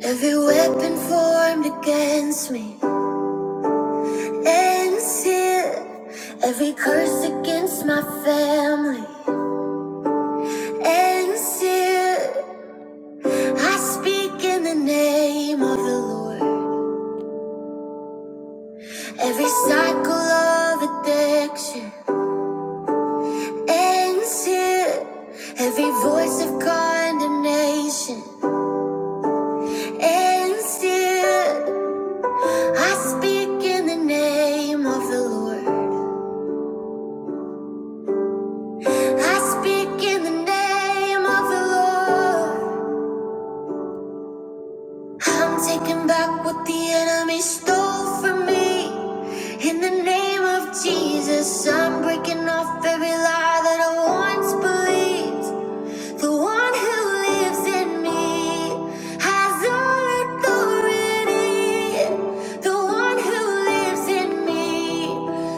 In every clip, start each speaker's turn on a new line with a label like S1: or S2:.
S1: Every weapon formed against me ends here. Every curse against my family ends here. I speak in the name of the Lord. Every cycle of addiction ends here. Every voice of condemnation ends here. I speak in the name of the Lord. I speak in the name of the Lord. I'm taking back what the enemy stole from me. In the name of Jesus, I'm breaking off every lie that I once believed. The one who lives in me has all authority. The one who lives in me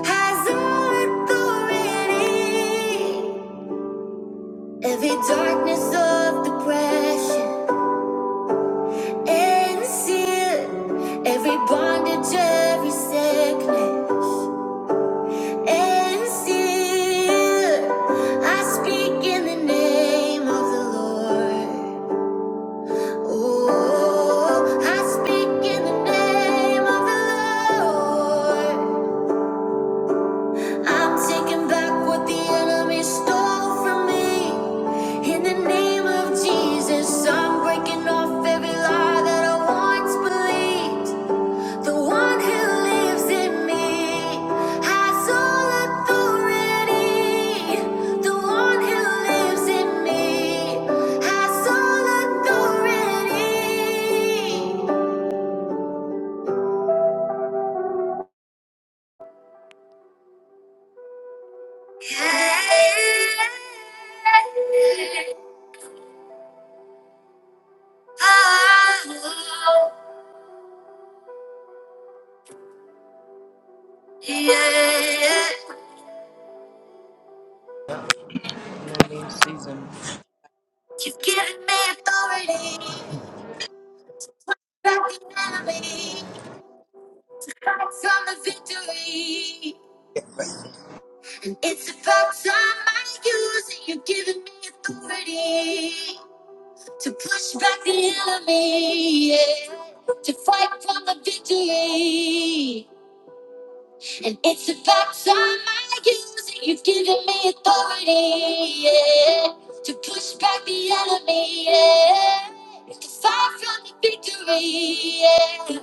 S1: has all authority. Every darkness of depression and seal every bondage, every sickness. And seal, I speak in the name of the Lord. Oh, I speak in the name of the Lord. I'm taking back what the enemy stole from me. In the name of Jesus, I'm breaking off every lie that I once believed. The one who lives in me has all authority. The one who lives in me has all authority. Oh, yeah.
S2: Halloween season. Oh
S1: You've given me authority. Back the enemy from the victory. It's about time I use it. You're giving me authority to push back the enemy, yeah. to fight for the victory. And it's about time I use it. You're giving me authority yeah. to push back the enemy, yeah. to fight for the victory. Yeah.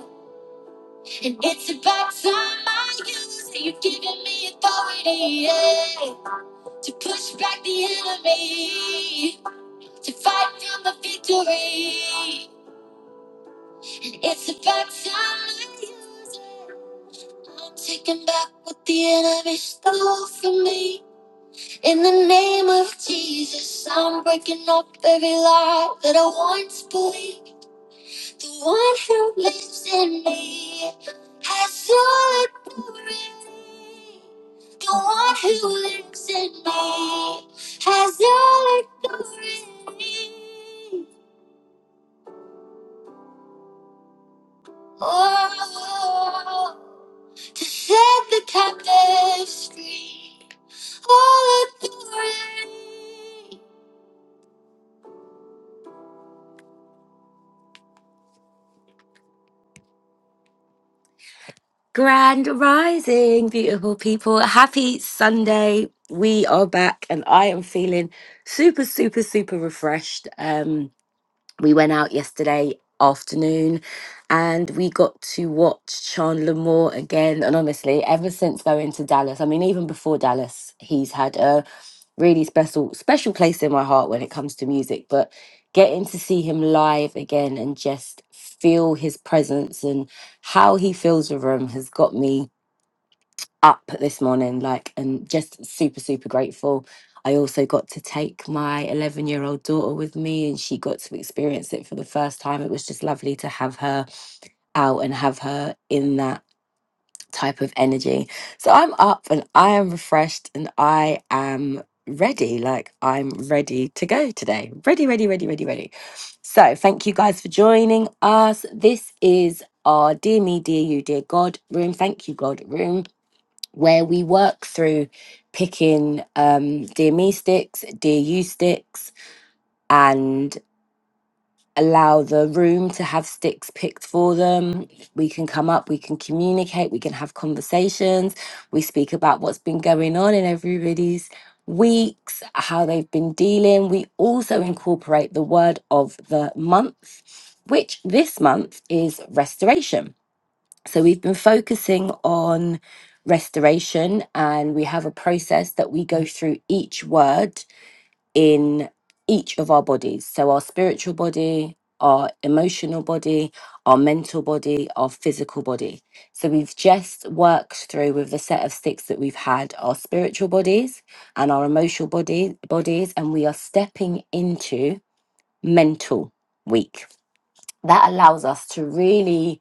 S1: And it's about time I use it. You're giving me authority. Yeah to push back the enemy, to fight for the victory. And It's about time I use it. I'm taking back what the enemy stole from me. In the name of Jesus, I'm breaking up every lie that I once believed. The one who lives in me has all authority. The one who lives in me has all authority. Oh, to set the captives free. All authority. Grand rising, beautiful people. Happy Sunday. We are back and I am feeling super, super, super refreshed. Um, we went out yesterday afternoon and we got to watch Chandler Moore again. And honestly, ever since going to Dallas, I mean, even before Dallas, he's had a really special, special place in my heart when it comes to music. But getting to see him live again and just feel his presence and how he fills the room has got me up this morning, like, and just super, super grateful. I also got to take my 11 year old daughter with me, and she got to experience it for the first time. It was just lovely to have her out and have her in that type of energy. So I'm up and I am refreshed and I am ready. Like, I'm ready to go today. Ready, ready, ready, ready, ready. So, thank you guys for joining us. This is our Dear Me, Dear You, Dear God room. Thank you, God room where we work through picking um, dear me sticks, dear you sticks, and allow the room to have sticks picked for them. We can come up, we can communicate, we can have conversations. We speak about what's been going on in everybody's weeks, how they've been dealing. We also incorporate the word of the month, which this month is restoration so we've been focusing on restoration, and we have a process that we go through each word in each of our bodies. So our spiritual body, our emotional body, our mental body, our physical body. So we've just worked through with the set of sticks that we've had our spiritual bodies and our emotional body bodies, and we are stepping into mental week. That allows us to really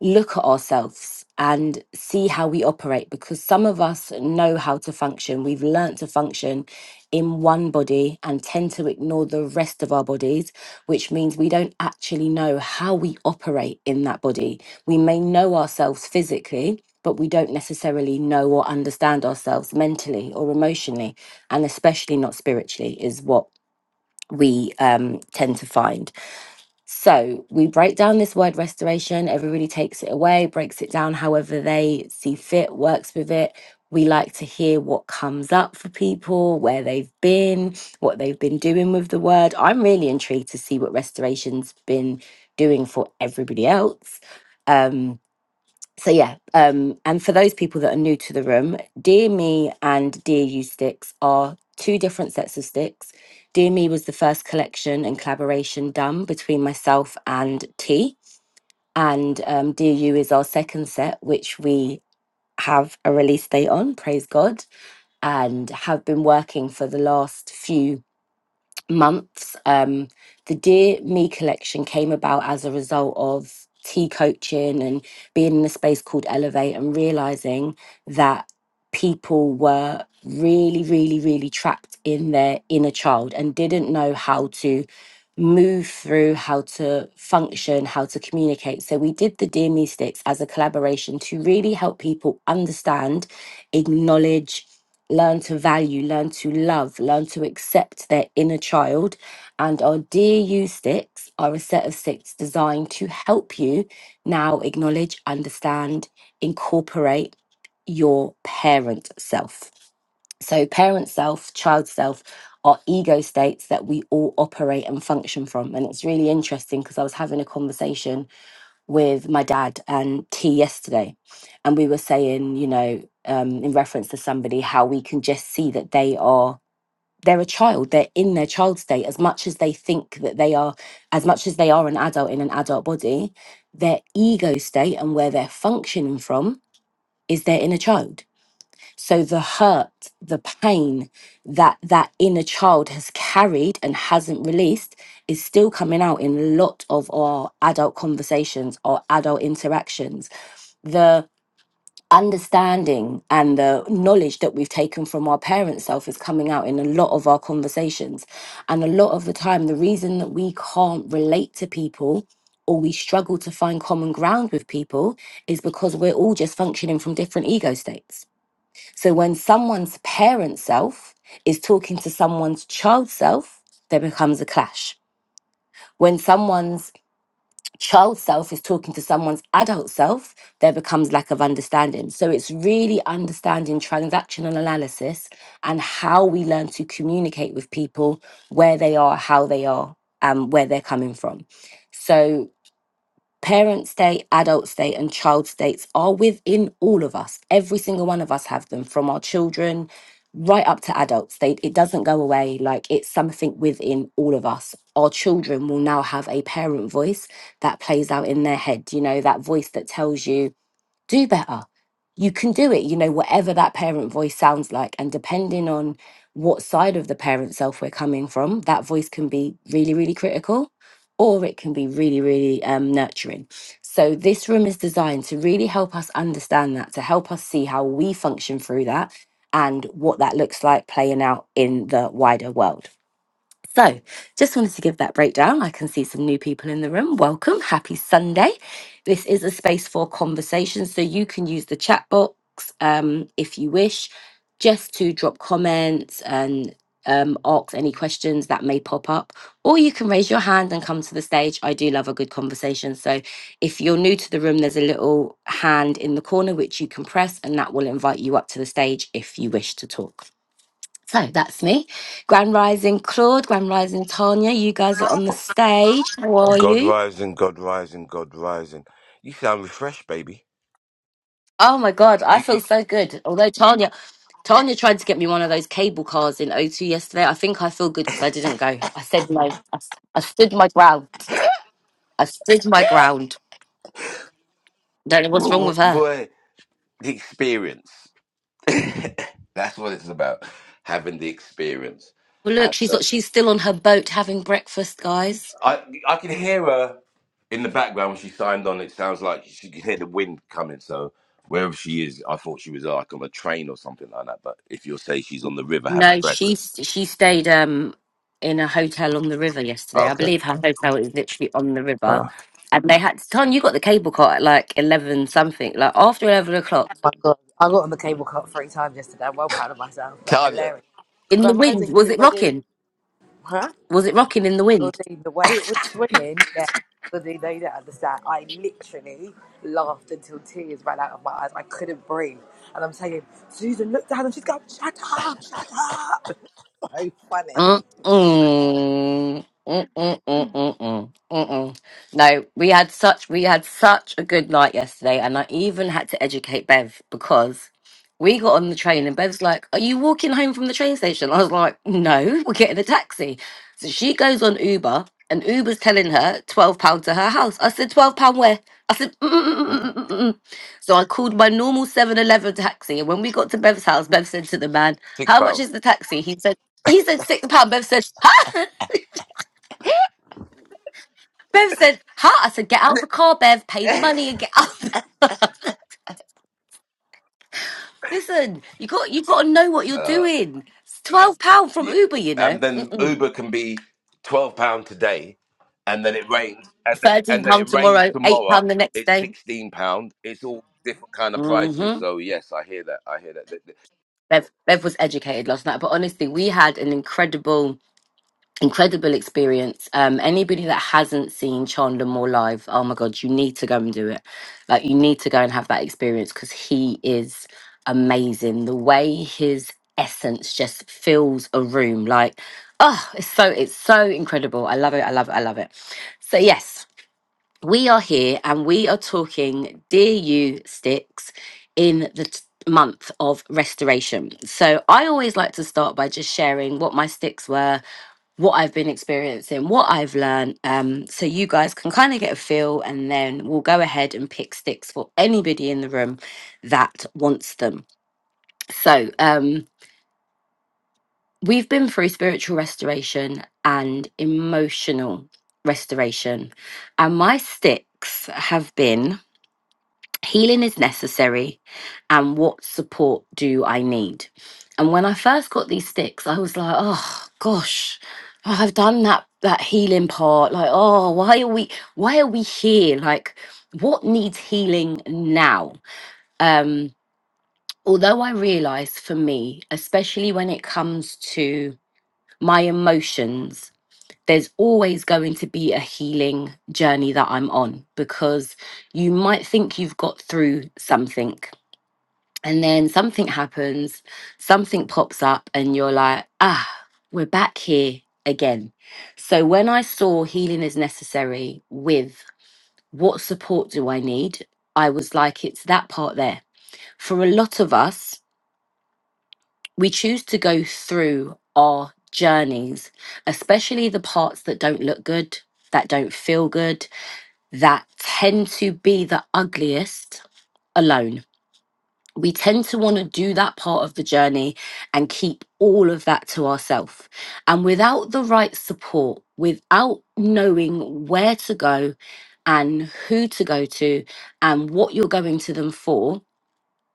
S1: look at ourselves and see how we operate because some of us know how to function. We've learnt to function in one body and tend to ignore the rest of our bodies, which means we don't actually know how we operate in that body. We may know ourselves physically. But we don't necessarily know or understand ourselves mentally or emotionally, and especially not spiritually, is what we um, tend to find. So we break down this word restoration. Everybody takes it away, breaks it down however they see fit, works with it. We like to hear what comes up for people, where they've been, what they've been doing with the word. I'm really intrigued to see what restoration's been doing for everybody else. Um, so yeah um and for those people that are new to the room dear me and dear you sticks are two different sets of sticks dear me was the first collection and collaboration done between myself and t and um, dear you is our second set which we have a release date on praise god and have been working for the last few months. Um, the Dear Me collection came about as a result of tea coaching and being in a space called Elevate and realizing that people were really, really, really trapped in their inner child and didn't know how to move through, how to function, how to communicate. So we did the Dear Me sticks as a collaboration to really help people understand, acknowledge, learn to value, learn to love, learn to accept their inner child. And our Dear You sticks are a set of sticks designed to help you now acknowledge, understand, incorporate your parent self. So, parent self, child self are ego states that we all operate and function from. And it's really interesting because I was having a conversation with my dad and T yesterday, and we were saying, you know, um, in reference to somebody, how we can just see that they are they're a child they're in their child state as much as they think that they are as much as they are an adult in an adult body their ego state and where they're functioning from is their inner child so the hurt, the pain that that inner child has carried and hasn't released is still coming out in a lot of our adult conversations or adult interactions. The understanding and the knowledge that we've taken from our parents' self is coming out in a lot of our conversations. And a lot of the time, the reason that we can't relate to people or we struggle to find common ground with people is because we're all just functioning from different ego states so when someone's parent self is talking to someone's child self, there becomes a clash. When someone's child self is talking to someone's adult self, there becomes lack of understanding. So it's really understanding transactional analysis and how we learn to communicate with people, where they are, how they are, and where they're coming from. So Parent state, adult state, and child states are within all of us. Every single one of us have them, from our children right up to adult state. It doesn't go away. Like it's something within all of us. Our children will now have a parent voice that plays out in their head. You know, that voice that tells you do better. You can do it, you know, whatever that parent voice sounds like. And depending on what side of the parent self we're coming from, that voice can be really, really critical or it can be really, really um, nurturing. So, this room is designed to really help us understand that, to help us see how we function through that and what that looks like playing out in the wider world. So, just wanted to give that breakdown. I can see some new people in the room. Welcome. Happy Sunday. This is a space for conversation. So, you can use the chat box um, if you wish, just to drop comments and um, ask any questions that may pop up. Or you can raise your hand and come to the stage. I do love a good conversation. So, if you're new to the room, there's a little hand in the corner which you can press, and that will invite you up to the stage if you wish to talk. So that's me. Grand Rising Claude, Grand Rising Tanya, you guys are on the stage. How are
S3: God
S1: you?
S3: rising, God rising, God rising. You sound refreshed, baby.
S1: Oh my God, I
S3: You, you,
S1: feel so good. Although Tanya, Tanya tried to get me one of those cable cars in O2 yesterday. I think I feel good because I didn't go. I said no. I, s- I stood my ground. I stood my ground. Don't know what's
S3: w-
S1: wrong
S3: w-
S1: with her.
S3: boy, the experience. That's what it's about, having the experience.
S1: Well, look,
S3: And
S1: she's
S3: uh,
S1: she's still on her boat having breakfast, guys.
S3: I, I can hear her in the background when she signed on. It sounds like she could hear the wind coming. So wherever she is, I thought she was uh, like on a train or something like that. But if you'll say she's on the river having
S1: No, she
S3: breakfast,
S1: she stayed um in a hotel on the river yesterday. I
S3: okay.
S1: believe her hotel is literally on the river,
S3: Uh,
S1: and they had. Ton, you got the cable car at like eleven something, like after eleven o'clock
S2: my god, I got on the cable cut three times yesterday. I'm well proud of myself, but
S3: Talia,
S2: hilarious.
S1: in the
S2: Grand
S1: wind.
S2: Rising,
S1: Was it
S2: everybody.
S1: rocking?
S2: Huh?
S1: Was it rocking in the wind?
S2: Claudine, the way it was swinging, yeah. Claudine, no, you don't understand. I literally laughed until tears ran out of my eyes. I couldn't breathe. And I'm saying, Susan, look down. And she's going, shut up, shut up. So funny.
S1: Mm-mm. Mm-mm-mm-mm-mm. Mm-mm. No, we had such we had such a good night yesterday, and I even had to educate Bev because we got on the train and Bev's like, "Are you walking home from the train station?" I was like, "No, we're getting a taxi." So she goes on Uber, and Uber's telling her twelve pound to her house. I said, 12 pound where?" I said,
S3: mm,
S1: Mm-mm-mm-mm-mm-mm. "So I called my normal Seven Eleven taxi, and when we got to Bev's house, Bev said to the man."
S3: six
S1: How much
S3: pounds.
S1: is the taxi? He said he said six pound. Bev said, "Huh?" Bev said, "Huh?" I said, "Get out the car, Bev. Pay the money and get out." Listen, you got you got to know what you're
S3: Uh,
S1: doing. It's twelve pound from
S3: Yeah,
S1: Uber, you
S3: and
S1: know.
S3: then
S1: Mm-mm.
S3: Uber can be twelve pound today, and then it rains, and then
S1: Thirteen
S3: and then it
S1: pound
S3: rains
S1: tomorrow. Eight
S3: tomorrow.
S1: pound the next
S3: It's
S1: day.
S3: sixteen pound. It's all different kind of prices.
S1: hmm
S3: So yes, I hear that. I hear that. That- that-
S1: Bev, Bev was educated last night, but honestly, we had an incredible incredible experience. Um, anybody that hasn't seen Chandler Moore live, oh my god, you need to go and do it. Like you need to go and have that experience because he is amazing. The way his essence just fills a room, like oh, it's so it's so incredible. I love it. I love it. I love it. So yes, we are here and we are talking, dear you sticks, in the. T- month of restoration. So I always like to start by just sharing what my sticks were what I've been experiencing, what I've learned, um, so you guys can kind of get a feel, and then we'll go ahead and pick sticks for anybody in the room that wants them. So, um, we've been through spiritual restoration and emotional restoration, and my sticks have been. Healing is necessary, and what support do I need? And when I first got these sticks, I was like, oh gosh, oh, I've done that that healing part. Like, oh, why are we why are we here? Like, what needs healing now? Um, although I realize for me, especially when it comes to my emotions, there's always going to be a healing journey that I'm on because you might think you've got through something and then something happens, something pops up, and you're like, ah, we're back here again. So when I saw healing is necessary with what support do I need, I was like, it's that part there. For a lot of us, we choose to go through our journeys, especially the parts that don't look good, that don't feel good, that tend to be the ugliest alone we tend to want to do that part of the journey and keep all of that to ourselves. And without the right support, without knowing where to go and who to go to and what you're going to them for,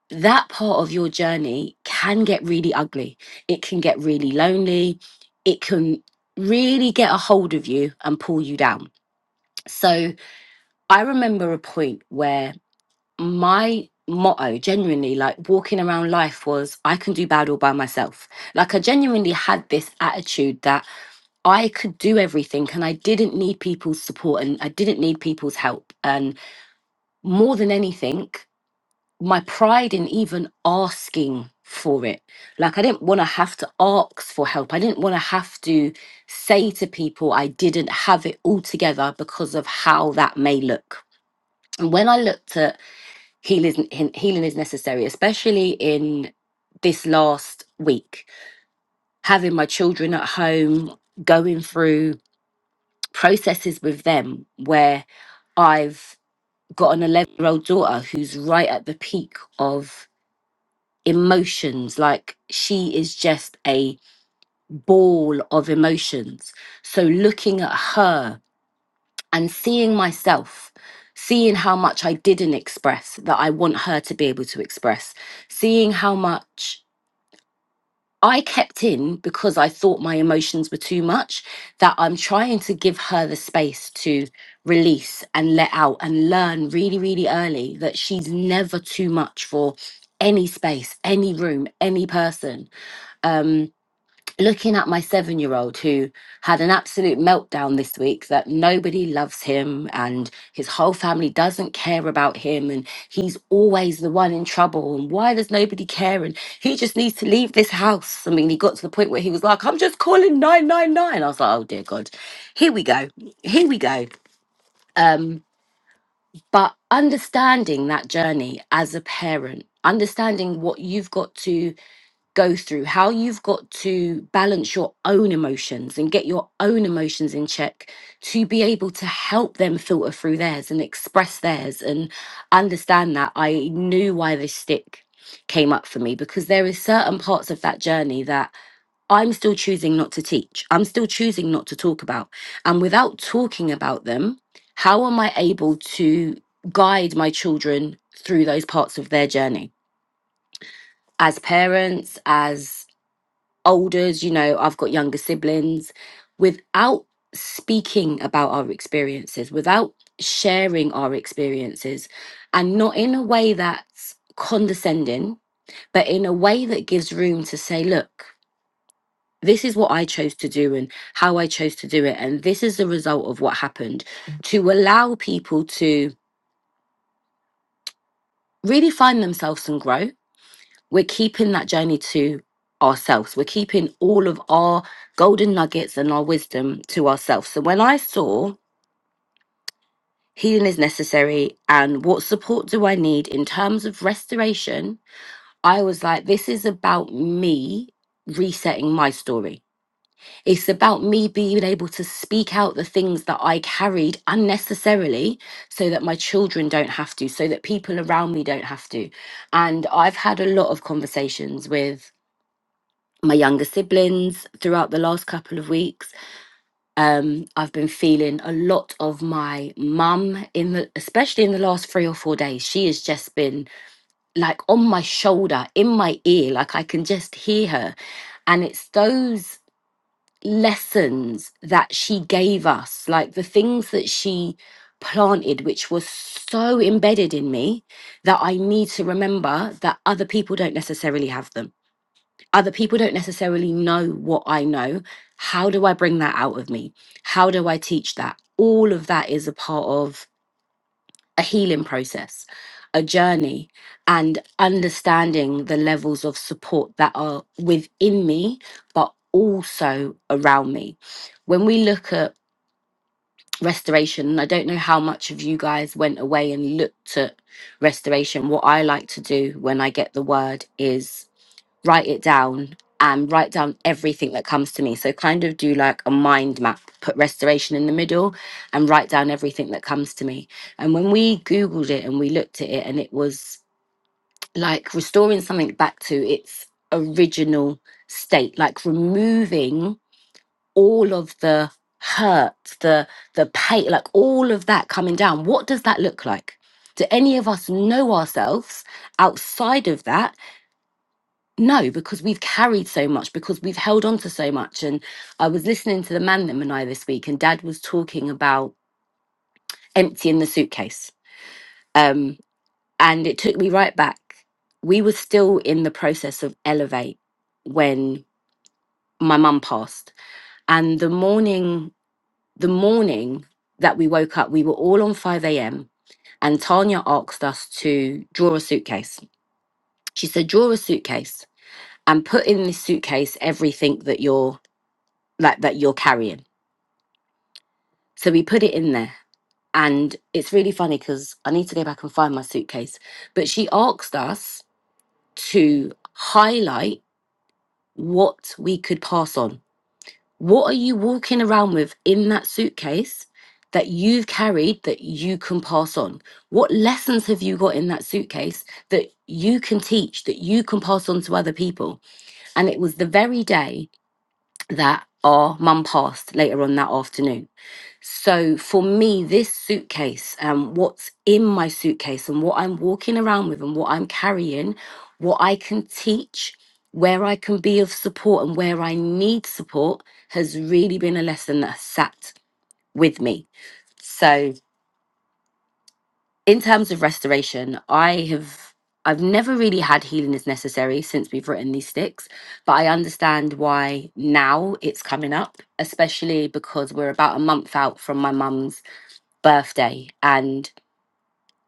S1: that part of your journey can get really ugly. It can get really lonely. It can really get a hold of you and pull you down. So I remember a point where my motto genuinely like walking around life was i can do bad all by myself like i genuinely had this attitude that i could do everything and i didn't need people's support and i didn't need people's help and more than anything my pride in even asking for it like i didn't want to have to ask for help i didn't want to have to say to people i didn't have it all together because of how that may look and when i looked at healing is, healing is necessary, especially in this last week. Having my children at home, going through processes with them where I've got an 11 year old daughter who's right at the peak of emotions. Like she is just a ball of emotions. So looking at her and seeing myself, seeing how much I didn't express that I want her to be able to express, seeing how much I kept in because I thought my emotions were too much, that I'm trying to give her the space to release and let out and learn really, really early that she's never too much for any space, any room, any person. Um, looking at my seven year old who had an absolute meltdown this week that nobody loves him and his whole family doesn't care about him and he's always the one in trouble and why does nobody care and he just needs to leave this house i mean he got to the point where he was like i'm just calling 999 i was like oh dear god here we go here we go um but understanding that journey as a parent understanding what you've got to go through, how you've got to balance your own emotions and get your own emotions in check to be able to help them filter through theirs and express theirs and understand that. I knew why this stick came up for me because there is certain parts of that journey that I'm still choosing not to teach. I'm still choosing not to talk about. And without talking about them, how am I able to guide my children through those parts of their journey? As parents, as olders, you know, I've got younger siblings, without speaking about our experiences, without sharing our experiences, and not in a way that's condescending, but in a way that gives room to say, look, this is what I chose to do and how I chose to do it. And this is the result of what happened to allow people to really find themselves and grow we're keeping that journey to ourselves. We're keeping all of our golden nuggets and our wisdom to ourselves. So when I saw healing is necessary and what support do I need in terms of restoration, I was like, this is about me resetting my story. It's about me being able to speak out the things that I carried unnecessarily so that my children don't have to, so that people around me don't have to. And I've had a lot of conversations with my younger siblings throughout the last couple of weeks. Um, I've been feeling a lot of my mum in the, especially in the last three or four days. She has just been like on my shoulder, in my ear, like I can just hear her. And it's those lessons that she gave us, like the things that she planted, which was so embedded in me that I need to remember that other people don't necessarily have them other people don't necessarily know what I know. How do I bring that out of me? How do I teach that? All of that is a part of a healing process, a journey, and understanding the levels of support that are within me, but also around me. When we look at restoration, and I don't know how much of you guys went away and looked at restoration, what I like to do when I get the word is write it down and write down everything that comes to me. So kind of do like a mind map, put restoration in the middle and write down everything that comes to me. And when we Googled it and we looked at it and it was like restoring something back to its original state, like removing all of the hurt, the the pain, like all of that coming down. What does that look like? Do any of us know ourselves outside of that? No, because we've carried so much, because we've held on to so much. And I was listening to the man them and I this week, and dad was talking about emptying the suitcase. Um, and it took me right back. We were still in the process of elevate when my mum passed. And the morning, the morning that we woke up, we were all on 5 a.m. And Tanya asked us to draw a suitcase. She said, draw a suitcase and put in this suitcase everything that you're like that you're carrying. So we put it in there. And it's really funny because I need to go back and find my suitcase. But she asked us to highlight what we could pass on. What are you walking around with in that suitcase that you've carried that you can pass on? What lessons have you got in that suitcase that you can teach, that you can pass on to other people? And it was the very day that our mum passed later on that afternoon So for me, this suitcase and what's in my suitcase and what I'm walking around with and what I'm carrying, what I can teach, where I can be of support and where I need support has really been a lesson that has sat with me. So in terms of restoration, I have I've never really had healing is necessary since we've written these sticks, but I understand why now it's coming up, especially because we're about a month out from my mum's birthday. And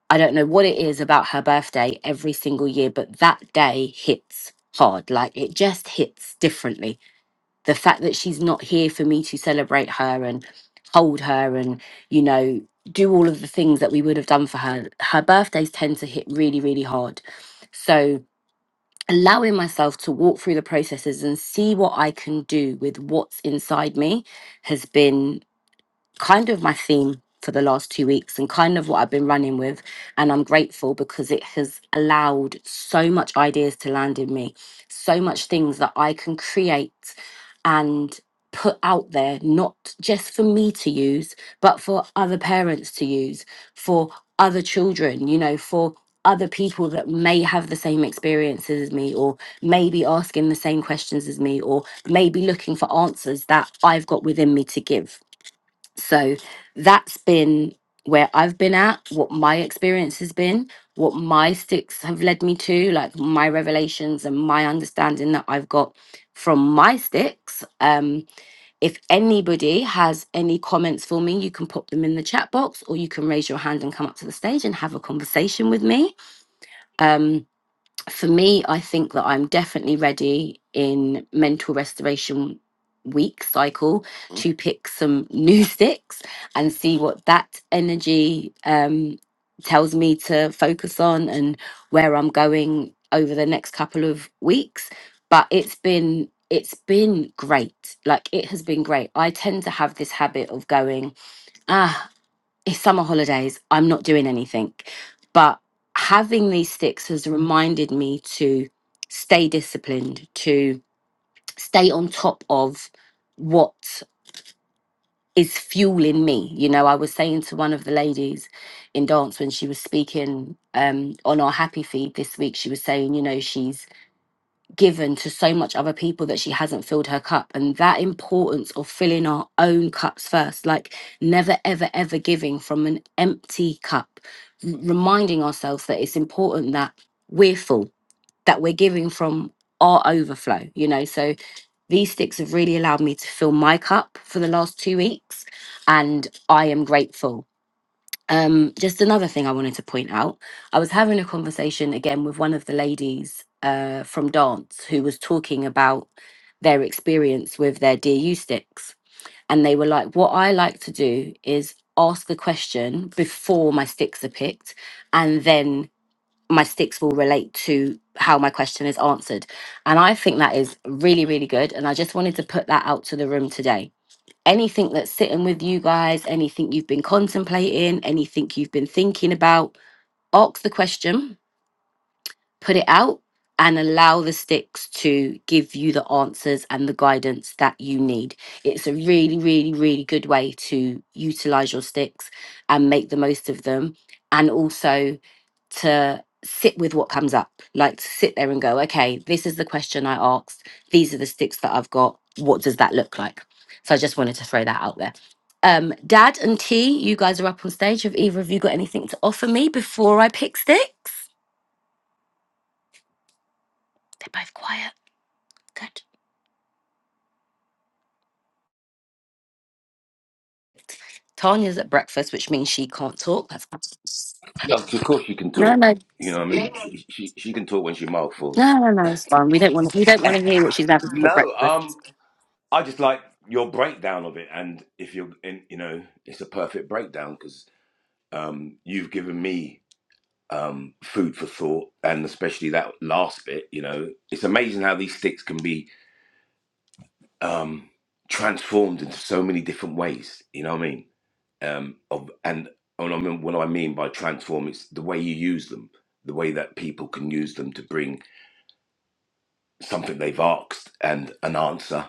S1: I don't know what it is about her birthday every single year, but that day hits hard. Like it just hits differently. The fact that she's not here for me to celebrate her and hold her and, you know, do all of the things that we would have done for her, her birthdays tend to hit really, really hard. So, allowing myself to walk through the processes and see what I can do with what's inside me has been kind of my theme for the last two weeks and kind of what I've been running with. And I'm grateful because it has allowed so much ideas to land in me, so much things that I can create and put out there, not just for me to use, but for other parents to use, for other children, you know, for other people that may have the same experiences as me or maybe asking the same questions as me or maybe looking for answers that I've got within me to give so that's been where I've been at, what my experience has been, what my sticks have led me to, like my revelations and my understanding that I've got from my sticks. Um, if anybody has any comments for me, you can pop them in the chat box or you can raise your hand and come up to the stage and have a conversation with me. Um, for me, I think that I'm definitely ready in mental restoration week cycle Mm. to pick some new sticks and see what that energy um, tells me to focus on and where I'm going over the next couple of weeks. But it's been it's been great. Like it has been great. I tend to have this habit of going, ah it's summer holidays. I'm not doing anything. But having these sticks has reminded me to stay disciplined, to stay on top of what is fueling me. You know, I was saying to one of the ladies in dance when she was speaking um, on our happy feed this week, she was saying, you know, she's given to so much other people that she hasn't filled her cup and that importance of filling our own cups first like never ever ever giving from an empty cup r- reminding ourselves that it's important that we're full that we're giving from our overflow you know so these sticks have really allowed me to fill my cup for the last two weeks and i am grateful um, just another thing I wanted to point out I was having a conversation again with one of the ladies uh, from dance who was talking about their experience with their DU sticks. And they were like, What I like to do is ask the question before my sticks are picked, and then my sticks will relate to how my question is answered. And I think that is really, really good. And I just wanted to put that out to the room today anything that's sitting with you guys, anything you've been contemplating, anything you've been thinking about, ask the question put it out and allow the sticks to give you the answers and the guidance that you need. It's a really, really, really good way to utilize your sticks and make the most of them. And also to sit with what comes up, like to sit there and go, okay, this is the question I asked. These are the sticks that I've got. What does that look like? So I just wanted to throw that out there. Um, Dad and T, you guys are up on stage. Have either of you got anything to offer me before I pick sticks? They're both quiet. Good. Tanya's at breakfast, which means she can't talk. That's
S3: Yeah, of course she can
S1: no,
S3: talk.
S1: no,
S3: You know what I mean? She, she she can talk when she's mouthful.
S1: no, no, no. It's fine. We don't want. to. We don't want to hear what she's having for
S3: No,
S1: breakfast.
S3: um, I just like your breakdown of it, and if you're in, you know, it's a perfect breakdown because um, you've given me. um, food for thought, and especially that last bit. You know, it's amazing how these sticks can be um, transformed into so many different ways. You know what I mean? Um, of, and and I mean, what I mean by transform is the way you use them, the way that people can use them to bring something they've asked and an answer,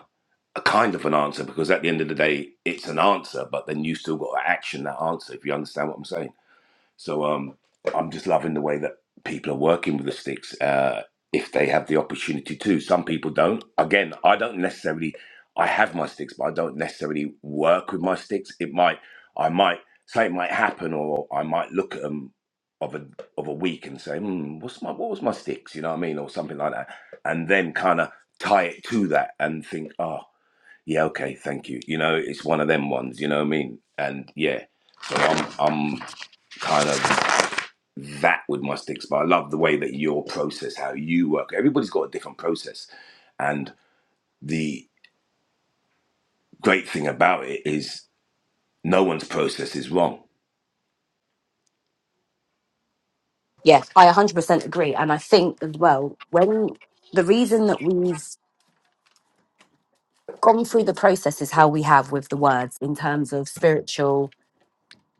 S3: a kind of an answer, because at the end of the day, it's an answer, but then you still got to action that answer. If you understand what I'm saying So um, I'm just loving the way that people are working with the sticks uh, if they have the opportunity to. Some people don't. Again, I don't necessarily. I have my sticks, but I don't necessarily work with my sticks. It might. I might say it might happen, or I might look at them of a of a week and say, hmm, "What's my what was my sticks?" You know what I mean, or something like that, and then kind of tie it to that and think, "Oh, yeah, okay, thank you." You know, it's one of them ones. You know what I mean? And yeah, so I'm I'm kind of that with my sticks. But I love the way that your process, how you work. Everybody's got a different process, and the great thing about it is no one's process is wrong.
S1: Yes, I 100% agree. And I think as well, when the reason that we've gone through the process is how we have with the words in terms of spiritual,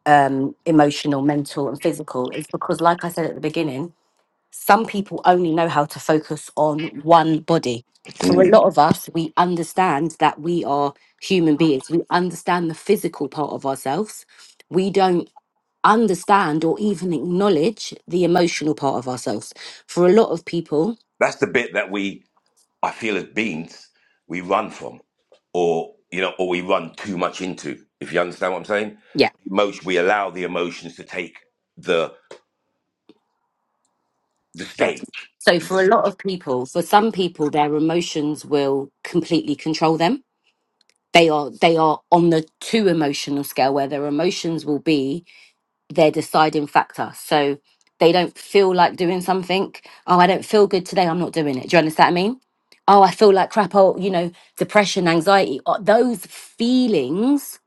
S1: um, emotional, mental, and physical is because, like I said at the beginning, some people only know how to focus on one body. For a
S3: Mm.
S1: lot of us, we understand that we are human beings. We understand the physical part of ourselves. We don't understand or even acknowledge the emotional part of ourselves. For a lot of people,
S3: That's the bit that we, I feel, as beings, we run from, or you know, or we run too much into. If you understand what I'm saying,
S1: yeah,
S3: emotion. We allow the emotions to take the the
S1: yeah.
S3: stage.
S1: So for a lot of people, for some people, their emotions will completely control them. They are they are on the too emotional scale where their emotions will be their deciding factor. So they don't feel like doing something. Oh, I don't feel good today. I'm not doing it. Do you understand what I mean? Oh, I feel like crap. Oh, you know, depression, anxiety. uh, Those feelings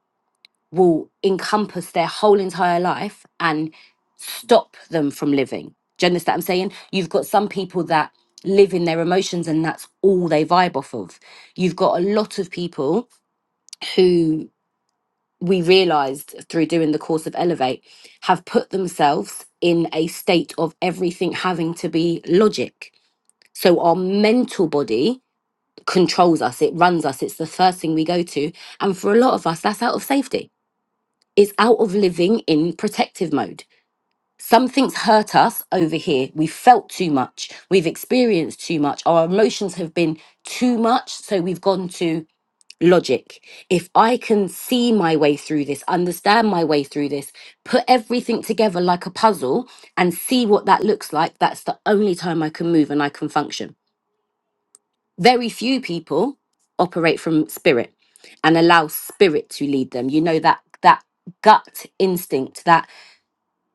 S1: will encompass their whole entire life and stop them from living. Do you understand what I'm saying? You've got some people that live in their emotions and that's all they vibe off of. You've got a lot of people who we realized through doing the course of Elevate have put themselves in a state of everything having to be logic. So our mental body controls us, it runs us, it's the first thing we go to. And for a lot of us, that's out of safety, it's out of living in protective mode. Something's hurt us over here. We felt too much. We've experienced too much. Our emotions have been too much. So we've gone to logic. If I can see my way through this, understand my way through this, put everything together like a puzzle and see what that looks like, that's the only time I can move and I can function. Very few people operate from spirit and allow spirit to lead them. You know that that gut instinct, that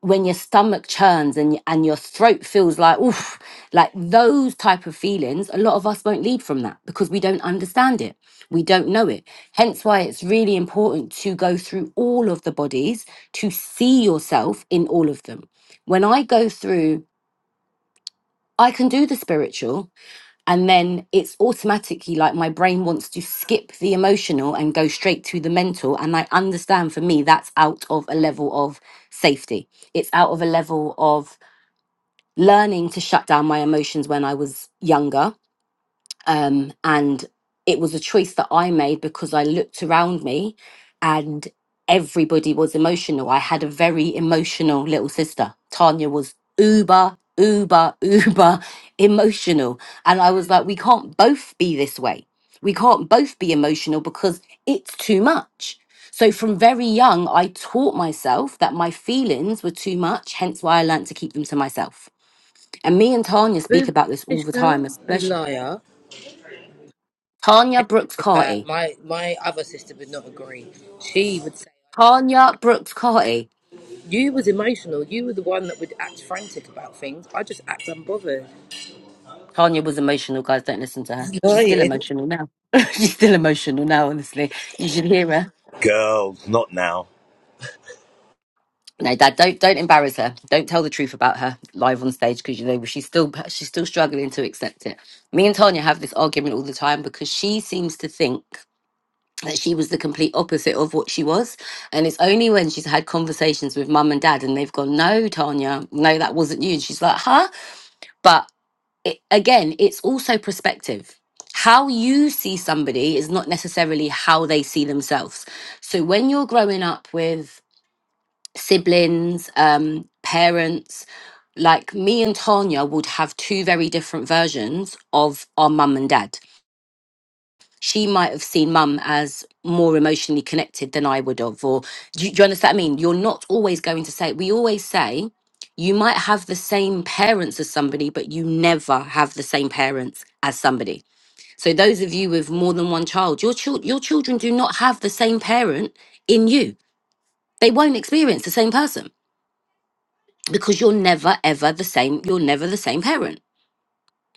S1: when your stomach churns and y- and your throat feels like oof like those type of feelings a lot of us won't lead from that because we don't understand it we don't know it hence why it's really important to go through all of the bodies to see yourself in all of them when i go through i can do the spiritual and then it's automatically like my brain wants to skip the emotional and go straight to the mental and i understand for me that's out of a level of safety it's out of a level of learning to shut down my emotions when I was younger. Um, and it was a choice that I made because I looked around me and everybody was emotional. I had a very emotional little sister. Tanya was uber, uber, uber emotional. And I was like, we can't both be this way. We can't both be emotional because it's too much. So, from very young, I taught myself that my feelings were too much, hence why I learned to keep them to myself and me and Tanya speak
S2: Boo,
S1: about this all the time,
S2: Ishmael, you
S1: especially
S2: liar.
S1: Tanya
S2: Beg
S1: Brooks
S2: to Differ.
S1: Carty.
S2: My my other sister would not agree. She would say I didn't even
S1: Tanya
S2: have him.
S1: Brooks Carty.
S2: You was emotional. You were the one that would act frantic about things. I just act unbothered.
S1: Tanya was emotional, guys. Don't listen to her.
S2: It's
S1: She's still
S2: lying.
S1: emotional now. She's still emotional now, honestly. You should hear her.
S3: Girls, not now.
S1: No, Dad, don't don't embarrass her. Don't tell the truth about her live on stage because you know she's still she's still struggling to accept it. Me and Tanya have this argument all the time because she seems to think that she was the complete opposite of what she was. And it's only when she's had conversations with mum and dad and they've gone, no, Tanya, no, that wasn't you. And she's like, huh? But it, again, it's also perspective. How you see somebody is not necessarily how they see themselves. So when you're growing up with siblings, um, parents, like me and Tanya would have two very different versions of our mum and dad she might have seen mum as more emotionally connected than I would have. Or do you, do you understand what I mean? You're not always going to say, we always say, you might have the same parents as somebody, but you never have the same parents as somebody. So those of you with more than one child, your chil- your children do not have the same parent in you. They won't experience the same person because you're never ever the same. You're never the same parent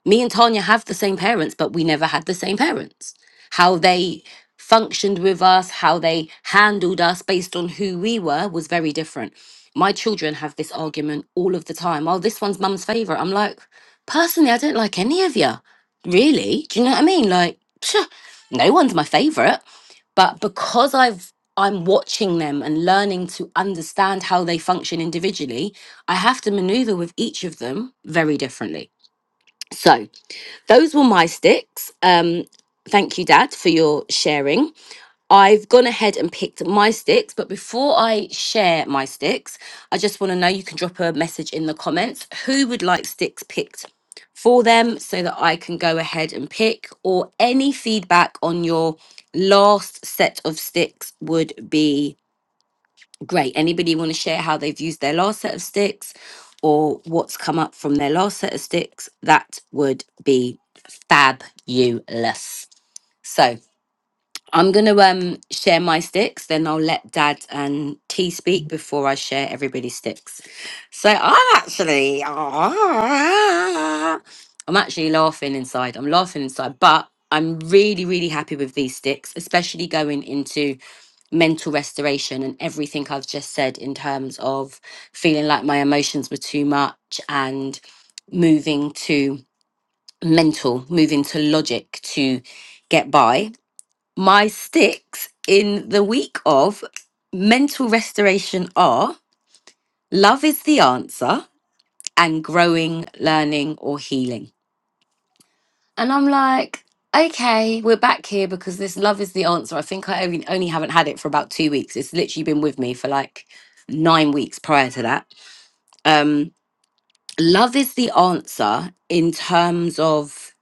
S1: me and Tanya have the same parents, but we never had the same parents. How they functioned with us, how they handled us based on who we were was very different. My children have this argument all of the time. Oh, this one's mum's favorite. I'm like, personally, I don't like any of you. Really? Do you know what I mean? Like, phew, no one's my favorite. But because I've I'm watching them and learning to understand how they function individually, I have to maneuver with each of them very differently. So those were my sticks. Um, thank you, Dad, for your sharing. I've gone ahead and picked my sticks, but before I share my sticks, I just want to know you can drop a message in the comments who would like sticks picked for them so that I can go ahead and pick, or any feedback on your last set of sticks would be Great. Anybody want to share how they've used their last set of sticks or what's come up from their last set of sticks? That would be fabulous. So, I'm going to um share my sticks, then I'll let Dad and T speak before I share everybody's sticks. So I'm actually, I'm actually laughing inside. I'm laughing inside, but I'm really, really happy with these sticks, especially going into mental restoration and everything I've just said in terms of feeling like my emotions were too much and moving to mental, moving to logic to get by my sticks in the week of mental restoration are love is the answer and growing, learning, or healing. And I'm like, okay, we're back here because this love is the answer. I think I only, only haven't had it for about two weeks. It's literally been with me for like nine weeks prior to that. Um, love is the answer in terms of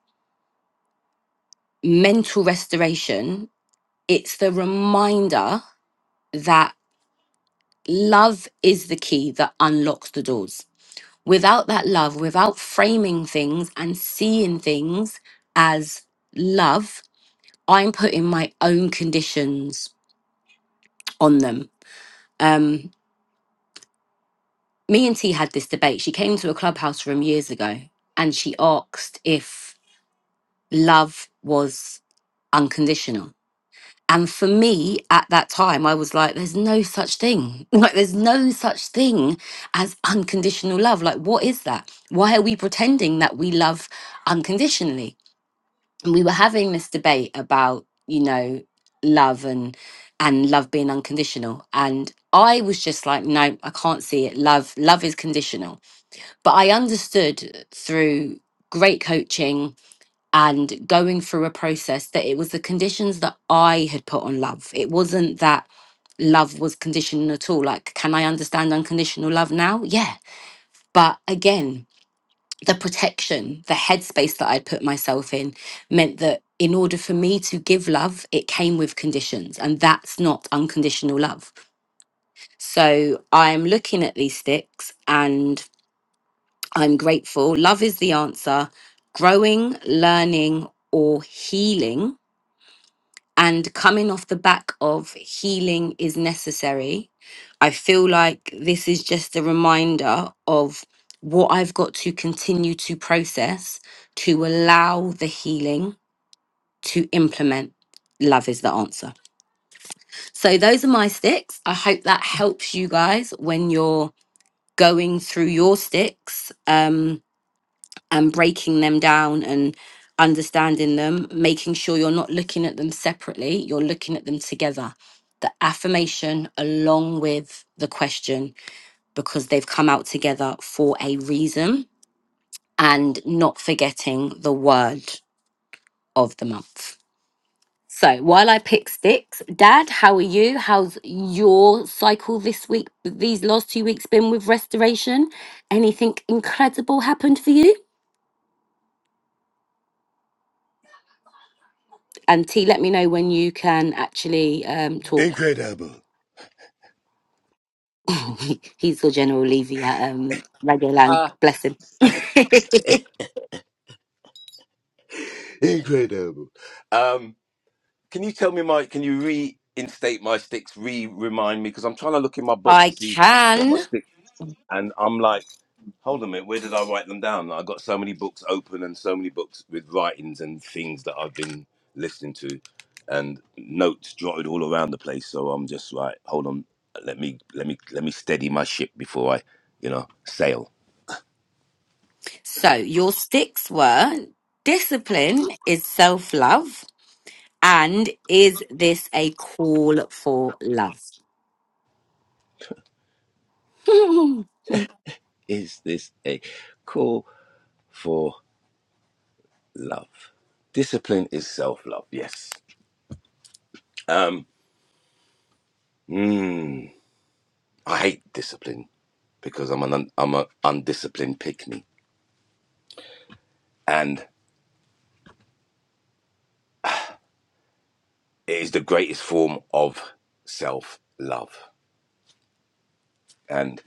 S1: mental restoration, it's the reminder. That love is the key that unlocks the doors. Without that love, without framing things and seeing things as love, I'm putting my own conditions on them. Um, me and T had this debate. She came to a clubhouse room years ago and she asked if love was unconditional. And for me at that time, I was like, there's no such thing. Like, there's no such thing as unconditional love. Like, what is that? Why are we pretending that we love unconditionally? And we were having this debate about, you know, love and and love being unconditional and i was just like no i can't see it love love is conditional but i understood through great coaching and going through a process that it was the conditions that I had put on love. It wasn't that love was conditional at all. Like, can I understand unconditional love now? Yeah. But again, the protection, the headspace that I'd put myself in meant that in order for me to give love, it came with conditions. And that's not unconditional love. So I'm looking at these sticks and I'm grateful. Love is the answer. Growing, learning, or healing And coming off the back of healing is necessary, I feel like this is just a reminder of what I've got to continue to process to allow the healing to implement. Love is the answer. So, those are my sticks. I hope that helps you guys when you're going through your sticks. Um, and breaking them down and understanding them, making sure you're not looking at them separately, you're looking at them together. The affirmation along with the question, because they've come out together for a reason, and not forgetting the word of the month. So while I pick sticks, Dad, how are you? How's your cycle this week, these last two weeks been with restoration? Anything incredible happened for you? And T, let me know when you can actually um, talk. He's your General Levy at um, Radio Land.
S3: Ah,
S1: Bless him.
S3: Incredible. Um, Can you tell me my? Can you reinstate my sticks? Re-remind me because I'm trying to look in my book
S1: I
S3: to see what my
S1: can.
S3: stick. And I'm like, hold on a minute, where did I write them down? I got so many books open and so many books with writings and things that I've been listening to, and notes jotted all around the place. So I'm just like, hold on, let me let me let me steady my ship before I, you know, sail.
S1: So your sticks were discipline is self love, and is this a call for love?
S3: Is this a call for love? Discipline is self love. Yes. Um. hmm. I hate discipline because I'm an un, I'm an undisciplined pickney, and it is the greatest form of self love. And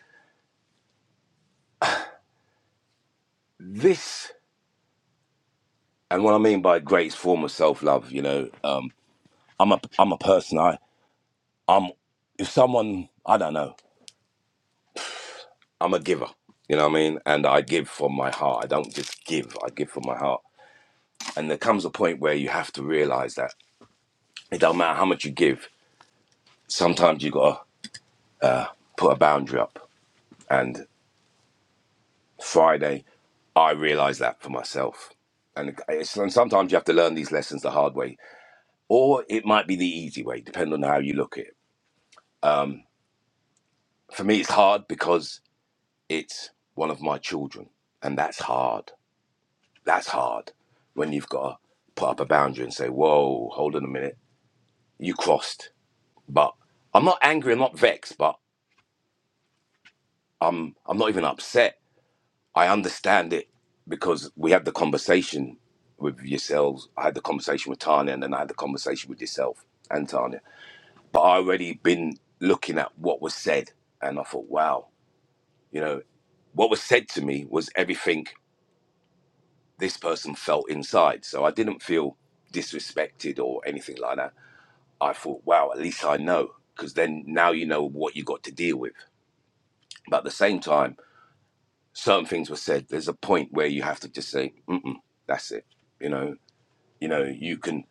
S3: this, and what I mean by greatest form of self love, you know, um, I'm a I'm a person. I I'm if someone I don't know, I'm a giver. You know what I mean? And I give from my heart. I don't just give. I give from my heart. And there comes a point where you have to realize that it don't matter how much you give. Sometimes you gotta put a boundary up. and. Friday, I realized that for myself. And it's, and sometimes you have to learn these lessons the hard way, or it might be the easy way, depending on how you look at it. For me, it's hard because it's one of my children, and that's hard. That's hard when you've got to put up a boundary and say, "Whoa, hold on a minute, you crossed." But I'm not angry, I'm not vexed, but I'm not even upset I understand it because we had the conversation with yourselves. I had the conversation with Tanya, and then I had the conversation with yourself and Tanya. But I already been looking at what was said, and I thought, wow, you know, what was said to me was everything this person felt inside. So I didn't feel disrespected or anything like that. I thought, wow, at least I know, because then now you know what you got to deal with. But at the same time, certain things were said. There's a point where you have to just say, mm mm, that's it you know You know, you can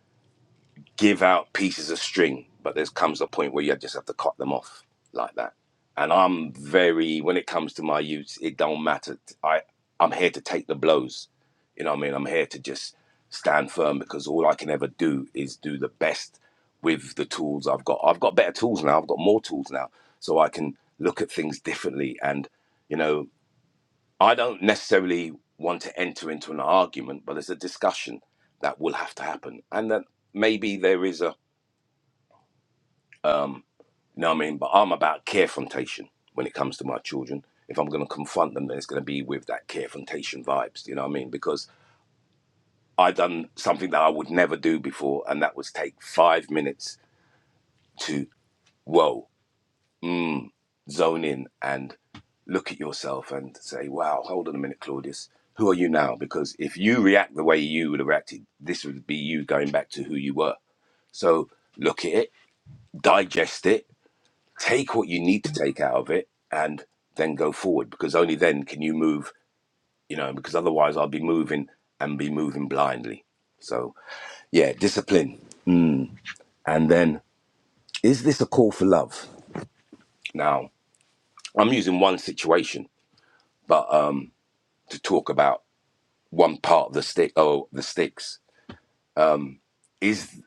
S3: give out pieces of string, but there comes a point where you just have to cut them off like that. And I'm very, when it comes to my youth, it don't matter. I, I'm here to take the blows. You know what I mean? I'm here to just stand firm because all I can ever do is do the best with the tools I've got. I've got better tools now. I've got more tools now. So I can look at things differently and, you know, I don't necessarily want to enter into an argument, but there's a discussion that will have to happen, and that maybe there is a, um, you know what I mean. But I'm about carefrontation when it comes to my children. If I'm going to confront them, then it's going to be with that carefrontation vibes. You know what I mean? Because I done something that I would never do before, and that was take five minutes to whoa. zone in and look at yourself and say, wow, hold on a minute, Claudius. Who are you now? Because if you react the way you would have acted, this would be you going back to who you were. So look at it, digest it, take what you need to take out of it, and then go forward because only then can you move, you know, because otherwise I'll be moving and be moving blindly. So, yeah, discipline. And then, is this a call for love? Now, I'm using one situation, but um, to talk about one part of the stick oh the sticks is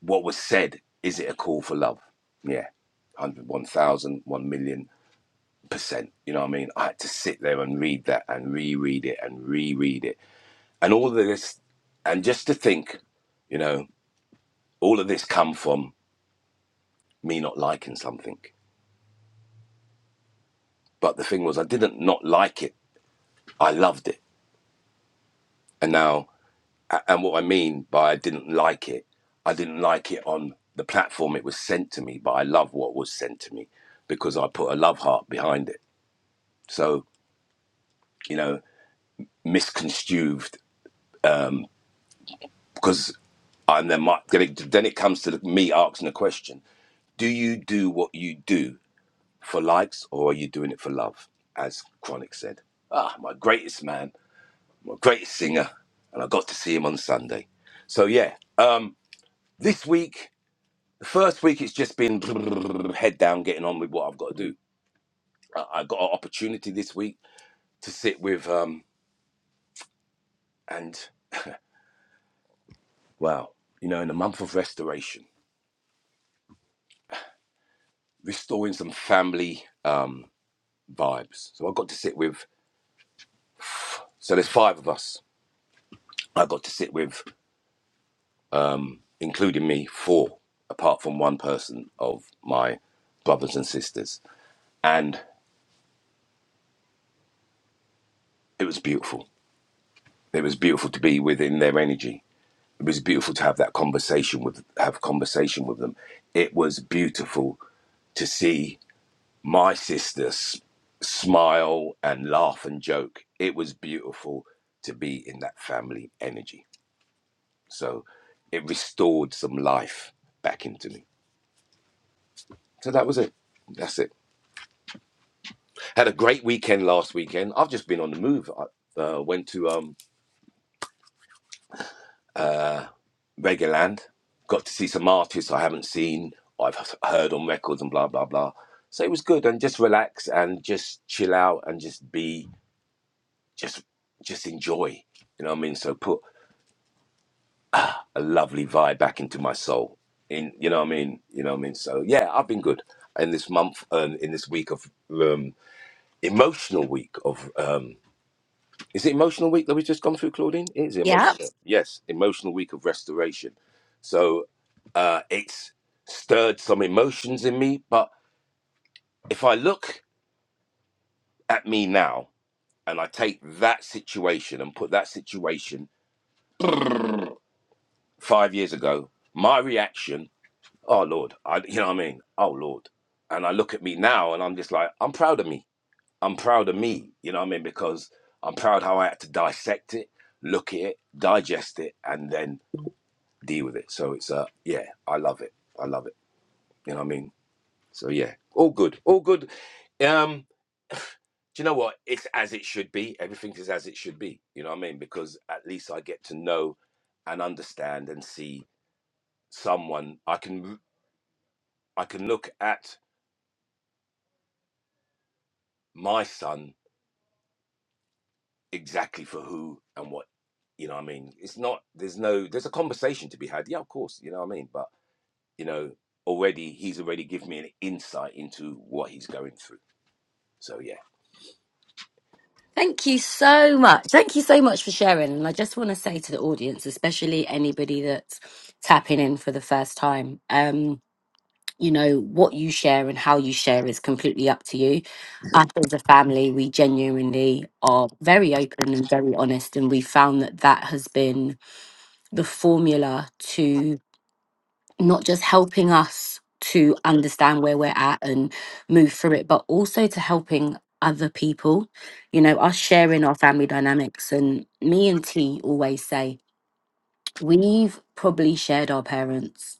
S3: what was said is it a call for love yeah one hundred, one thousand, one million percent you know what i mean i had to sit there and read that and reread it and reread it and all of this and just to think you know all of this come from me not liking something but the thing was i didn't not like it i loved it and now And what I mean by I didn't like it, I didn't like it on the platform it was sent to me, but I love what was sent to me because I put a love heart behind it. So, you know, misconstrued because I'm then, my, then it then it comes to me asking the question do you do what you do for likes or are you doing it for love? As Chronic said, ah, my greatest man, my greatest singer, and I got to see him on Sunday. So yeah, um, this week The first week, it's just been head down, getting on with what I've got to do. I, I got an opportunity this week to sit with, um, and wow, you know, in a month of restoration, restoring some family um, vibes. So I got to sit with, so there's five of us. I got to sit with, including me, four, apart from one person of my brothers and sisters. And it was beautiful. It was beautiful to be within their energy it was beautiful to have that conversation with have conversation with them it was beautiful to see my sisters smile and laugh and joke it was beautiful to be in that family energy so it restored some life back into me so that was it that's it had a great weekend last weekend i've just been on the move i uh, went to um Reggae Got to see some artists I haven't seen, I've heard on records and blah, blah, blah. So it was good and just relax and just chill out and just be, just, just enjoy. You know what I mean? So put a lovely vibe back into my soul. In, you know what I mean? You know what I mean? So yeah, I've been good in this month and in this week of um, emotional week of um, Is it emotional week that we've just gone through, Claudine? It is
S1: yeah.
S3: emotional. Yes, emotional week of restoration. So uh, it's stirred some emotions in me. But if I look at me now and I take that situation and put that situation five years ago, my reaction, oh Lord, I, you know what I mean? Oh Lord. And I look at me now and I'm just like, I'm proud of me. I'm proud of me. You know what I mean? Because I'm proud how I had to dissect it, look at it, digest it, and then deal with it. So it's uh yeah, I love it. I love it. You know what I mean? So yeah, all good, all good. Um, do you know what? It's as it should be. Everything is as it should be. You know what I mean? Because at least I get to know and understand and see someone. I can I can look at my son exactly for who and what. You know what I mean? It's not. There's no. There's a conversation to be had. Yeah, of course. You know what I mean? But you know, already he's already given me an insight into what he's going through. So yeah
S1: Thank you so much. Thank you so much for sharing. And I just want to say to the audience, especially anybody that's tapping in for the first time, you know what you share and how you share is completely up to you us as a family we genuinely are very open and very honest and we found that that has been the formula to not just helping us to understand where we're at and move through it but also to helping other people you know us sharing our family dynamics and me and t always say we've probably shared our parents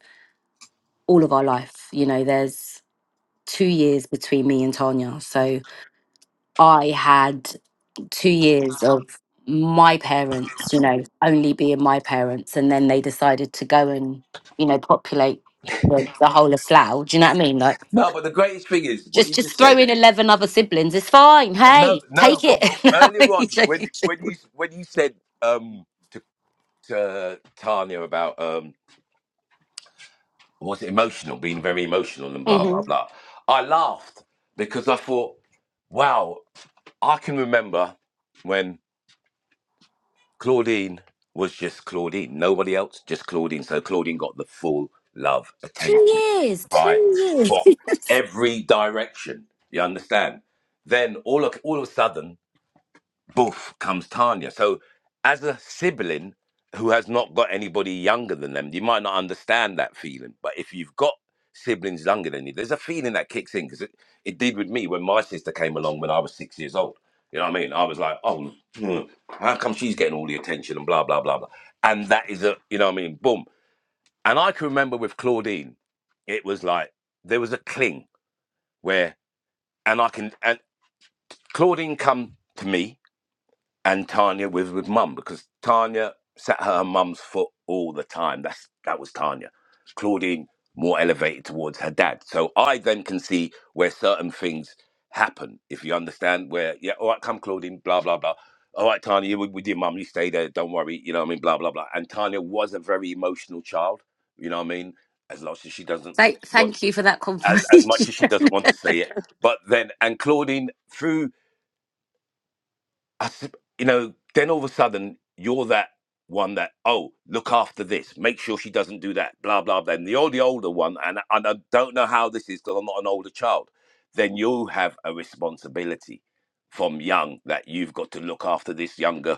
S1: all of our life you know there's two years between me and Tanya. So I had two years of my parents, you know, only being my parents. And then they decided to go and, you know, populate the, the whole of Slough. Do you know what I mean? Like,
S3: No, but the greatest thing is what
S1: just
S3: you just
S1: just throw
S3: said.
S1: in 11 other siblings. It's fine.
S3: And No,
S1: Hey, take
S3: no,
S1: it.
S3: but
S1: No, I'm
S3: earlier on
S1: only
S3: when
S1: joking.
S3: when you when you said um to, to Tanya about um was it emotional, being very emotional and blah blah
S1: Mhm.
S3: blah. I laughed because I thought, wow, I can remember when Claudine was just Claudine, nobody else, just Claudine. So Claudine got the full love,
S1: Two
S3: attention,
S1: years,
S3: right
S1: two years.
S3: from every direction. You understand? Then all of all of a sudden boof comes Tanya. So as a sibling who has not got anybody younger than them, you might not understand that feeling. But if you've got siblings younger than you, there's a feeling that kicks in because it, it did with me when my sister came along when I was six years old. You know what I mean? I was like, oh, hmm, how come she's getting all the attention and blah, blah, blah, blah. And that is a, you know what I mean? Boom. And I can remember with Claudine, it was like there was a cling where, and I can, and Claudine come to me and Tanya was with mum because Tanya sat at her mum's foot all the time. That's that was Tanya. Claudine more elevated towards her dad. So I then can see where certain things happen. If you understand, where yeah, all right, come Claudine, blah blah blah. All right, Tanya, you with with your mum, you stay there. Don't worry, you know what I mean. Blah blah blah. And Tanya was a very emotional child. You know what I mean. As much as she doesn't
S1: Thank,
S3: want,
S1: thank you for that
S3: as as
S1: confirmation.
S3: much as she doesn't want to say it, but then and Claudine through I s- you know, then all of a sudden you're that one that oh look after this, make sure she doesn't do that, blah blah blah. And you're the older one, and and I don't know how this is because I'm not an older child. Then you have a responsibility from young that you've got to look after this younger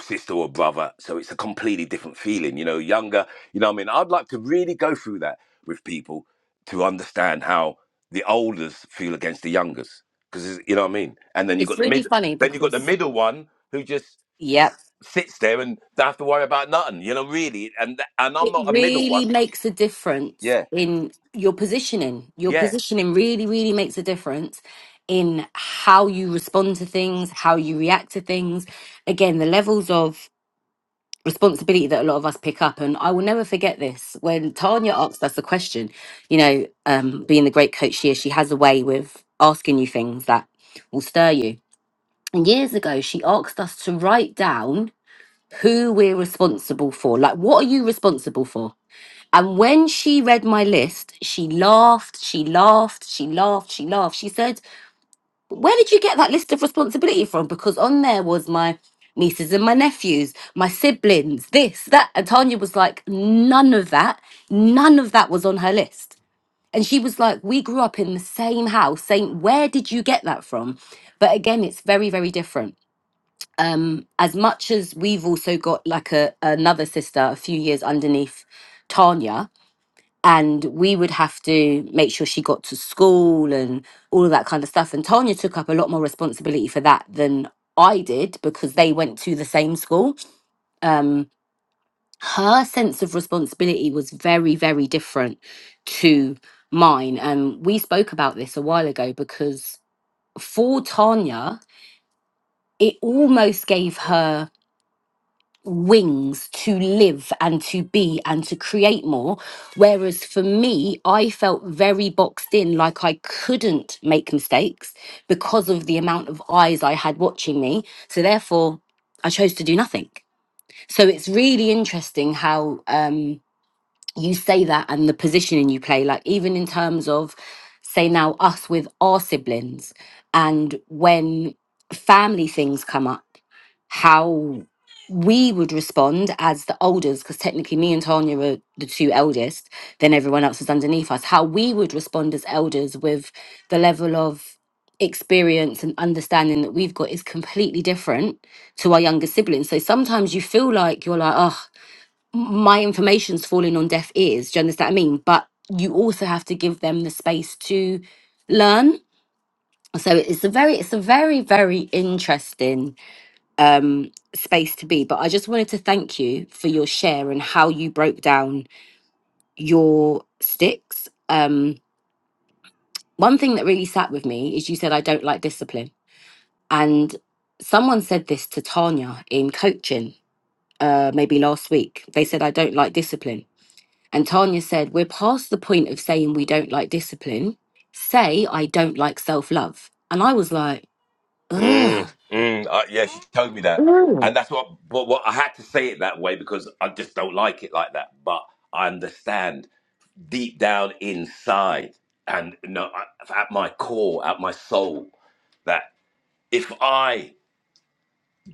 S3: sister or brother. So it's a completely different feeling, you know, younger. You know what I mean? I'd like to really go through that with people to understand how the olders feel against the youngers. Because, you know what I mean? And then you've got
S1: it's
S3: the
S1: really
S3: mid,
S1: funny
S3: then you've got the
S1: because,
S3: middle one who just
S1: yep,
S3: sits there and don't have to worry about nothing, you know, really. And th- and I'm
S1: it
S3: not a middle
S1: really
S3: one.
S1: makes a difference
S3: Yeah.
S1: in your positioning. Your
S3: Yeah.
S1: positioning really, really makes a difference in how you respond to things, how you react to things. Again, the levels of responsibility that a lot of us pick up. And I will never forget this. When Tanya asked us the question, you know, um, being the great coach she is, she has a way with asking you things that will stir you. And years ago, she asked us to write down who we're responsible for. Like, what are you responsible for? And when she read my list, she laughed, she laughed, she laughed, she laughed. She said, Where did you get that list of responsibility from? Because on there was my nieces and my nephews, my siblings, this, that. And Tanya was like, None of that, none of that was on her list. And she was like, We grew up in the same house, saying, Where did you get that from? But again, it's very, very different. Um, as much as we've also got like a another sister a few years underneath Tanya, and we would have to make sure she got to school and all of that kind of stuff. And Tanya took up a lot more responsibility for that than I did because they went to the same school. Um, her sense of responsibility was very, very different to mine. And we spoke about this a while ago because for Tanya, it almost gave her wings to live and to be and to create more. Whereas for me, I felt very boxed in, like I couldn't make mistakes because of the amount of eyes I had watching me. So therefore, I chose to do nothing. So it's really interesting how. Um, you say that and the positioning you play, like even in terms of, say, now us with our siblings, and when family things come up, how we would respond as the oldest, because technically me and Tanya are the two eldest, then everyone else is underneath us, how we would respond as elders with the level of experience and understanding that we've got is completely different to our younger siblings. So sometimes you feel like you're like, oh, my information's falling on deaf ears. Do you understand what I mean? But you also have to give them the space to learn. So it's a very, it's a very, very interesting um, space to be. But I just wanted to thank you for your share and how you broke down your sticks. Um, one thing that really sat with me is you said I don't like discipline, and someone said this to Tanya in coaching uh, maybe last week. They said I don't like discipline, And Tanya said, We're past the point of saying we don't like discipline. Say, I don't like self love. And I was like, ugh.
S3: Mm, mm, uh, yeah, she told me that.
S1: Mm.
S3: And that's what, But what I had to say it that way because I just don't like it like that. But I understand deep down inside and you know, I- at my core, at my soul, that if I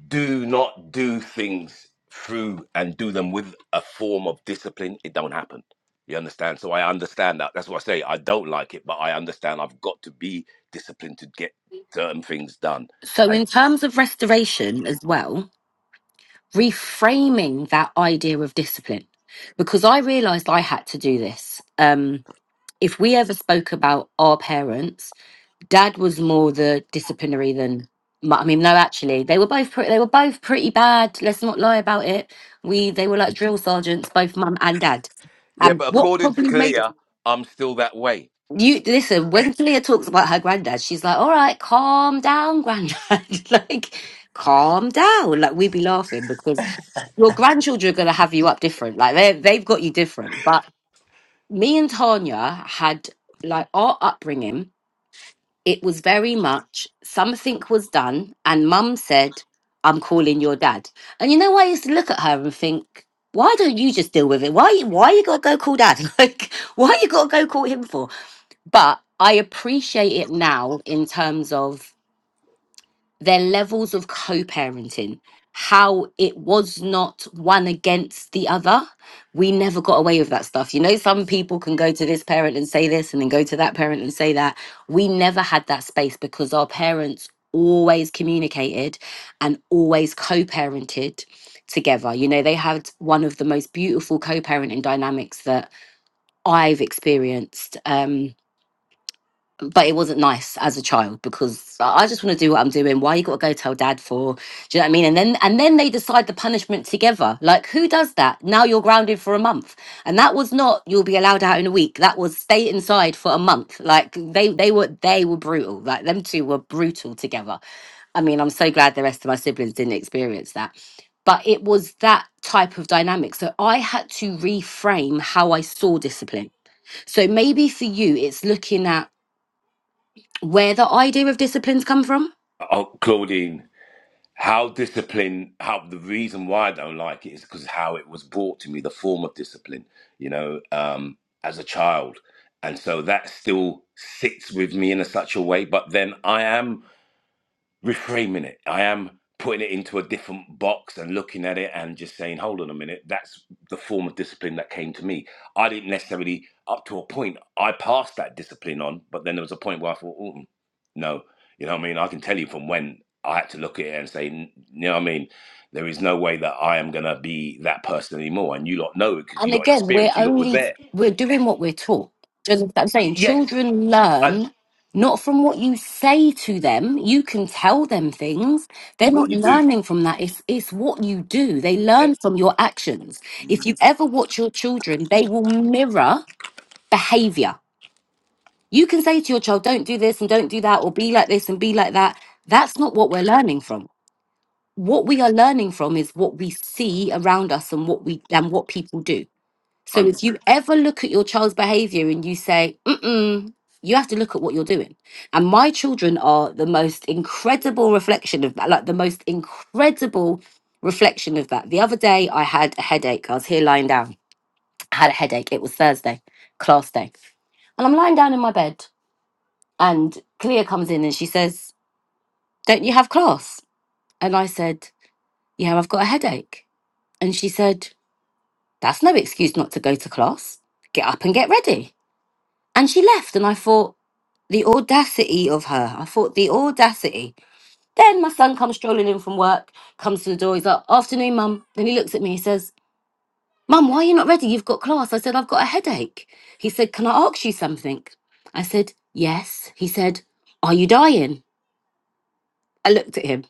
S3: do not do things through and do them with a form of discipline, it don't happen. You understand? So I understand that. That's what I say. I don't like it, but I understand I've got to be disciplined to get certain things done.
S1: So,
S3: And
S1: in terms of restoration as well, reframing that idea of discipline, because I realized I had to do this. Um, if we ever spoke about our parents, Dad was more the disciplinary than. mu- I mean, no, actually, they were both pretty. They were both pretty bad. Let's not lie about it. We they were like drill sergeants, both mum and dad.
S3: yeah,
S1: And
S3: but
S1: what
S3: according to
S1: probably made it
S3: Clear, I'm still that way.
S1: you listen when Clea talks about her granddad, she's like, "All right, calm down, granddad. like, calm down." Like we'd be laughing because your grandchildren are gonna have you up different. Like they they've got you different. But me and Tanya had like our upbringing. It was very much something was done, and mum said, I'm calling your dad. And you know, I used to look at her and think, why don't you just deal with it? Why, why you gotta go call dad? Like, why you gotta go call him for? But I appreciate it now in terms of their levels of co parenting, how it was not one against the other. We never got away with that stuff. You know, some people can go to this parent and say this and then go to that parent and say that. We never had that space because our parents always communicated and always co parented together. You know, they had one of the most beautiful co parenting dynamics that I've experienced. Um, but it wasn't nice as a child because I I just want to do what I'm doing. Why you got to go tell dad for? Do you know what I mean? And then and then they decide the punishment together. Like who does that? Now you're grounded for a month, and that was not you'll be allowed out in a week. That was stay inside for a month. Like they they were they were brutal. Like them two were brutal together. I mean, I'm so glad the rest of my siblings didn't experience that. But it was that type of dynamic. So I had to reframe how I saw discipline. So maybe for you, it's looking at where the idea of disciplines come from?
S3: Oh, Claudine, how discipline how the reason why i don't like it is because how it was brought to me the form of discipline you know um as a child and so that still sits with me in a such a way but then i am reframing it. I am putting it into a different box and looking at it and just saying, hold on a minute, that's the form of discipline that came to me. I didn't necessarily, up to a point, I passed that discipline on, but then there was a point where I thought, oh, no, you know what I mean? I can tell you from when I had to look at it and say, "N- you know what I mean? There is no way that I am going to be that person anymore. And you lot know it because
S1: And
S3: you lot
S1: again, we're
S3: experienced, you lot were
S1: only
S3: there.
S1: we're doing what we're taught. Do you understand what I'm
S3: Y-
S1: saying?
S3: Yes,
S1: Children
S3: I,
S1: learn not from what you say to them. You can tell them things. They're
S3: what
S1: not
S3: you do.
S1: learning from that. It's it's what you do. They
S3: Yeah,
S1: learn from your actions. If you ever watch your children, they will mirror behavior. You can say to your child, don't do this and don't do that, or be like this and be like that. That's not what we're learning from. What we are learning from is what we see around us and what we and what people do so
S3: 100%.
S1: if you ever look at your child's behavior and you say, mm-mm, you have to look at what you're doing. And my children are the most incredible reflection of that, like the most incredible reflection of that. The other day I had a headache. I was here lying down. I had a headache. It was Thursday, class day. And I'm lying down in my bed, and Clea comes in and she says, Don't you have class? And I said, Yeah, I've got a headache. And she said, That's no excuse not to go to class. Get up and get ready. And she left, and I thought, the audacity of her. I thought, the audacity. Then my son comes strolling in from work, comes to the door, he's like, afternoon, mum. Then he looks at me, he says, Mum, why are you not ready? You've got class. I said, I've got a headache. He said, Can I ask you something? I said, Yes. He said, Are you dying? I looked at him.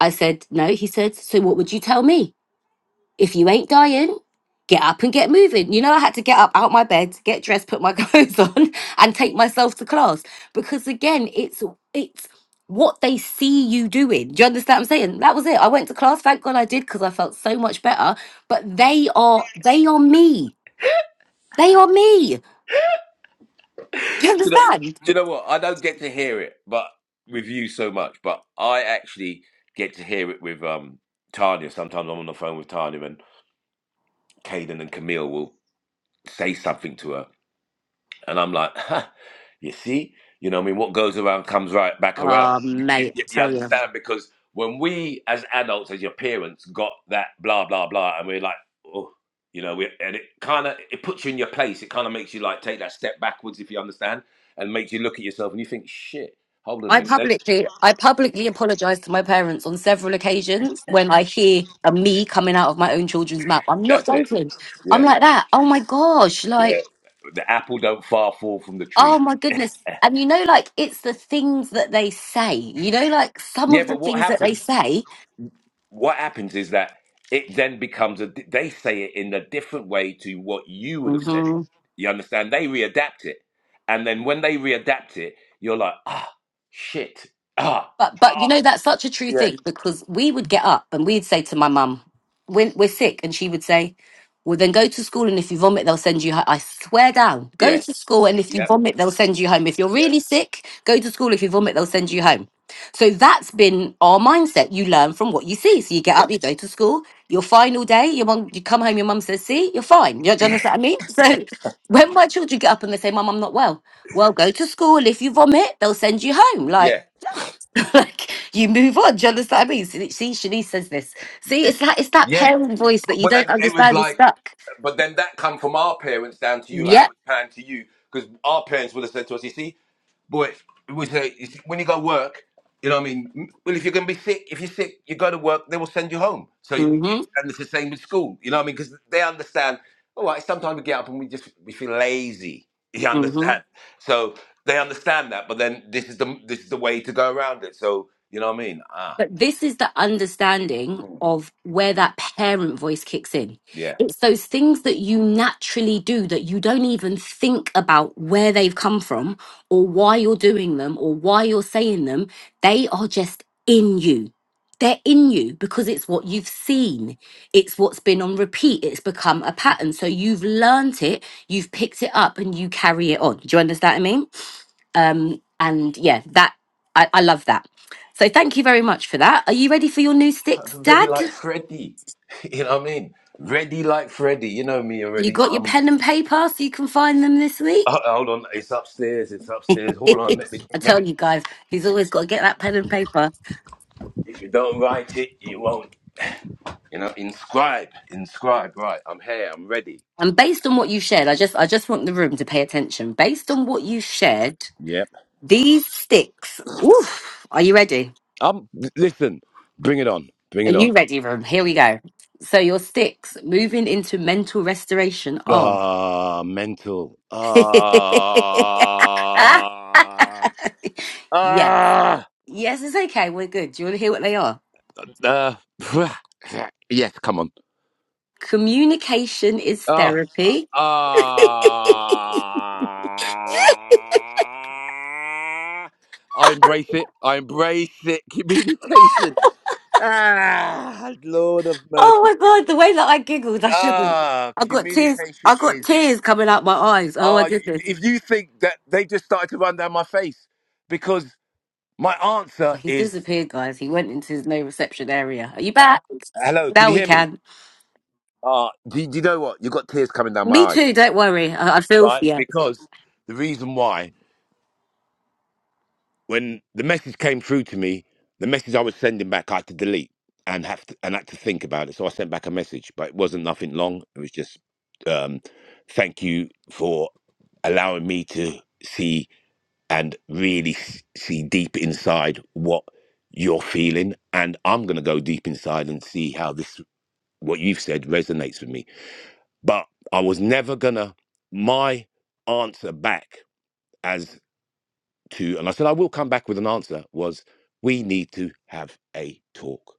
S1: I said, No. He said, So what would you tell me? if you ain't dying, get up and get moving. You know, I had to get up out my bed, get dressed, put my clothes on, and take myself to class because again, it's it's what they see you doing. Do you understand what I'm saying? That was it. I went to class. Thank God I did because I felt so much better. But they are they are me. They are me. Do you
S3: you know,
S1: understand?
S3: do you know what? I don't get to hear it, but with you so much. But I actually get to hear it with um Tanya. Sometimes I'm on the phone with Tanya, and Caden and Camille will say something to her, and I'm like, ha, you see, you know, what I mean, what goes around comes right back around.
S1: Oh
S3: You,
S1: mate,
S3: you-
S1: I
S3: you
S1: tell you.
S3: understand? Because when we, as adults, as your parents, got that blah blah blah, and we're like, oh, you know, we, and it kind of it puts you in your place. It kind of makes you like take that step backwards, if you understand, and makes you look at yourself and you think, shit, hold on a
S1: I
S3: minute, that-
S1: publicly, I publicly apologise to my parents on several occasions when I hear a me coming out of my own children's mouth. I'm not
S3: that's it,
S1: joking. I'm
S3: yeah,
S1: like that. Oh my gosh!
S3: yeah.
S1: Like,
S3: The apple don't far fall from the
S1: oh
S3: tree.
S1: my goodness! And you know, like it's the things that they say. You know, like some
S3: Yeah,
S1: of the
S3: but what
S1: things that they
S3: happens?
S1: say.
S3: what happens is that it then becomes a they say it in a different way to what you would have said it you understand they readapt it and then when they readapt it you're like ah shit ah
S1: But but
S3: ah
S1: you know that's such a true
S3: yeah
S1: thing because we would get up and we'd say to my mum, "We're, we're sick," and she would say, "Well, then go to school and if you vomit, they'll send you home." I swear down, go
S3: yeah
S1: to school and if you
S3: yeah
S1: vomit, they'll send you home. If you're
S3: yeah
S1: really sick, go to school. If you vomit, they'll send you home. So that's been our mindset. You learn from what you see. So you get
S3: yeah
S1: up, you go to school, you're fine all day. Your mum, you come home, your mum says, "See, you're fine." You do you understand what I mean? So when my children get up and they say, "Mum, I'm not well," well, go to school. If you vomit, they'll send you home. Like
S3: yeah
S1: like you move on. Do you understand what I mean? See, see, Shanice says this. See, it's that it's that
S3: yeah
S1: parent voice that you
S3: but
S1: don't
S3: then it was
S1: understand is
S3: like
S1: stuck.
S3: but then that come from our parents down to you like that
S1: Yep.
S3: was planned to you because our parents would have said to us you see But we say it's- when you go work, you know what I mean. M- Well, if you're gonna be sick, if you're sick, you go to work. They will send you home. So you, you,
S1: Mm-hmm.
S3: and it's the same with school. You know what I mean? Because they understand. All right, sometimes we get up and we just we feel lazy. You
S1: Mm-hmm.
S3: understand? So they understand that. But then this is the this is the way to go around it. So you know what I mean? Ah,
S1: But this is the understanding
S3: mm,
S1: of where that parent voice kicks in.
S3: yeah.
S1: It's those things that you naturally do that you don't even think about where they've come from or why you're doing them or why you're saying them. They are just in you. They're in you because it's what you've seen. It's what's been on repeat. It's become a pattern. So you've learnt it, you've picked it up, and you carry it on. Do you understand what I mean? Um, and yeah, that I, I love that. So thank you very much for that. Are you ready for your new sticks,
S3: Ready
S1: Dad?
S3: like Freddy. You know what I mean? Ready like Freddy. You know me
S1: You
S3: already.
S1: got your
S3: I'm.
S1: pen and paper so you can find them this week?
S3: Uh, hold on, it's upstairs. It's upstairs. Hold on, let me
S1: I
S3: let me
S1: tell you guys, he's always got to get that pen and paper.
S3: If you don't write it, you won't. You know, inscribe, inscribe. Right, I'm here. I'm ready.
S1: And based on what you shared, I just I just want the room to pay attention. Based on what you shared,
S3: Yep.
S1: these sticks. Oof, are you ready?
S3: Um, listen. Bring it on. Bring
S1: Are
S3: it on.
S1: you ready, room? Here we go. So your sticks moving into mental restoration. Oh.
S3: Ah, mental. Ah,
S1: ah, yes.
S3: ah.
S1: Yes, it's okay. We're good. Do you want to hear what they are?
S3: Uh, yes, come on.
S1: Communication is
S3: Ah,
S1: therapy.
S3: ah. I embrace it. I embrace it. Communication. Ah, Lord of
S1: Oh
S3: mercy.
S1: my god, the way that I giggled, I shouldn't.
S3: Ah,
S1: I got tears.
S3: communication
S1: I got
S3: is.
S1: tears coming out my eyes. Oh my
S3: Ah,
S1: goodness.
S3: if you think that they just started to run down my face because my answer
S1: Well, He's
S3: is,
S1: disappeared, guys. He went into his no reception area. Are you back?
S3: hello, can
S1: Now
S3: you
S1: we
S3: hear me?
S1: can.
S3: Ah, do, do you know what? You've got tears coming down my
S1: Me too.
S3: eyes,
S1: Don't worry. I, I feel for
S3: right?
S1: you.
S3: Because the reason why when the message came through to me, the message I was sending back, I had to delete and have to, and had to think about it. So I sent back a message, but it wasn't nothing long. It was just, um, thank you for allowing me to see and really s- see deep inside what you're feeling, and I'm gonna go deep inside and see how this what you've said resonates with me. But I was never gonna my answer back as to, and I said, I will come back with an answer, was we need to have a talk.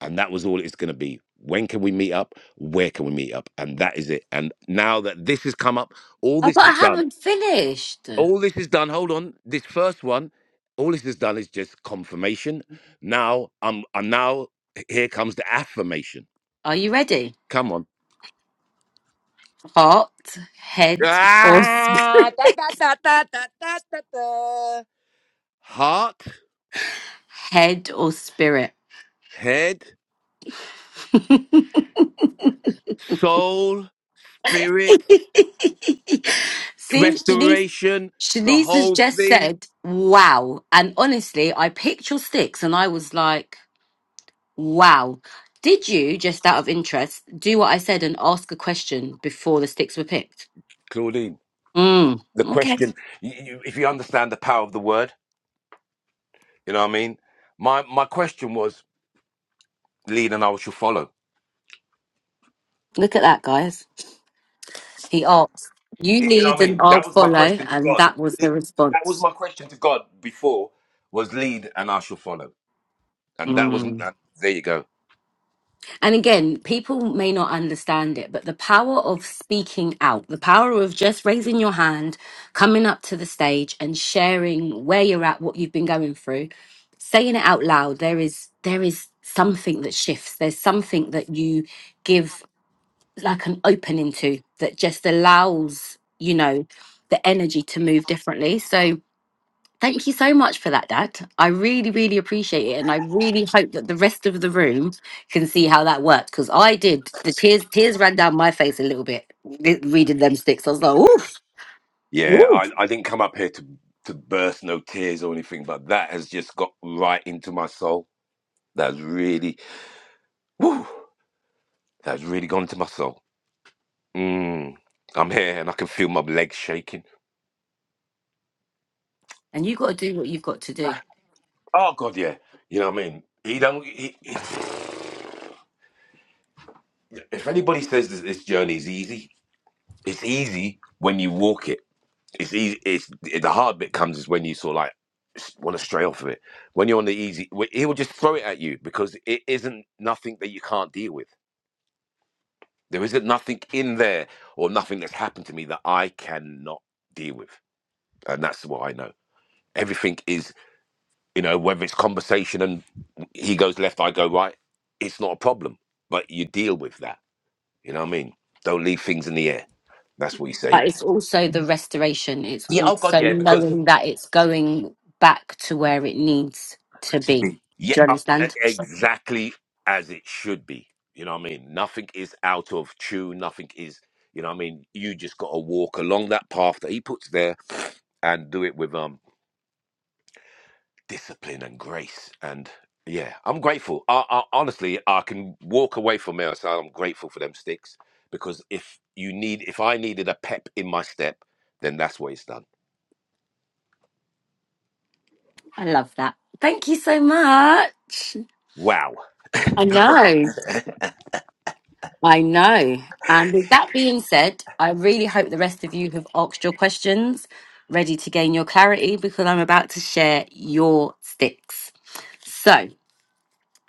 S3: And that was all it's going to be. When can we meet up? Where can we meet up? And that is it. And now that this has come up, all
S1: Oh,
S3: this
S1: but
S3: is
S1: I
S3: done.
S1: haven't finished.
S3: All this is done. Hold on. This first one, all this has done is just confirmation. Now I'm, I'm now, here comes the affirmation.
S1: Are you ready?
S3: Come on.
S1: Heart, head, or sp-
S3: Ah, da, da, da, da, da, da, da, da. Heart,
S1: head or spirit?
S3: head, soul,
S1: See,
S3: spirit,
S1: Shanice,
S3: restoration, the
S1: Shanice has
S3: whole
S1: just
S3: thing.
S1: said, wow. And honestly, I picked your sticks and I was like, wow. Did you, just out of interest, do what I said and ask a question before the sticks were picked?
S3: Claudine,
S1: Mm,
S3: the
S1: okay.
S3: question, you, you, if you understand the power of the word, you know what I mean? My, my question was, lead and I shall follow.
S1: Look at that, guys. He asked, you
S3: You know
S1: lead
S3: what I
S1: and
S3: mean?
S1: I'll
S3: That was my
S1: follow.
S3: question to
S1: And
S3: God.
S1: that was the
S3: Lead- That was
S1: response.
S3: my question to God before was lead and I shall follow. And that was,
S1: Mm.
S3: uh, there you go.
S1: And again, people may not understand it, but the power of speaking out, the power of just raising your hand, coming up to the stage and sharing where you're at, what you've been going through, saying it out loud, there is there is something that shifts. There's something that you give like an opening to that just allows, you know, the energy to move differently. So Thank you so much for that, Dad. I really, really appreciate it. And I really hope that the rest of the room can see how that worked. Because I did. The tears tears ran down my face a little bit re- reading them sticks. I was like, oof,
S3: Yeah, I,
S1: oof.
S3: I didn't come up here to, to burst no tears or anything, but that has just got right into my soul. That's really, whew, that's really gone to my soul. Mm, I'm here and I can feel my legs shaking.
S1: And you got to do what you've got to do.
S3: Oh God, yeah. You know what I mean? He don't. He, he- if anybody says that this journey is easy, it's easy when you walk it. It's easy. It's the hard bit comes is when you sort of like want to stray off of it. When you're on the easy, wh- he will just throw it at you because it isn't nothing that you can't deal with. There isn't nothing in there or nothing that's happened to me that I cannot deal with, and that's what I know. Everything is you know, whether it's conversation and he goes left, I go right, it's not a problem. But you deal with that. You know what I mean? Don't leave things in the air. That's what he's
S1: But
S3: saying.
S1: it's also the restoration. It's
S3: Yeah. Oh God.
S1: also
S3: Yeah. Because
S1: knowing that it's going back to where it needs to
S3: to
S1: be.
S3: be. Yeah.
S1: Do you
S3: uh, e-
S1: understand?
S3: Exactly as it should be. You know what I mean? Nothing is out of tune. Nothing is. You know what I mean? You just got to walk along that path that he puts there and do it with um. discipline and grace and yeah i'm grateful I, I honestly i can walk away from mail so i'm grateful for them sticks because if you need if i needed a pep in my step then that's what it's done
S1: I love that. Thank you so much.
S3: wow
S1: I know. I know. And with that being said, I really hope the rest of you have asked your questions, ready to gain your clarity, because I'm about to share your sticks. So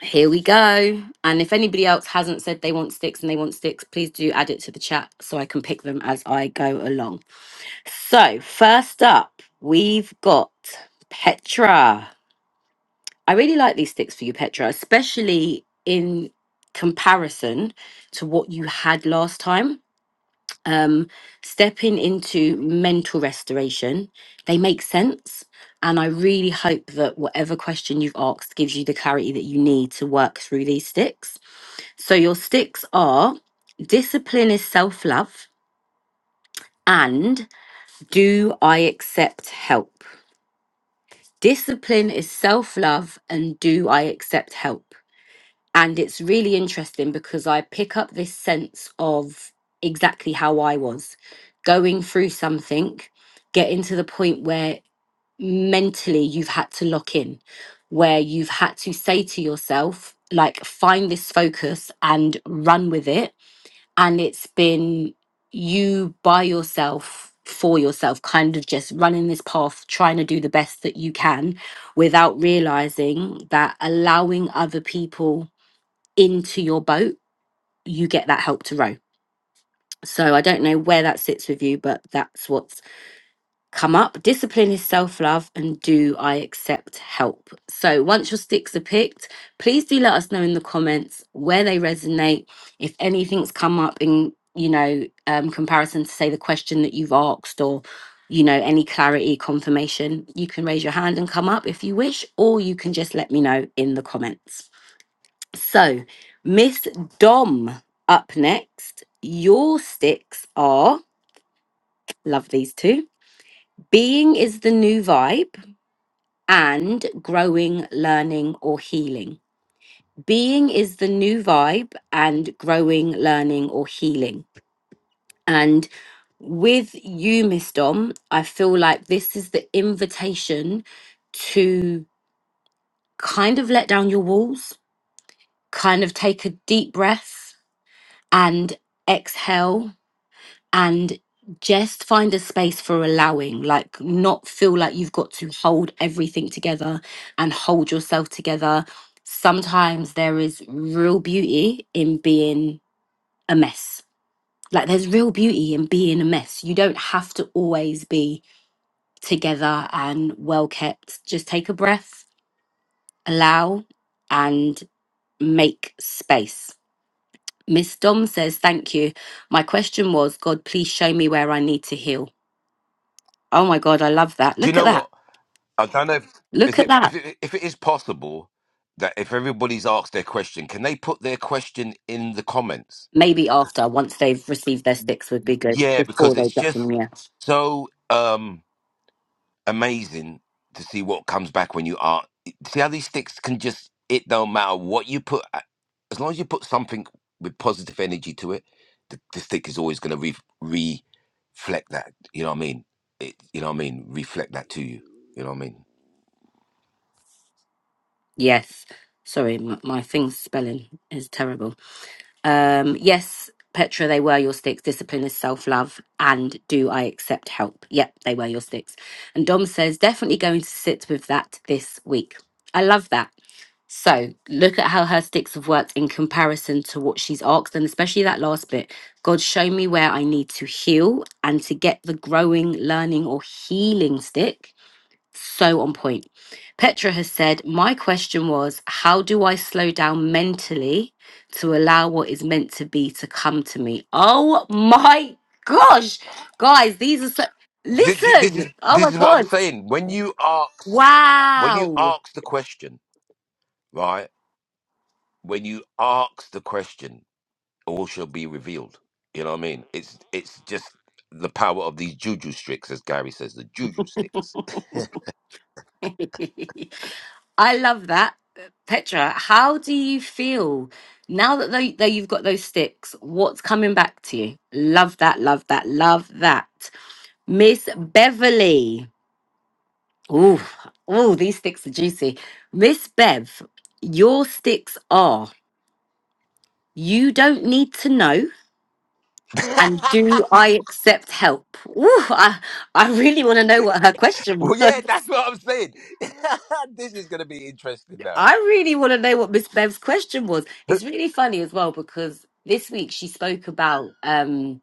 S1: here we go. And if anybody else hasn't said they want sticks and they want sticks, please do add it to the chat so I can pick them as I go along. So, first up, we've got Petra. I really like these sticks for you, Petra, especially in comparison to what you had last time um, stepping into mental restoration. They make sense. And I really hope that whatever question you've asked gives you the clarity that you need to work through these sticks. So, your sticks are discipline is self love, and do I accept help? Discipline is self love, and do I accept help? And it's really interesting because I pick up this sense of exactly how I was going through something, getting to the point where mentally you've had to lock in, where you've had to say to yourself, like, find this focus and run with it. And it's been you by yourself, for yourself, kind of just running this path, trying to do the best that you can without realizing that allowing other people into your boat, you get that help to row. So I don't know where that sits with you, but that's what's come up. Discipline is self love, and do I accept help? So once your sticks are picked, please do let us know in the comments where they resonate. If anything's come up in, you know, um, comparison to, say, the question that you've asked or you know, any clarity, confirmation, you can raise your hand and come up if you wish, or you can just let me know in the comments. So, Miss Dom up next. Your sticks are, love these two, being is the new vibe and growing, learning, or healing. Being is the new vibe and growing, learning, or healing. And with you, Miss Dom, I feel like this is the invitation to kind of let down your walls, kind of take a deep breath and exhale and just find a space for allowing like not feel like you've got to hold everything together and hold yourself together sometimes there is real beauty in being a mess like there's real beauty in being a mess you don't have to always be together and well kept just take a breath allow and make space miss dom says thank you my question was god please show me where i need to heal Oh my God, I love that.
S3: do you
S1: Look at
S3: know
S1: that.
S3: what i don't know if is
S1: Look at
S3: it if
S1: that.
S3: it, if it is possible that if everybody's asked their question can they put their question in the comments
S1: Maybe after, once they've received their sticks, would be good.
S3: yeah
S1: Before
S3: because
S1: they
S3: it's
S1: get them,
S3: just
S1: yeah.
S3: so um amazing to see what comes back when you are. See how these sticks can just, it don't matter what you put, a- as long as you put something with positive energy to it, the, the stick is always going to re, re- reflect that. You know what I mean? It, you know what I mean? Reflect that to you. You know what I mean?
S1: Yes. Sorry, my, my thing's spelling is terrible. Um, yes, Petra, they were your sticks. Discipline is self love. And do I accept help? Yep, they were your sticks. And Dom says, definitely going to sit with that this week. I love that. So look at how her sticks have worked in comparison to what she's asked, and especially that last bit. God, show me where I need to heal and to get the growing, learning, or healing stick. So on point. Petra has said, My question was, how do I slow down mentally to allow what is meant to be to come to me? Oh my gosh. Guys, these are so.
S3: Th- th- This is
S1: Listen. Oh
S3: this
S1: my
S3: is what I'm
S1: God.
S3: saying. When you ask, when you
S1: Wow.
S3: ask the question, right? When you ask the question. all shall be revealed. You know what I mean? It's it's just the power of these juju sticks, as Gary says, the juju sticks.
S1: I love that. Petra, how do you feel now that, they, that you've got those sticks? What's coming back to you? Love that, love that, love that. Miss Beverly. Ooh, ooh, these sticks are juicy. Miss Bev, your sticks are you don't need to know. And do I accept help? Ooh, I, I really want to know what her question
S3: well, yeah,
S1: was.
S3: that's what I'm saying. this is gonna be interesting now.
S1: I really want to know what Miss Bev's question was. It's really funny as well because this week she spoke about um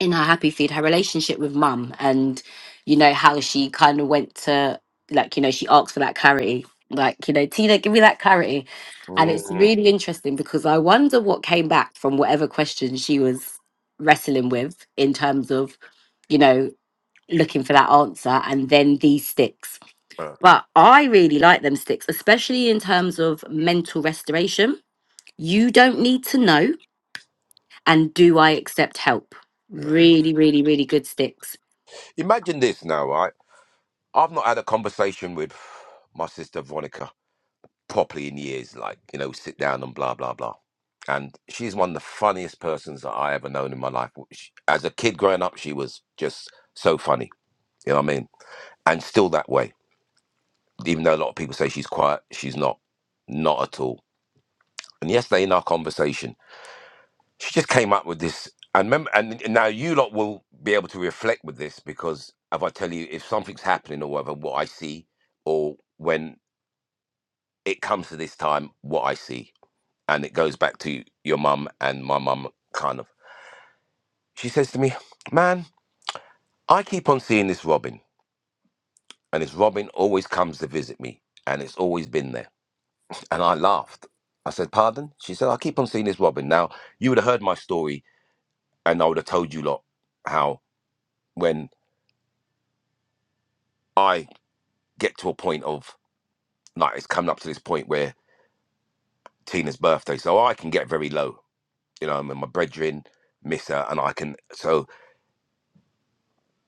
S1: in her happy feed her relationship with mum and you know how she kind of went to like you know she asked for that clarity like you know Tina give me that clarity and it's
S3: Mm,
S1: really interesting because I wonder what came back from whatever question she was wrestling with in terms of you know looking for that answer and then these sticks
S3: uh,
S1: but I really like them sticks, especially in terms of mental restoration. You don't need to know, and do I accept help?
S3: yeah.
S1: Really, really, really good sticks.
S3: Imagine this now, right? I've not had a conversation with my sister Veronica properly in years, like you know, sit down and blah blah blah. And she's one of the funniest persons that I ever known in my life. She- As a kid growing up, she was just so funny. You know what I mean? and still that way. Even though a lot of people say she's quiet, she's not, not at all. And yesterday in our conversation, she just came up with this. And remember, and now you lot will be able to reflect with this because if I tell you if something's happening or whatever, what I see, or when it comes to this time, what I see, and it goes back to your mum and my mum, kind of. She says to me, "Man, I keep on seeing this Robin, and this Robin always comes to visit me, and it's always been there." And I laughed. I said, Pardon? She said, I keep on seeing this Robin. Now, you would have heard my story and I would have told you lot how when I get to a point of, like, it's coming up to this point where Tina's birthday, so I can get very low. You know, I'm in my brethren, miss her, and I can. So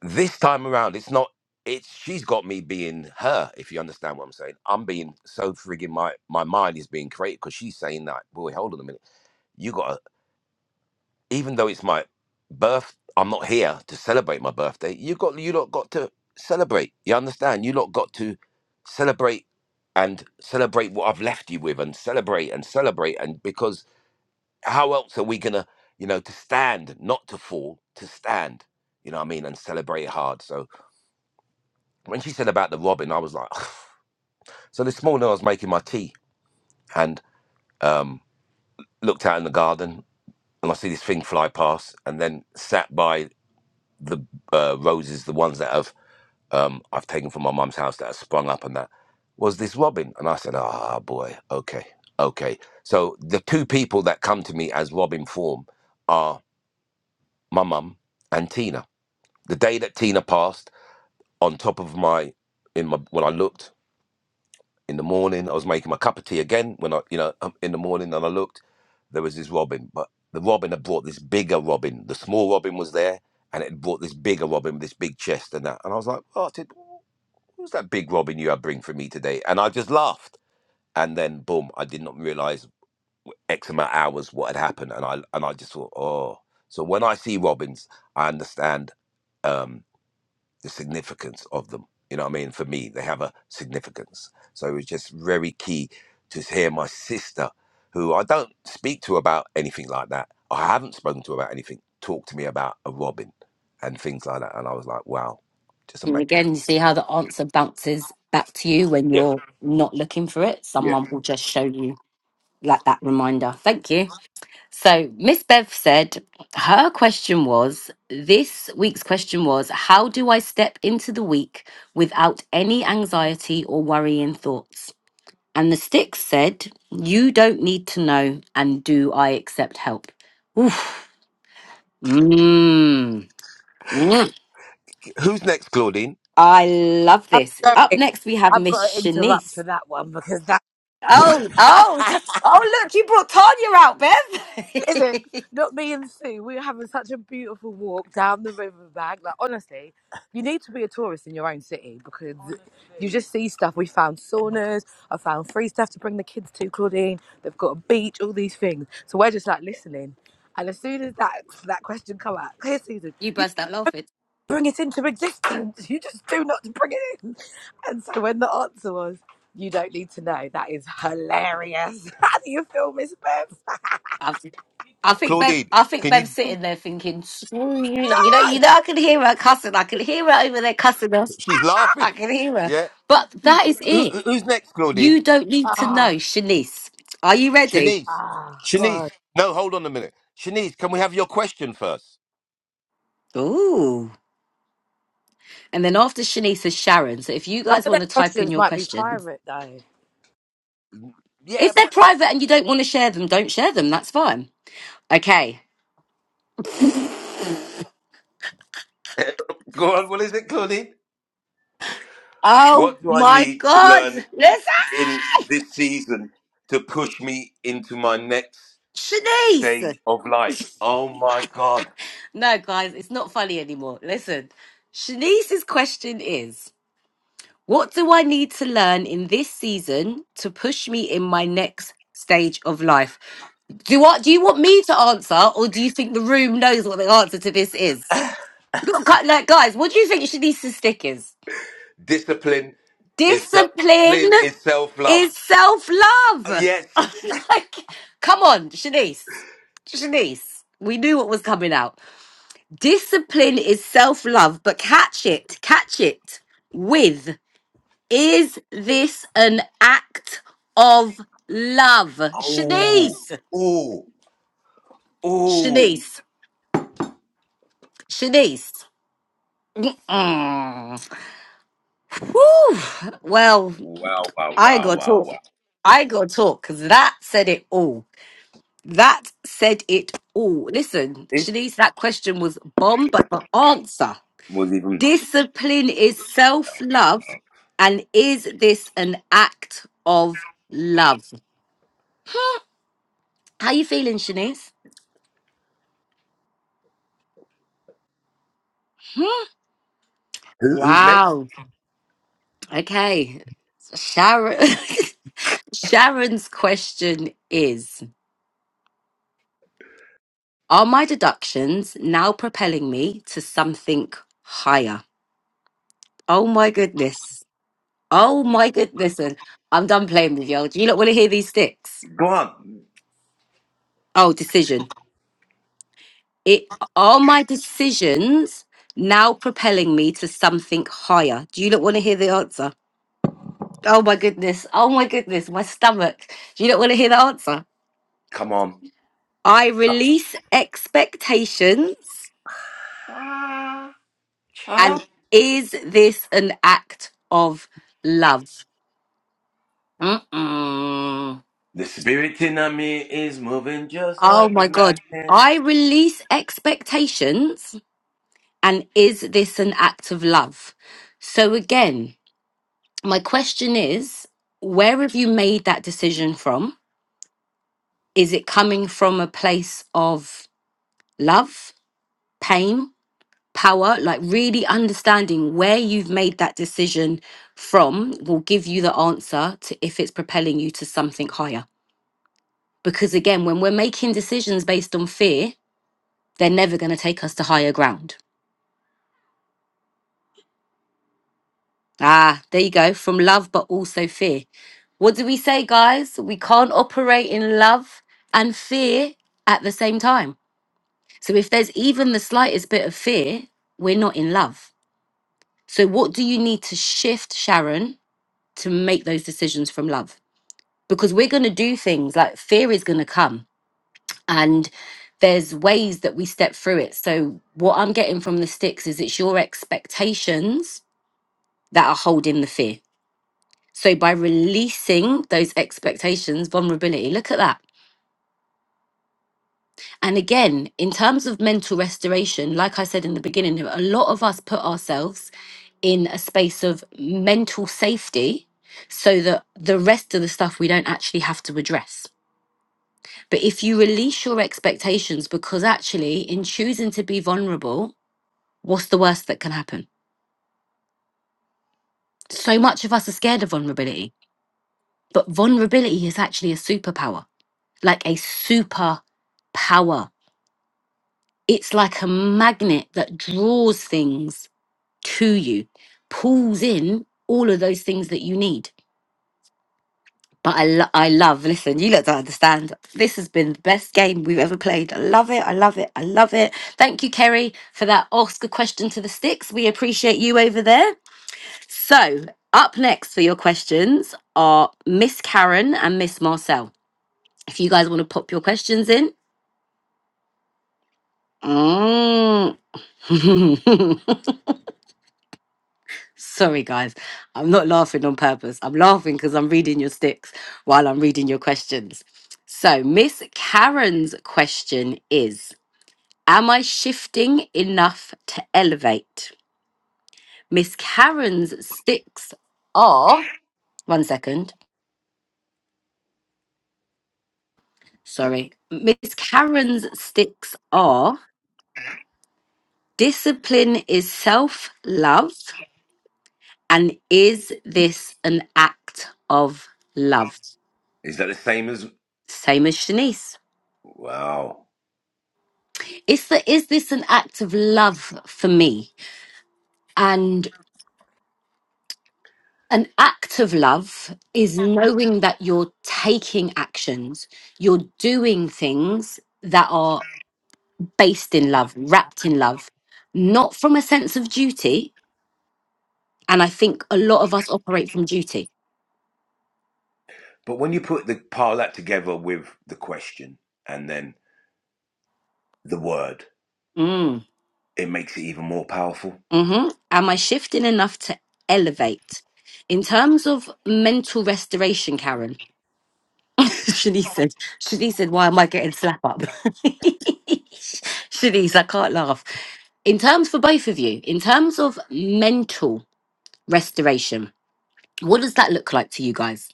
S3: this time around, it's not. It's she's got me being her, if you understand what I'm saying. I'm being so friggin' my my mind is being created because she's saying that. Boy, hold on a minute. You got to even though it's my birth, I'm not here to celebrate my birthday. You got you lot got to celebrate. You understand? You lot got to celebrate and celebrate what I've left you with, and celebrate and celebrate. And because how else are we gonna, you know, to stand, not to fall, to stand. You know what I mean? And celebrate hard. So when she said about the robin, I was like, so this morning I was making my tea and um, looked out in the garden and I see this thing fly past and then sat by the uh, roses, the ones that have um, I've taken from my mum's house that have sprung up and that was this robin. And I said, ah, boy, okay, okay. So the two people that come to me as robin form are my mum and Tina. The day that Tina passed, on top of my in my when I looked in the morning. I was making my cup of tea again when I, you know, um, in the morning, and I looked. There was this robin, but the robin had brought this bigger robin. The small robin was there, and it had brought this bigger robin with this big chest and that. And I was like, "Oh, I said, who's that big robin you had bring for me today?" And I just laughed. And then, boom! I did not realize X amount of hours what had happened, and I and I just thought, "Oh." So when I see robins, I understand. Um, the significance of them. You know what I mean? For me, they have a significance. So it was just very key to hear my sister, who I don't speak to about anything like that. I haven't spoken to about anything. Talk to me about a robin and things like that. And I was like, wow, just
S1: And
S3: amazing.
S1: again, you see how the answer bounces back to you when
S3: Yeah,
S1: you're not looking for it.
S3: yeah.
S1: Someone will just show you like that reminder. Thank you. So, Miss Bev said her question was this week's question was how do I step into the week without any anxiety or worrying thoughts? And the stick said, You don't need to know, and do I accept help? Oof. Mmm. Mm.
S3: Who's next, Claudine?
S1: I love
S2: I'm
S1: this. Up
S2: sorry.
S1: next, we have
S2: I've
S1: Miss
S2: got to interrupt for
S1: Shanice.
S2: that one because that
S1: Oh, oh, just- oh, look, you brought Tanya out,
S2: isn't
S1: Bev.
S2: not me and Sue. We were having such a beautiful walk down the riverbank. Like honestly, you need to be a tourist in your own city because you just see stuff. We found saunas. I found free stuff to bring the kids to. Claudine, they've got a beach. All these things. So we're just like listening. And as soon as that that question come out, clear season.
S1: you burst out laughing.
S2: bring it into existence. You just do not bring it in. And so when the answer was, you don't need to know, that is hilarious. How do you feel, Miss Beth?
S1: i I think Bev,
S3: Claudine,
S1: I think
S3: can you?
S1: Bev's sitting there thinking, "Screw you know, you know, you know, I can hear her cussing. I can hear her over there cussing us.
S3: She's
S1: I
S3: laughing.
S1: can hear her.
S3: Yeah.
S1: But that is
S3: Who,
S1: it.
S3: who- who's next, Claudine?
S1: You don't need to
S2: Ah,
S1: know, Shanice. Are you ready?
S3: Shanice.
S2: ah,
S3: Shanice.
S2: God.
S3: No, hold on a minute. Shanice, can we have your question first?
S1: Ooh. And then after Shanice is Sharon. So if you
S2: Some
S1: guys
S2: of
S1: want
S2: their
S1: to type in
S2: questions
S1: your
S2: might be
S1: questions,
S2: private, though.
S3: Yeah.
S1: if they're
S3: but-
S1: private and you don't want to share them, don't share them. That's fine. Okay.
S3: Go on. What is it, Claudine?
S1: Oh
S3: What do I
S1: my
S3: need to
S1: God.
S3: learn
S1: Listen,
S3: in this season to push me into my next
S1: Shanice.
S3: stage of life? Oh my God.
S1: No, guys, it's not funny anymore. Listen, Shanice's question is What do I need to learn in this season to push me in my next stage of life? Do what do you want me to answer, or do you think the room knows what the answer to this is? Gu- gu- Like, like, guys, what do you think Shanice's stick is?
S3: Discipline is self
S1: Discipline
S3: discipline is self love.
S1: is self love.
S3: Yes.
S1: like, come on, Shanice. Shanice, we knew what was coming out. Discipline is self love, but catch it, catch it with Is this an act of love?
S3: Oh.
S1: Shanice,
S3: Oh. Oh.
S1: Shanice, Shanice. Mm-mm. Whew. Well,
S3: Wow, wow,
S1: I
S3: wow,
S1: got to
S3: wow,
S1: talk.
S3: wow.
S1: I got to talk because that said it all. That said it all. Listen,
S3: This
S1: Shanice, that question was bomb, but the answer
S3: was even
S1: discipline is self love. And is this an act of love? How you feeling, Shanice?
S3: who, who's next?
S1: Wow. Okay, Sharon. Sharon's question is Are my deductions now propelling me to something higher? Oh my goodness. Oh my goodness. And I'm done playing with y'all. Do you not want to hear these sticks?
S3: Go on.
S1: Oh, decision. It are my decisions now propelling me to something higher? Do you not want to hear the answer? Oh my goodness. Oh my goodness. My stomach. Do you not want to hear the answer?
S3: Come on.
S1: I release expectations. And is this an act of love? Mm-mm.
S3: The spirit in me is moving just
S1: Oh
S3: like a
S1: my God.
S3: magnet.
S1: I release expectations. And is this an act of love? So, again, my question is where have you made that decision from? Is it coming from a place of love, pain? power like really understanding where you've made that decision from will give you the answer to if it's propelling you to something higher because again when we're making decisions based on fear they're never going to take us to higher ground ah there you go from love but also fear what do we say guys we can't operate in love and fear at the same time so if there's even the slightest bit of fear we're not in love so what do you need to shift sharon to make those decisions from love because we're going to do things like fear is going to come and there's ways that we step through it so what i'm getting from the sticks is it's your expectations that are holding the fear so by releasing those expectations vulnerability look at that and again in terms of mental restoration like i said in the beginning a lot of us put ourselves in a space of mental safety so that the rest of the stuff we don't actually have to address But if you release your expectations, because actually, in choosing to be vulnerable, what's the worst that can happen? So much of us are scared of vulnerability, but vulnerability is actually a superpower, like a super power. It's like a magnet that draws things to you, pulls in all of those things that you need. But I, lo- I love, listen, you lot don't understand. This has been the best game we've ever played. I love it. I love it. I love it. Thank you, Kerry, for that Oscar question to the sticks. We appreciate you over there. So, up next for your questions are Miss Karen and Miss Marcel. If you guys want to pop your questions in, mm. Sorry, guys. I'm not laughing on purpose. I'm laughing because I'm reading your sticks while I'm reading your questions. So, Miss Karen's question is Am I shifting enough to elevate? Miss Karen's sticks are, one second, sorry. Miss Karen's sticks are discipline is self love. And is this an act of love?
S3: Is that the same as
S1: Same as Shanice.
S3: wow.
S1: is that is this an act of love for me and an act of love is knowing that you're taking actions you're doing things that are based in love wrapped in love not from a sense of duty and i think a lot of us operate from duty
S3: But when you put the pile that together with the question and then the word,
S1: mm.
S3: it makes it even more powerful.
S1: hmm am i shifting enough to elevate in terms of mental restoration karen Shanice said, Shanice said, why am I getting slap up? Shanice, I can't laugh. In terms for both of you, in terms of mental restoration, what does that look like to you guys?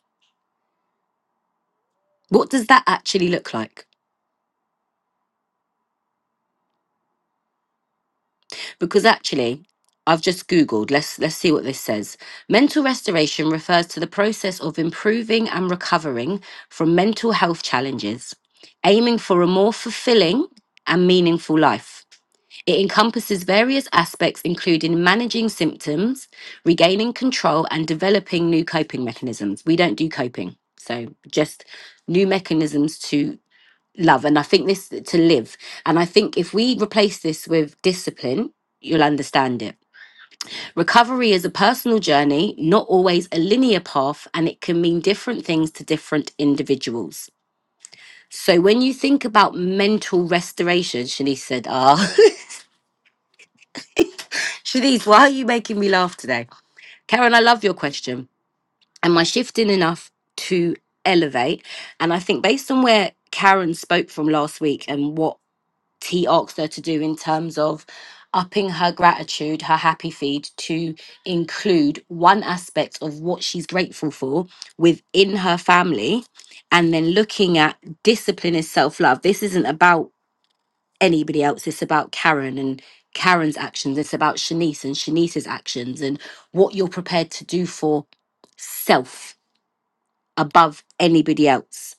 S1: What does that actually look like? Because actually, I've just Googled. Let's let's see what this says. Mental restoration refers to the process of improving and recovering from mental health challenges, aiming for a more fulfilling and meaningful life. It encompasses various aspects, including managing symptoms, regaining control, and developing new coping mechanisms. We don't do coping, so just new mechanisms to love. And I think this to live. And I think if we replace this with discipline, you'll understand it. Recovery is a personal journey, not always a linear path, and it can mean different things to different individuals. So when you think about mental restoration, Shanice said, ah. Shanice, why are you making me laugh today? Karen, I love your question. Am I shifting enough to elevate? And I think based on where Karen spoke from last week and what T asked her to do in terms of upping her gratitude, her happy feed to include one aspect of what she's grateful for within her family, and then looking at discipline is self love. This isn't about anybody else. It's about Karen and Karen's actions. It's about Shanice and Shanice's actions and what you're prepared to do for self above anybody else.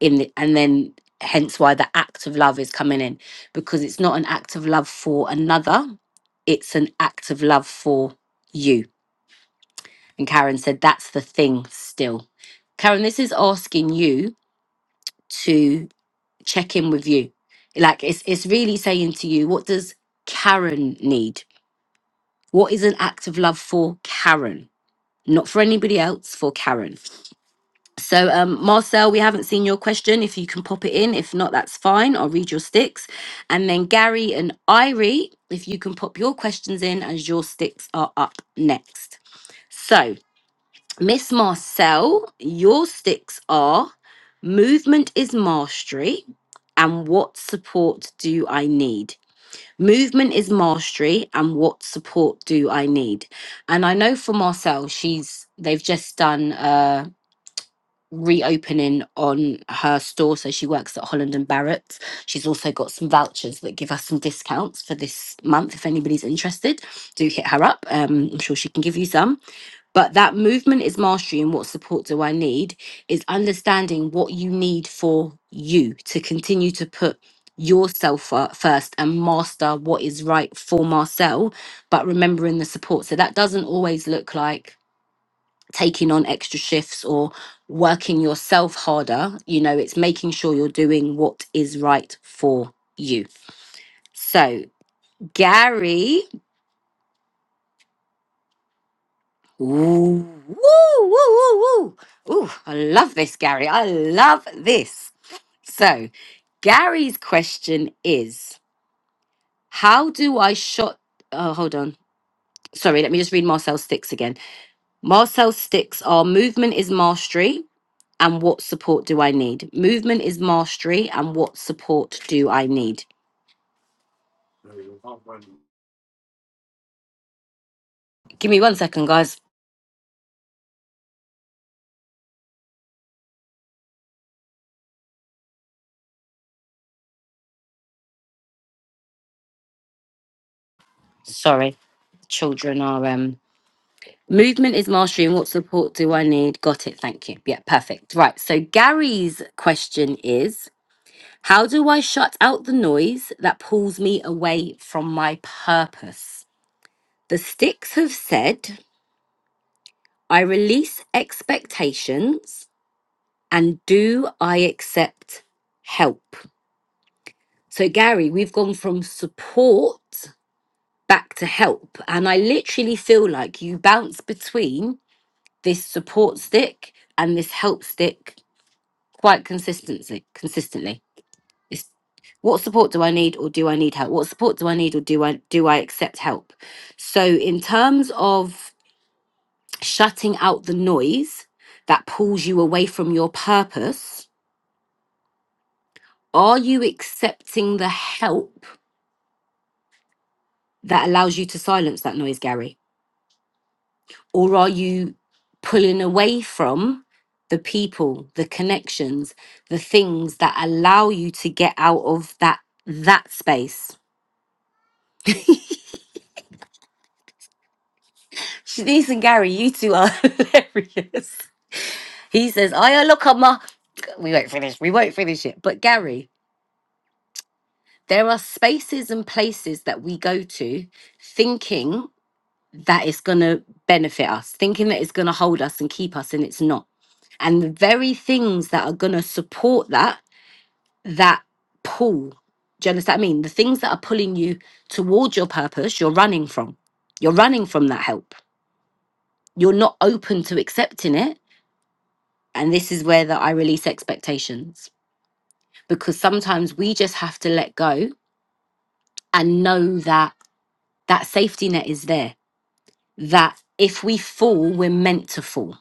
S1: In the, and then hence why the act of love is coming in because it's not an act of love for another. It's an act of love for you. And Karen said that's the thing still. Karen, this is asking you to check in with you. Like it's it's really saying to you, what does Karen need? What is an act of love for Karen? Not for anybody else, for Karen. So, um, Marcel, we haven't seen your question. If you can pop it in, if not, that's fine. I'll read your sticks. And then Gary and Irie, if you can pop your questions in as your sticks are up next. So, Miss Marcel, your sticks are movement is mastery, and what support do I need? Movement is mastery, and what support do I need? And I know for Marcel, she's they've just done a reopening on her store, so she works at Holland and Barrett. She's also got some vouchers that give us some discounts for this month. If anybody's interested, do hit her up. Um, I'm sure she can give you some. But that movement is mastery, and what support do I need is understanding what you need for you to continue to put yourself fir- first and master what is right for Marcel, but remembering the support. So that doesn't always look like taking on extra shifts or working yourself harder. You know, it's making sure you're doing what is right for you. So, Gary. Ooh, woo, woo, woo, woo. Ooh, I love this, Gary. I love this. So, Gary's question is How do I shot? Oh, hold on. Sorry, let me just read Marcel Sticks again. Marcel Sticks are movement is mastery and what support do I need? Movement is mastery and what support do I need? Give me one second, guys. Sorry, children are um Movement is mastery, and what support do I need? Got it. Thank you. Yeah, perfect. Right. So, Gary's question is How do I shut out the noise that pulls me away from my purpose? The sticks have said, I release expectations and do I accept help? So, Gary, we've gone from support back to help. And I literally feel like you bounce between this support stick and this help stick quite consistently. Consistently, it's what support do I need, or do I need help? What support do I need, or do I do I accept help? So, in terms of shutting out the noise that pulls you away from your purpose, are you accepting the help that allows you to silence that noise, Gary, or are you pulling away from the people, the connections, the things that allow you to get out of that that space? Shanice and Gary, you two are hilarious. He says, I look on my. We won't finish. We won't finish it. But Gary, there are spaces and places that we go to thinking that it's going to benefit us, thinking that it's going to hold us and keep us, and it's not. And the very things that are going to support that, that pull. Do you understand what I mean? The things that are pulling you towards your purpose, you're running from. You're running from that help. You're not open to accepting it And this is where that I release expectations because sometimes we just have to let go and know that that safety net is there. That if we fall, we're meant to fall.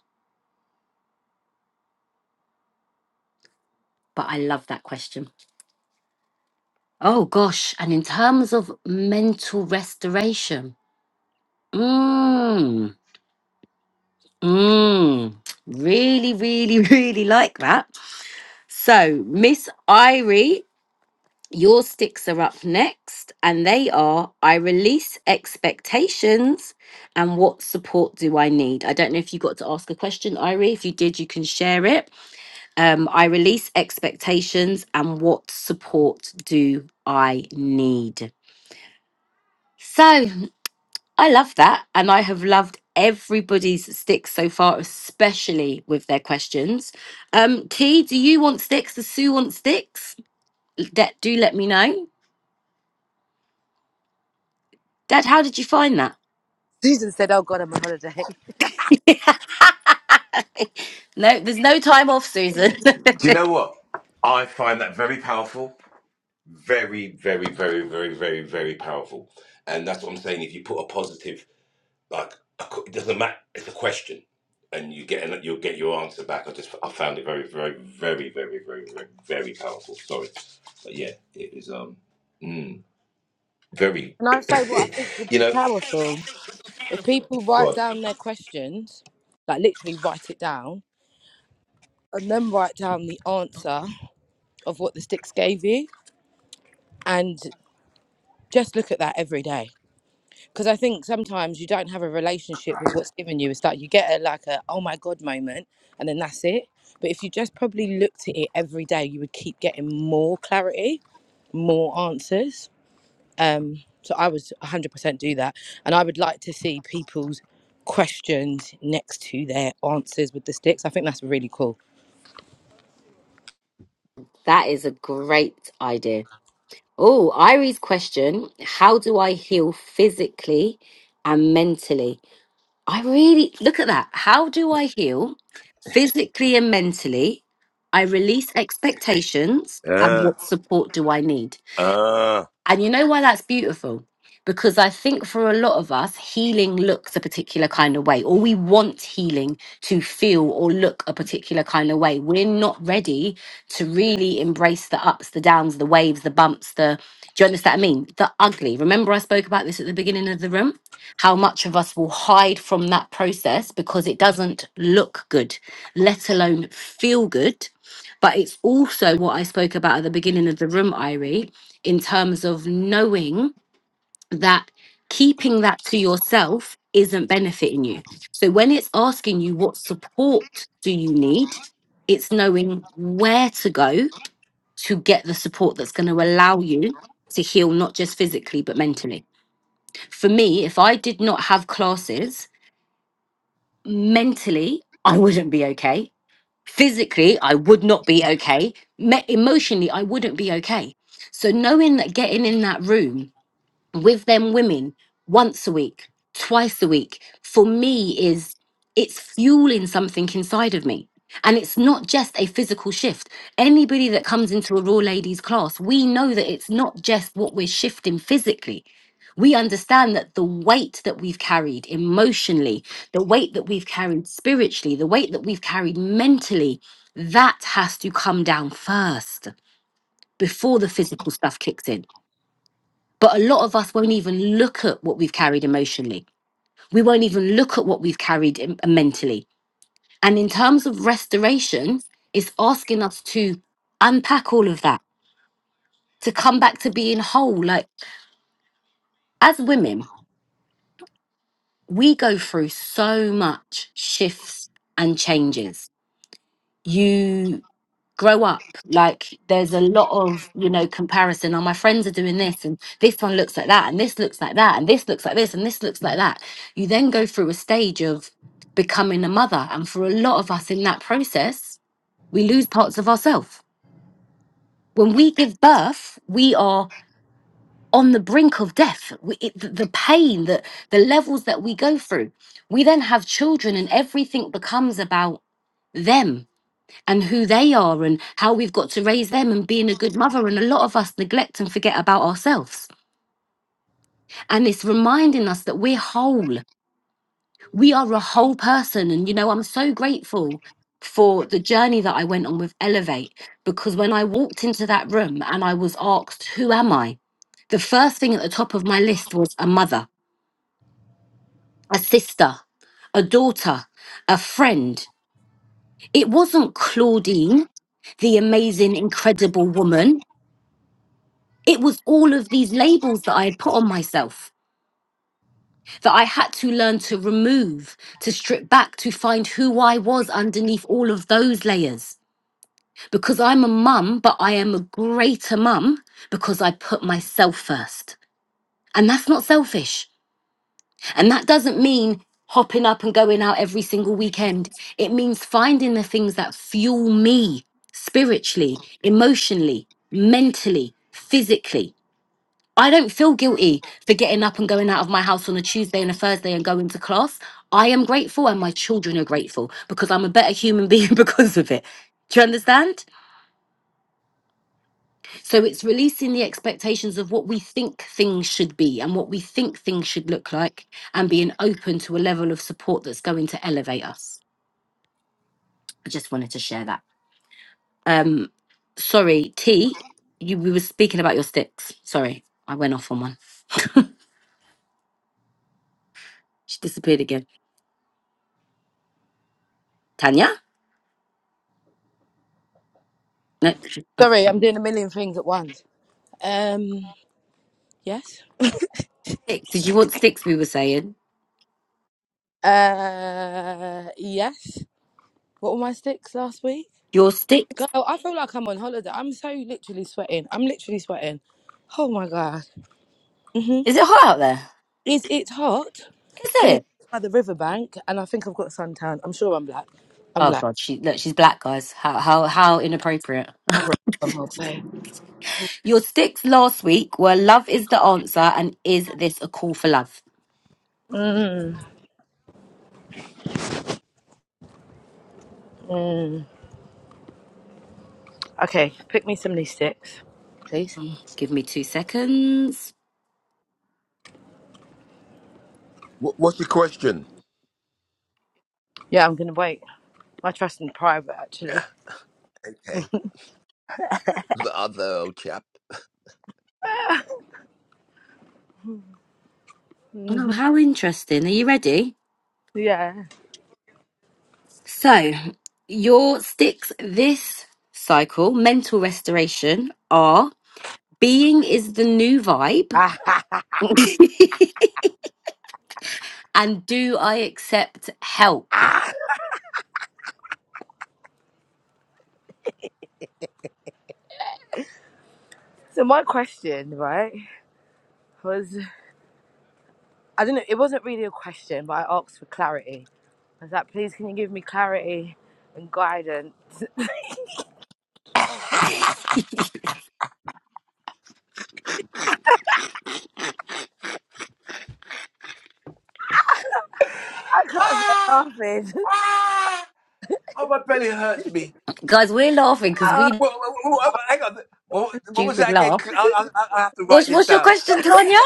S1: But I love that question. Oh gosh. And in terms of mental restoration, mmm, mmm, really, really, really like that. So, Miss Irie Your sticks are up next, and they are I release expectations and what support do I need? I don't know if you got to ask a question, Irie. If you did, you can share it. Um, I release expectations and what support do I need? So I love that. And I have loved everybody's sticks so far, especially with their questions. Um, T, do you want sticks? Does Sue want sticks? Let- Do let me know. Dad, how did you find that?
S2: Susan said, Oh, God, I'm on holiday.
S1: no, there's no time off, Susan.
S3: Do you know what? I find that very powerful. Very, very, very, very, very, very powerful. And that's what I'm saying. If you put a positive, like a it doesn't matter, it's a question, and you get an- you'll get your answer back. I just I found it very, very, very, very, very, very, very powerful. Sorry, but yeah, it is um mm, very,
S2: And I say what I think would
S3: you
S2: be
S3: know,
S2: powerful. If people write down their questions, like literally write it down, and then write down the answer of what the sticks gave you, and just look at that every day because I think sometimes you don't have a relationship with what's given you. It's like you get a like a oh my god moment, and then that's it. But if you just probably looked at it every day, you would keep getting more clarity, more answers. Um, so I would 100% do that, and I would like to see people's questions next to their answers with the sticks. I think that's really cool.
S1: that is a great idea. Oh, Irie's question How do I heal physically and mentally? I really look at that. How do I heal physically and mentally? I release expectations, and
S3: God.
S1: what support do I need?
S3: Ah.
S1: And you know why that's beautiful? Because I think for a lot of us, healing looks a particular kind of way, or we want healing to feel or look a particular kind of way. We're not ready to really embrace the ups, the downs, the waves, the bumps, the. Do you understand what I mean? The ugly. Remember, I spoke about this at the beginning of the room? How much of us will hide from that process because it doesn't look good, let alone feel good. But it's also what I spoke about at the beginning of the room, Irie in terms of knowing that keeping that to yourself isn't benefiting you. So when it's asking you what support do you need, it's knowing where to go to get the support that's going to allow you to heal not just physically but mentally. For me, if I did not have classes, mentally I wouldn't be okay. Physically, I would not be okay. Me- emotionally, I wouldn't be okay. So knowing that getting in that room with them women once a week, twice a week, for me is it's fueling something inside of me. And it's not just a physical shift. Anybody that comes into a raw ladies class, we know that it's not just what we're shifting physically. We understand that the weight that we've carried emotionally, the weight that we've carried spiritually, the weight that we've carried mentally, that has to come down first before the physical stuff kicks in. But a lot of us won't even look at what we've carried emotionally. We won't even look at what we've carried em- mentally. And in terms of restoration, it's asking us to unpack all of that, to come back to being whole. Like as women, we go through so much shifts and changes you grow up like there's a lot of you know comparison oh my friends are doing this and this one looks like that and this looks like that and this looks like this and this looks like that you then go through a stage of becoming a mother and for a lot of us in that process we lose parts of ourselves when we give birth we are on the brink of death we, it, the the pain that the levels that we go through we then have children and everything becomes about them and who they are and how we've got to raise them and being a good mother. And a lot of us neglect and forget about ourselves. And it's reminding us that we're whole. We are a whole person. And, you know, I'm so grateful for the journey that I went on with Elevate because when I walked into that room and I was asked, Who am I? The first thing at the top of my list was a mother, a sister, a daughter, a friend. It wasn't Claudine, the amazing, incredible woman. it was all of these labels that I had put on myself that I had to learn to remove, to strip back, to find who I was underneath all of those layers. Because I'm a mum, but I am a greater mum because I put myself first. And that's not selfish. And that doesn't mean hopping up and going out every single weekend. It means finding the things that fuel me spiritually, emotionally, mentally, physically I don't feel guilty for getting up and going out of my house on a Tuesday and a Thursday and going to class. I am grateful and my children are grateful because I'm a better human being because of it. Do you understand? So it's releasing the expectations of what we think things should be and what we think things should look like and being open to a level of support that's going to elevate us. I just wanted to share that. Um sorry, T, you we were speaking about your sticks. Sorry, I went off on one. She disappeared again. Tanya? No. she- Oh.
S2: Sorry, I'm doing a million things at once. Um, yes.
S1: sticks. Did you want sticks? We were saying
S2: Uh, yes. What were my sticks last week?
S1: your sticks.
S2: Girl, I feel like I'm on holiday. I'm so literally sweating. I'm literally sweating. Oh my god. hmm
S1: Is it hot out there?
S2: Is it hot?
S1: Is
S2: Couldn't
S1: it?
S2: by the riverbank, and I think I've got suntan. I'm sure I'm black. I'm
S1: Oh
S2: black.
S1: god, she look. She's black, guys. How how how inappropriate.
S2: I've got one more play.
S1: Your sticks last week were love is the answer, and is this a call for love?
S2: Mm, mm. Okay, pick me some of these sticks, please.
S1: Give me two seconds.
S3: Wh- what's your question?
S2: Yeah, I'm gonna wait. My trust in private,
S3: Yeah,
S2: actually.
S3: okay. The other old chap.
S2: hmm
S1: Oh, how interesting. Are you ready?
S2: Yeah.
S1: So your sticks this cycle, mental restoration, are being is the new vibe,
S2: Ah.
S1: and do I accept help?
S2: So my question, right, was I don't know. It wasn't really a question, but I asked for clarity I was like, please, can you give me clarity and guidance? I can't stop
S3: Ah!
S2: laughing.
S3: Ah! Oh, my belly hurts me.
S1: Guys, we're laughing because
S2: I
S1: we
S3: What, what, what, hang on. What, what was
S1: stupid
S3: that again?
S1: laugh.
S3: I, I, I have to write
S1: What's,
S3: this
S1: what's your
S3: down.
S1: question, Tanya?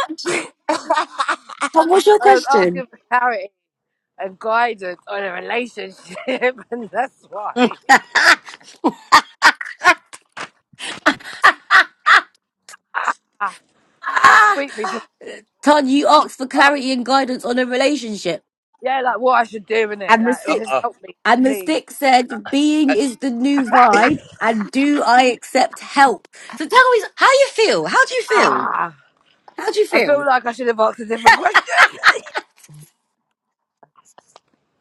S1: Tom, what's your
S2: was
S1: question?
S2: asking for clarity and guidance on a relationship, and that's why. Ah, That
S1: ah!
S2: sweet me to my
S1: Tanya, you asked for
S2: oh,
S1: clarity and guidance on a relationship.
S2: yeah, like what I should do in it.
S1: And the
S2: Like, just
S1: six
S3: Uh-uh.
S2: help me,
S1: and the
S2: please.
S1: six said,
S3: Uh,
S1: being is the new vibe and do I accept help? So tell me how you feel. How do you feel?
S2: Ah,
S1: How do you
S2: I feel
S1: feel?
S2: like I should have asked a different question.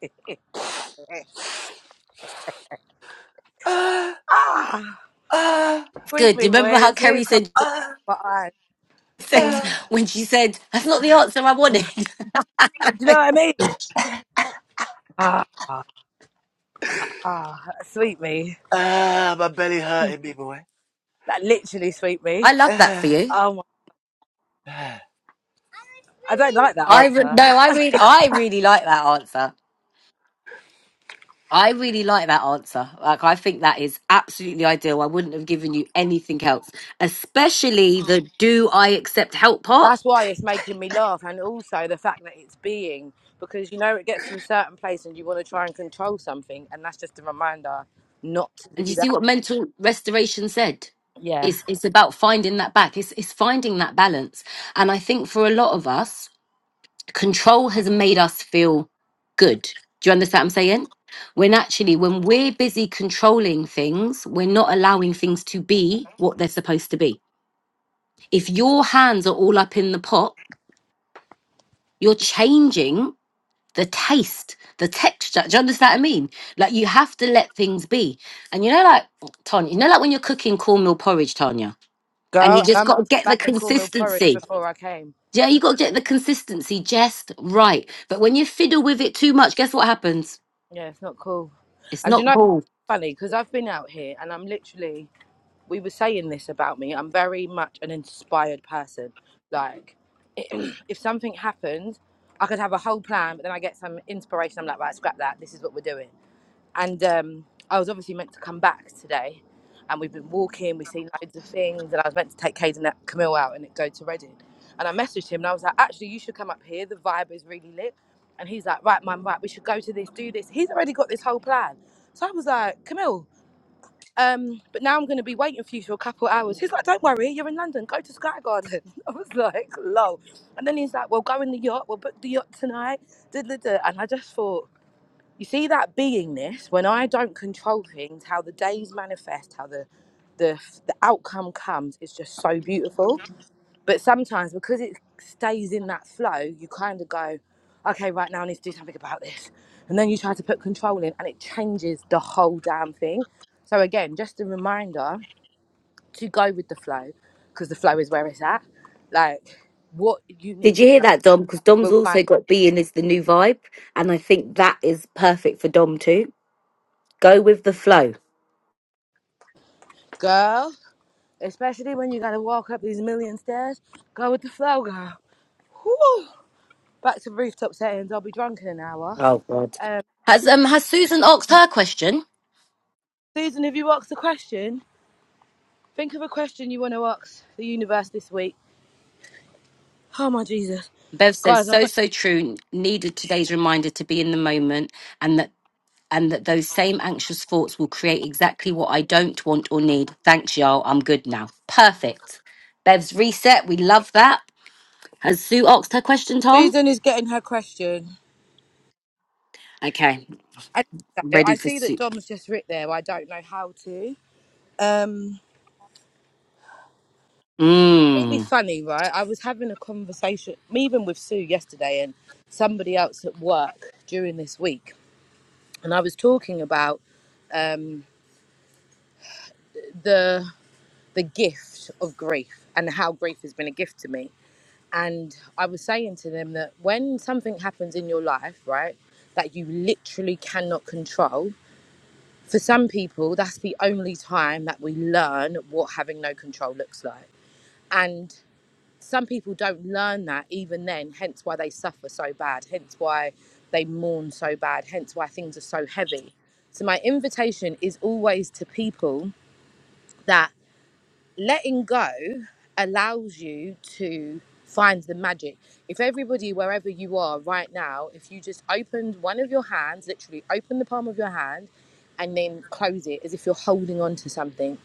S3: ah,
S2: ah,
S3: ah,
S1: It's
S2: sweet
S1: good. Do
S2: me,
S1: you remember
S2: boy.
S1: how
S2: The
S1: Kerry
S2: tears come
S1: said
S2: to
S3: ah,
S2: my
S1: said
S2: eyes.
S3: ah,
S1: when she said, That's not the answer I
S2: Mm.
S1: wanted?
S2: Do you know what I mean? Ah, ah, ah, sweet me.
S3: ah, my belly hurting me, boy.
S2: That literally sweet me.
S1: I love that for
S3: Ah.
S1: you.
S2: Oh, my, I don't like that
S1: I re-
S2: answer.
S1: no, I really I really like that answer. I really like that answer. Like, I think that is absolutely ideal. I wouldn't have given you anything else, especially the do I accept help part.
S2: That's why it's making me laugh, and also the fact that it's being because you know it gets to a certain place and you want to try and control something, and that's just a reminder not to
S1: And
S2: do
S1: you see
S2: that.
S1: what mental restoration said?
S2: Yeah,
S1: It's, it's about finding that back, it's, it's finding that balance. And I think for a lot of us, control has made us feel good. Do you understand what I'm saying? When actually, when we're busy controlling things, we're not allowing things to be what they're supposed to be. If your hands are all up in the pot, You're changing the taste, the texture. Do you understand what I mean? Like you have to let things be. And you know, like Tanya, you know, like when you're cooking cornmeal porridge, Tanya, and
S2: girl,
S1: you
S2: and I
S1: just got
S2: made
S1: to
S2: some
S1: get
S2: bad
S1: the
S2: and cornmeal porridge
S1: consistency.
S2: before I came.
S1: Yeah, you got to get the consistency just right. But when you fiddle with it too much, guess what happens?
S2: Yeah, it's not cool.
S1: It's
S2: And do you
S1: not
S2: know, it's
S1: cool.
S2: funny because I've been out here and I'm literally. We were saying this about me. I'm very much an inspired person. Like if something happened, I could have a whole plan, but then I get some inspiration. I'm like, right, scrap that. This is what we're doing. And um, I was obviously meant to come back today, and we've been walking. We've seen loads of things, and I was meant to take Cade and Camille out and go to Reading. And I messaged him, and I was like, actually, you should come up here. The vibe is really lit. And he's like, right, man, right, we should go to this, do this. He's already got this whole plan. So I was like, Camille, um, but now I'm going to be waiting for you for a couple of hours. He's like, don't worry, you're in London, go to Sky Garden. I was like, lol. And then he's like, well, go in the yacht, we'll book the yacht tonight. Duh, duh, duh. And I just thought, you see that beingness, when I don't control things, how the days manifest, how the the, the outcome comes, is just so beautiful. But sometimes because it stays in that flow, you kind of go, okay, right now I need to do something about this. And then you try to put control in and it changes the whole damn thing. So again, just a reminder to go with the flow because the flow is where it's at. Like what you
S1: Did
S2: need
S1: you
S2: to
S1: hear
S2: know
S1: that, Dom? Because Dom's
S2: will find
S1: also got
S2: you.
S1: being is the new vibe, and I think that is perfect for Dom too. Go with the flow.
S2: Girl, especially when you got to walk up these million stairs, go with the flow, girl. Whew. Back to rooftop settings. I'll be drunk in an hour.
S1: Oh God.
S2: Um,
S1: Has um has Susan asked her question?
S2: Susan, have you asked the question? Think of a question you want to ask the universe this week. Oh my Jesus.
S1: Bev says,
S2: Guys, I'm
S1: so, so true. Needed today's reminder to be in the moment and that and that those same anxious thoughts will create exactly what I don't want or need. Thanks, y'all. I'm good now. Perfect. Bev's reset. We love that. Has Sue asked her question, Tom?
S2: Susan is getting her question.
S1: Okay.
S2: And also,
S1: Ready
S2: I
S1: for
S2: see that
S1: Sue.
S2: Dom's just writ there, but I don't know how to. Um really
S1: Mmm.
S2: funny, right? I was having a conversation even with Sue yesterday and somebody else at work during this week. And I was talking about um the the gift of grief and how grief has been a gift to me. And I was saying to them that when something happens in your life, right, that you literally cannot control, for some people, that's the only time that we learn what having no control looks like. And some people don't learn that even then, hence why they suffer so bad, hence why they mourn so bad, hence why things are so heavy. So, my invitation is always to people that letting go allows you to find the magic. If everybody, wherever you are right now, if you just opened one of your hands, literally open the palm of your hand and then close it as if you're holding on to something.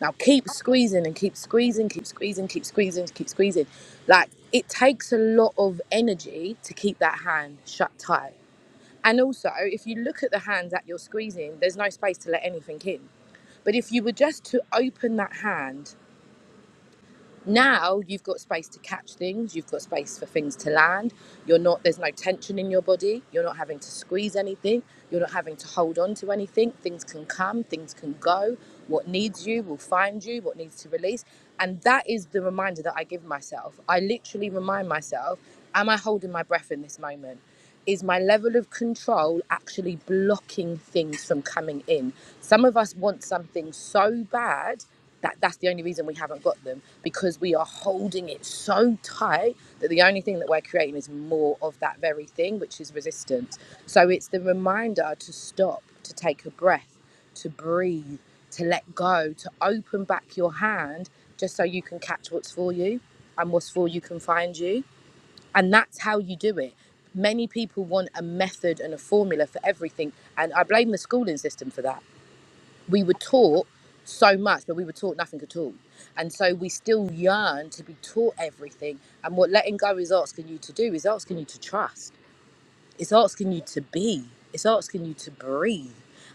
S2: Now keep squeezing and keep squeezing, keep squeezing, keep squeezing, keep squeezing. Like it takes a lot of energy to keep that hand shut tight. And also, if you look at the hand that you're squeezing, there's no space to let anything in. But if you were just to open that hand now you've got space to catch things you've got space for things to land you're not there's no tension in your body you're not having to squeeze anything you're not having to hold on to anything things can come things can go what needs you will find you what needs to release and that is the reminder that i give myself i literally remind myself am i holding my breath in this moment is my level of control actually blocking things from coming in? Some of us want something so bad that that's the only reason we haven't got them because we are holding it so tight that the only thing that we're creating is more of that very thing, which is resistance. So it's the reminder to stop, to take a breath, to breathe, to let go, to open back your hand just so you can catch what's for you and what's for you can find you. And that's how you do it. Many people want a method and a formula for everything. And I blame the schooling system for that. We were taught so much, but we were taught nothing at all. And so we still yearn to be taught everything. And what letting go is asking you to do is asking you to trust. It's asking you to be, it's asking you to breathe.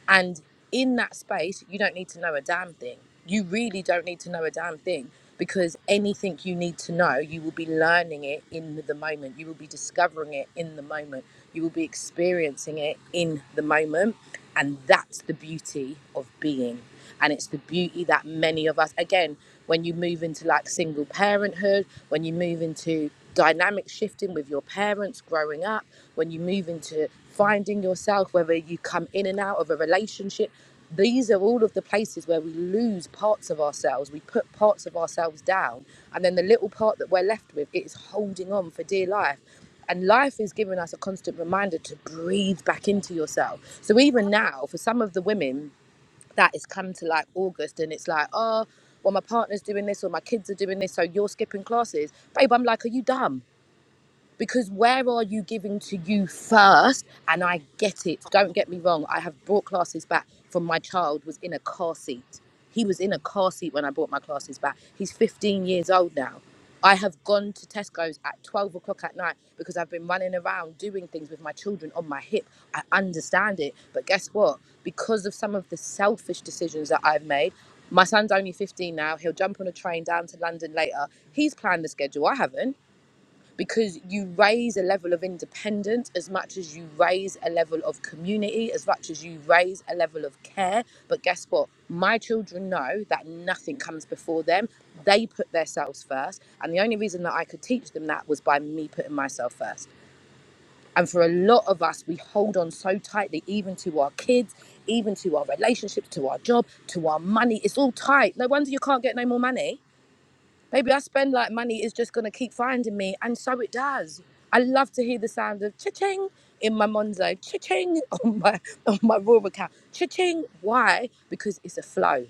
S2: And in that space, you don't need to know a damn thing. You really don't need to know a damn thing because anything you need to know, you will be learning it in the moment. You will be discovering it in the moment. You will be experiencing it in the moment. And that's the beauty of being. And it's the beauty that many of us, again, when you move into like single parenthood, when you move into dynamic shifting with your parents growing up, when you move into finding yourself, whether you come in and out of a relationship, these are all of the places where we lose parts of ourselves. We put parts of ourselves down. And then the little part that we're left with, it is holding on for dear life. And life is giving us a constant reminder to breathe back into yourself. So even now, for some of the women, that is come to like August and it's like, oh, well, my partner's doing this or my kids are doing this, so you're skipping classes. Babe, I'm like, are you dumb? because where are you giving to you first and i get it don't get me wrong i have brought classes back from my child was in a car seat he was in a car seat when i brought my classes back he's 15 years old now i have gone to tesco's at 12 o'clock at night because i've been running around doing things with my children on my hip i understand it but guess what because of some of the selfish decisions that i've made my son's only 15 now he'll jump on a train down to london later he's planned the schedule i haven't because you raise a level of independence as much as you raise a level of community, as much as you raise a level of care. But guess what? My children know that nothing comes before them. They put themselves first. And the only reason that I could teach them that was by me putting myself first. And for a lot of us, we hold on so tightly, even to our kids, even to our relationships, to our job, to our money. It's all tight. No wonder you can't get no more money Baby, I spend like money is just gonna keep finding me, and so it does. I love to hear the sound of cha-ching in my Monzo, cha-ching on my on my raw account, cha-ching. Why? Because it's a flow.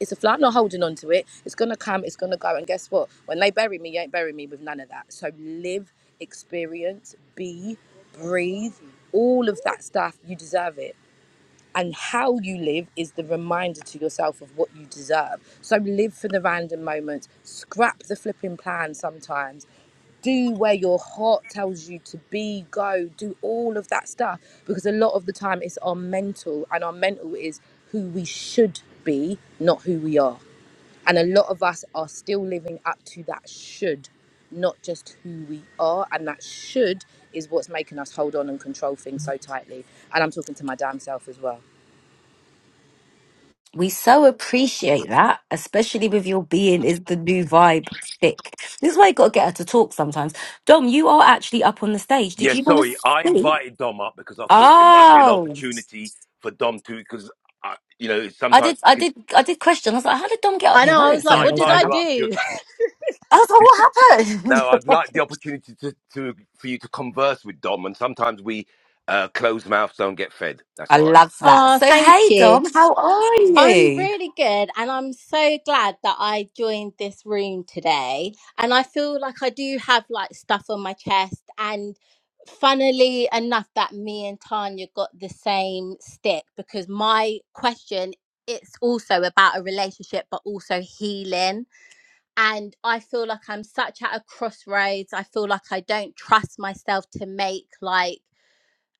S2: It's a flow. I'm not holding on to it. It's gonna come. It's gonna go. And guess what? When they bury me, you ain't bury me with none of that. So live, experience, be, breathe, all of that stuff. You deserve it and how you live is the reminder to yourself of what you deserve. So live for the random moments, scrap the flipping plan sometimes, do where your heart tells you to be, go, do all of that stuff because a lot of the time it's our mental, and our mental is who we should be, not who we are. And a lot of us are still living up to that should, not just who we are. And that should is what's making us hold on and control things so tightly. And I'm talking to my damn self as well.
S1: We so appreciate that, especially with your being is the new vibe stick. This is why you got to get her to talk sometimes. Dom, you are actually up on the stage. Did
S3: Yeah,
S1: you want to
S3: sorry. I
S1: speak?
S3: invited Dom up because I thought it might be an
S1: Oh.
S3: opportunity for Dom to, because, you know,
S1: I
S3: sometimes
S1: did,
S3: we
S1: I
S3: can.
S1: did, I did question. I was like, how did Dom get up
S4: I
S1: here?
S4: know.
S1: I
S4: I was
S1: didn't see
S4: like,
S1: her
S3: I
S4: what
S1: raise
S4: did
S3: invited
S4: I
S3: her up.
S4: do?
S1: I was like, what happened?
S3: No, I'd like the opportunity to, to for you to converse with Dom, and sometimes we uh, closed mouths don't get fed. That's
S1: I
S3: all. right.
S1: love that.
S4: Oh,
S1: So,
S4: thank
S1: hey,
S4: you.
S1: Dom, how are
S4: I'm
S1: you?
S4: really good, and I'm so glad that I joined this room today. And I feel like I do have like stuff on my chest, and funnily enough, that me and Tanya got the same stick because my question it's also about a relationship but also healing and i feel like i'm such at a crossroads i feel like i don't trust myself to make like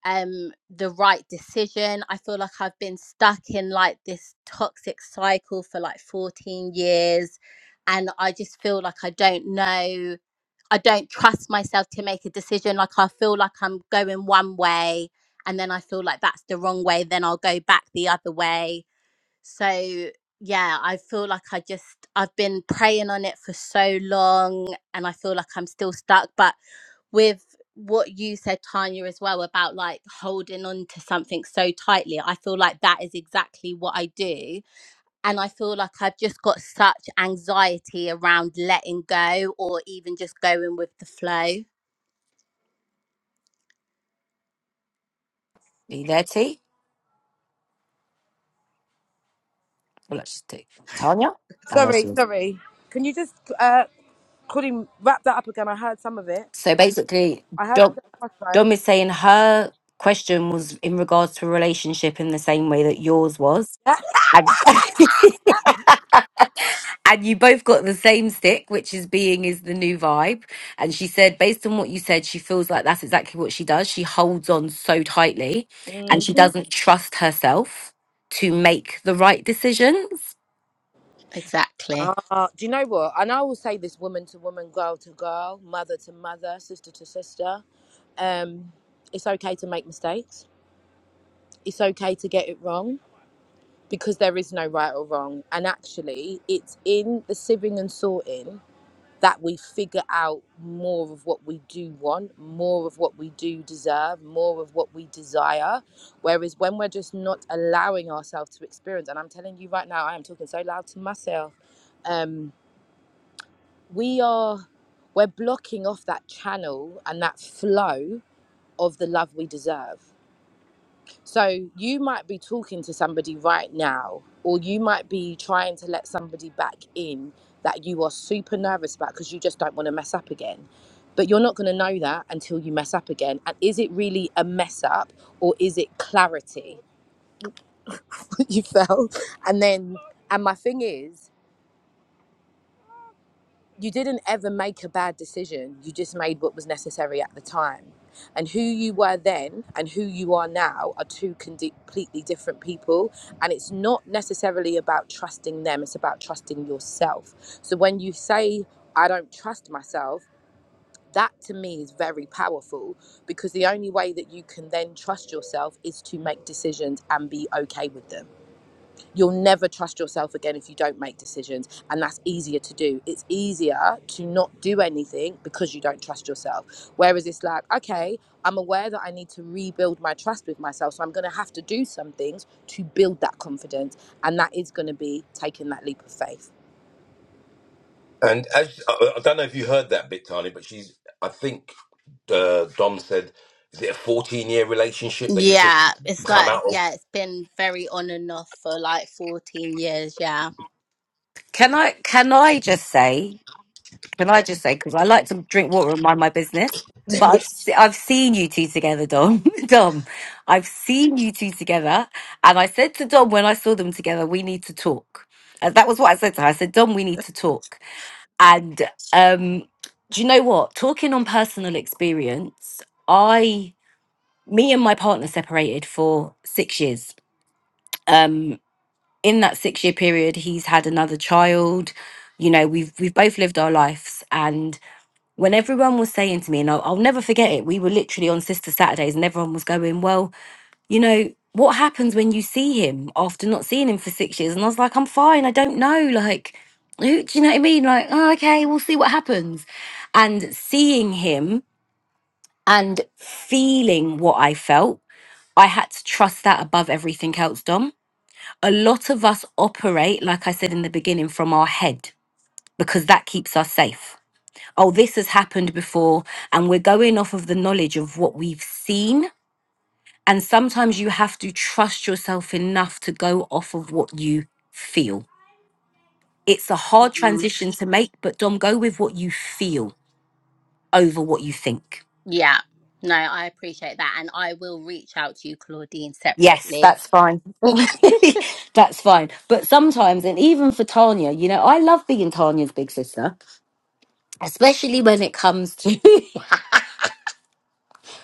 S4: um the right decision i feel like i've been stuck in like this toxic cycle for like 14 years and i just feel like i don't know i don't trust myself to make a decision like i feel like i'm going one way and then i feel like that's the wrong way then i'll go back the other way so yeah i feel like i just i've been praying on it for so long and i feel like i'm still stuck but with what you said tanya as well about like holding on to something so tightly i feel like that is exactly what i do and i feel like i've just got such anxiety around letting go or even just going with the flow
S1: Are you there, T? Well, let's just do Tanya. Oh, there
S2: Sorry,
S1: she is.
S2: sorry. Can you just, uh, Claudine, wrap that up again? I heard some of it.
S1: So basically,
S2: I heard you
S1: Dom,
S2: at crossroad.
S1: Dom is saying her question was in regards to a relationship in the same way that yours was.
S2: Yeah.
S1: And and you both got the same stick, which is being is the new vibe. And she said, based on what you said, she feels like that's exactly what she does. She holds on so tightly and
S2: Mm.
S1: she doesn't trust herself to make the right decisions.
S4: exactly
S2: Ah, do you know what? And I will say this woman to woman, girl to girl, mother to mother, sister to sister. Um, it's okay to make mistakes. It's okay to get it wrong because there is no right or wrong. And actually, it's in the sieving and sorting that we figure out more of what we do want, more of what we do deserve, more of what we desire. Whereas when we're just not allowing ourselves to experience, and I'm telling you right now, I am talking so loud to myself, um, we are we're blocking off that channel and that flow of the love we deserve. So you might be talking to somebody right now, or you might be trying to let somebody back in that you are super nervous about because you just don't want to mess up again. But you're not going to know that until you mess up again. And is it really a mess up or is it clarity? you felt? And then, and my thing is, you didn't ever make a bad decision. You just made what was necessary at the time. And who you were then and who you are now are two condi- completely different people. And it's not necessarily about trusting them, it's about trusting yourself. So when you say, I don't trust myself, that to me is very powerful because the only way that you can then trust yourself is to make decisions and be okay with them you'll never trust yourself again if you don't make decisions and that's easier to do it's easier to not do anything because you don't trust yourself whereas it's like okay i'm aware that i need to rebuild my trust with myself so i'm going to have to do some things to build that confidence and that is going to be taking that leap of faith
S3: And as I I don't know if you heard that bit, Tani, but she's. I think uh, Dom said, "Is it a fourteen-year relationship that you've just
S4: yeah it's
S3: come
S4: like
S3: out of?"
S4: yeah it's been very on and off for like 14 years yeah
S1: Can I can I just say, can I just say, because I like to drink water and mind my business. But I've, se- I've seen you two together, Dom. Dom, I've seen you two together. And I said to Dom when I saw them together, we need to talk. Uh, that was what I said to her. I said, Dom, we need to talk And um, do you know what? Talking on personal experience, I, me and my partner separated for six years. Um, in that six year period, he's had another child. You know, we've we've both lived our lives, and when everyone was saying to me, and I'll, I'll never forget it, we were literally on Sister Saturdays, and everyone was going, "Well, you know, what happens when you see him after not seeing him for six years? And I was like, I'm fine. I don't know. Like, who, do you know what I mean? Like, oh, okay, we'll see what happens. And seeing him and feeling what I felt, I had to trust that above everything else, Dom. A lot of us operate, like I said in the beginning, from our head because that keeps us safe. Oh, this has happened before, and we're going off of the knowledge of what we've seen and sometimes you have to trust yourself enough to go off of what you feel. It's a hard
S4: Mm.
S1: transition to make, but Dom, go with what you feel over what you think.
S4: yeah no i appreciate that and i will reach out to you claudine
S1: Yes,
S4: separately
S1: that's fine.
S4: uh
S1: that's fine. But sometimes, and even for Tanya, you know, I love being Tanya's big sister, especially when it comes to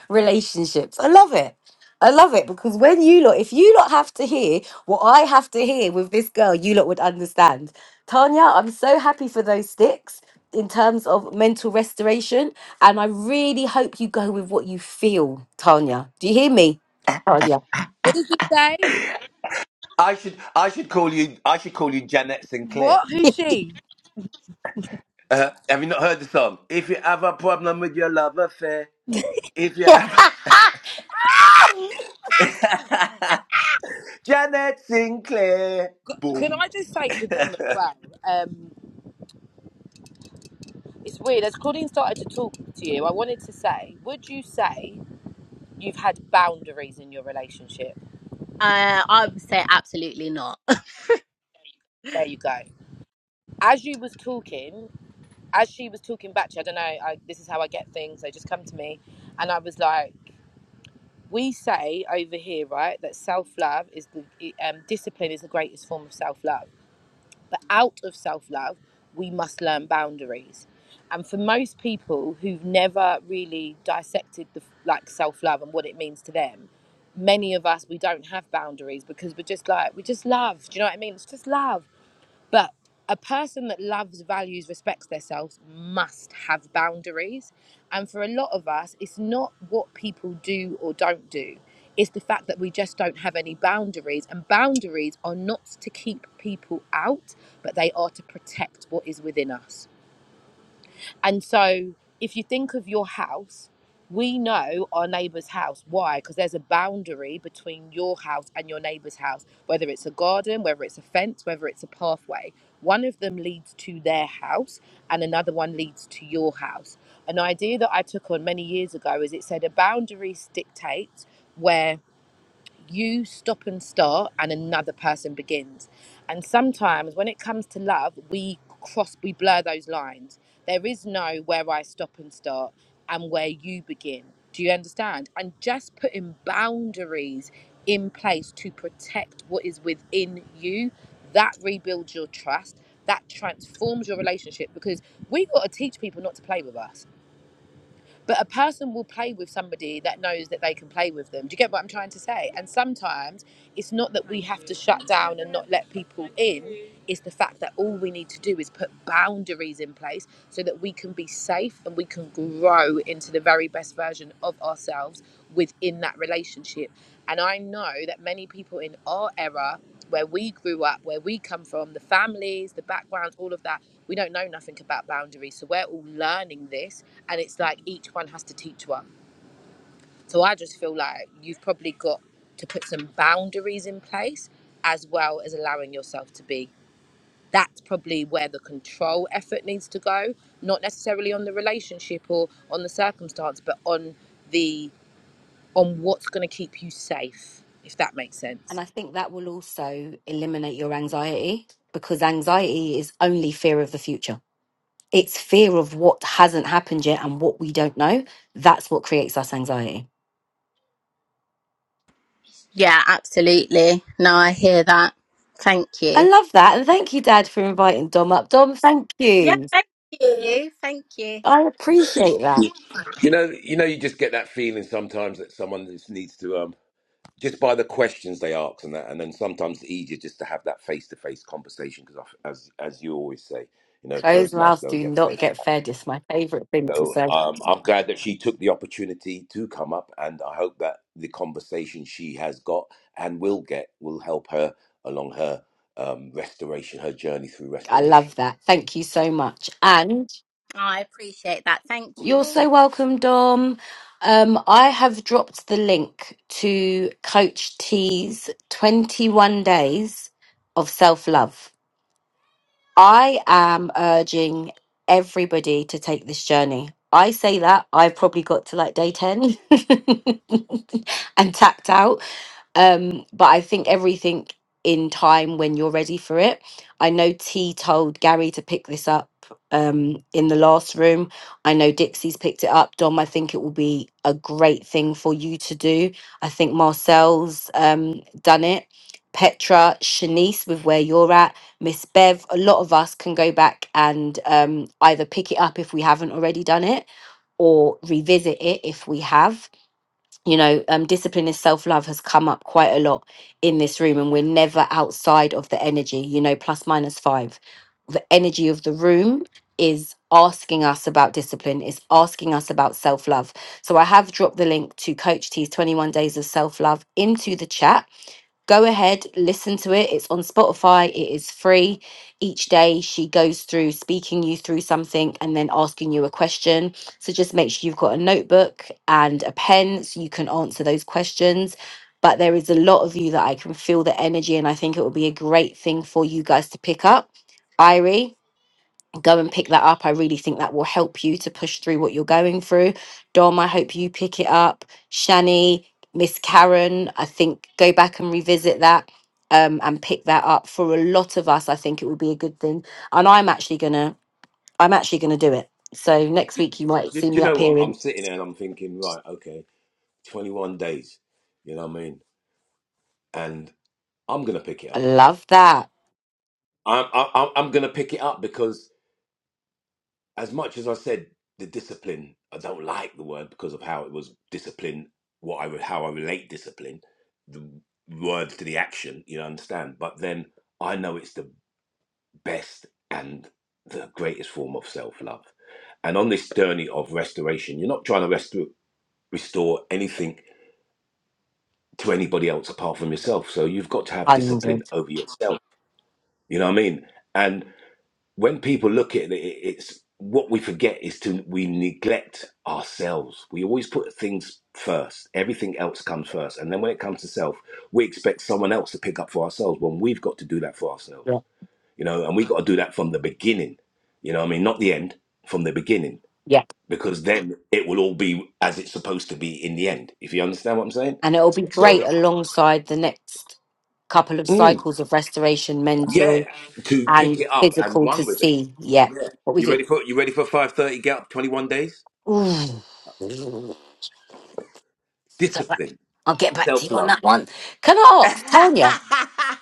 S1: relationships. I love it. I love it because when you lot, if you lot have to hear what I have to hear with this girl, you lot would understand. Tanya, I'm so happy for those sticks in terms of mental restoration. And I really hope you go with what you feel, Tanya. Do you hear me? Tanya.
S2: what did you say
S3: I should I should call you I should call you Janet Sinclair.
S2: what who's she
S3: Uh, have you not heard the song? If you have a problem with your love affair, if you have Janet Sinclair,
S2: can
S3: boom.
S2: i just say to dom as well um it's weird as claudine started to talk to you i wanted to say would you say you've had boundaries in your relationship
S4: i would say absolutely not
S2: There you go. As you was talking, as she was talking back to you, I don't know, I, this is how I get things. They just come to me. And I was like, we say over here, right, that self love is the um, discipline is the greatest form of self love. But out of self love, we must learn boundaries. And for most people who've never really dissected the like self love and what it means to them, many of us we don't have boundaries because we're just like we just love. Do you know what I mean? It's just love but a person that loves, values, respects themselves must have boundaries. And for a lot of us, it's not what people do or don't do, it's the fact that we just don't have any boundaries. And boundaries are not to keep people out, but they are to protect what is within us. And so, if you think of your house, we know our neighbour's house. Why? Because there's a boundary between your house and your neighbour's house, whether it's a garden, whether it's a fence, whether it's a pathway. One of them leads to their house and another one leads to your house. An idea that I took on many years ago is it said a boundary dictates where you stop and start and another person begins and sometimes when it comes to love we cross we blur those lines there is no where i stop and start and where you begin do you understand and just putting boundaries in place to protect what is within you that rebuilds your trust that transforms your relationship because we got to teach people not to play with us but a person will play with somebody that knows that they can play with them. Do you get what I'm trying to say? And sometimes it's not that we have to shut down and not let people in, it's the fact that all we need to do is put boundaries in place so that we can be safe and we can grow into the very best version of ourselves within that relationship. And I know that many people in our era, where we grew up, where we come from, the families, the backgrounds, all of that, we don't know nothing about boundaries. So we're all learning this and it's like each one has to teach one. So I just feel like you've probably got to put some boundaries in place as well as allowing yourself to be. That's probably where the control effort needs to go, not necessarily on the relationship or on the circumstance, but on the on what's going to keep you safe, if that makes
S1: And
S2: sense.
S1: I think that will also eliminate your anxiety because anxiety is only fear of the future. It's fear of what hasn't happened yet and what we don't know. That's what creates us anxiety.
S4: Yeah, absolutely. No, I hear that. Thank you.
S1: I love that. And thank you, Dad, for inviting Dom up. Dom, thank
S4: Yeah,
S1: you.
S4: thank you. Thank you.
S1: I appreciate that.
S3: You know, you know, you just get that feeling sometimes that someone just needs to um just by the questions they ask and that, and then sometimes it's easier just to have that face to face conversation because as as you always say, you know,
S1: Closed
S3: closed mouths
S1: mouths
S3: don't
S1: do
S3: get
S1: not
S3: fed.
S1: get fed. It's my favourite thing to
S3: So
S1: say.
S3: um, I'm glad that she took the opportunity to come up, and I hope that the conversation she has got and will get will help her along her um, restoration, her journey through
S1: I love
S3: restoration.
S1: that. Thank you so much. And
S4: I appreciate that. Thank you
S1: you're so
S4: all.
S1: welcome, Dom. Um, I have dropped the link to Coach T's 21 days of self love. I am urging everybody to take this journey. I say that I've probably got to like day 10 and tapped out. Um, but I think everything in time when you're ready for it. I know T told Gary to pick this up um, in the last room. I know Dixie's picked it up. Dom, I think it will be a great thing for you to do. I think Marcel's um, done it. Petra, Shanice, with where you're at, Miss Bev, a lot of us can go back and um, either pick it up if we haven't already done it or revisit it if we have you know, um, discipline is self love has come up quite a lot in this room, and we're never outside of the energy, you know, plus minus five. The energy of the room is asking us about discipline, is asking us about self love. So I have dropped the link to Coach T's 21 Days of Self Love into the chat go ahead, listen to it. It's on Spotify, it is free. Each day she goes through speaking you through something and then asking you a question. So just make sure you've got a notebook and a pen so you can answer those questions. But there is a lot of you that I can feel the energy, and I think it will be a great thing for you guys to pick up. Irie, go and pick that up. I really think that will help you to push through what you're going through. Dom, I hope you pick it up. Shani, Miss Karen, I think go back and revisit that um, and pick that up. For a lot of us, I think it would be a good thing. And I'm actually gonna, I'm actually gonna do it. So next week you might
S3: Do, do
S1: see
S3: you
S1: me
S3: know
S1: up
S3: what?
S1: here
S3: I'm
S1: in.
S3: sitting there and I'm thinking, right, okay, 21 days. You know what I mean? and I'm gonna pick it
S1: I
S3: up.
S1: love that
S3: I'm I'm I'm gonna pick it up because as much as I said the discipline, I don't like the word because of how it was discipline. What I re- how I relate discipline, the word to the action. You understand? But then I know it's the best and the greatest form of self love. And on this journey of restoration, you're not trying to rest- restore anything to anybody else apart from yourself. So you've got to have discipline
S1: hundred.
S3: over yourself. You know what I mean? And when people look at it, it it's what we forget is to we neglect ourselves. We always put things first. Everything else comes first, and then when it comes to self, we expect someone else to pick up for ourselves. When we've got to do that for ourselves,
S1: Yeah,
S3: you know, and we got to do that from the beginning. You know, what I mean, not the end, from the beginning,
S1: yeah,
S3: because then it will all be as it's supposed to be in the end. If you understand what I'm saying,
S1: and it'll be
S3: so
S1: great alongside the next couple of
S3: mm,
S1: cycles of restoration mental
S3: yeah, to pick
S1: and
S3: it up and
S1: physical to
S3: run with it.
S1: see yet
S3: Yeah,
S1: what we
S3: you
S1: do.
S3: ready for you ready for five thirty? Get up, twenty one days.
S1: Ooh. Go back.
S3: Discipline,
S1: I'll get back to
S3: self
S1: you on
S3: love.
S1: that one. Can I ask Tanya?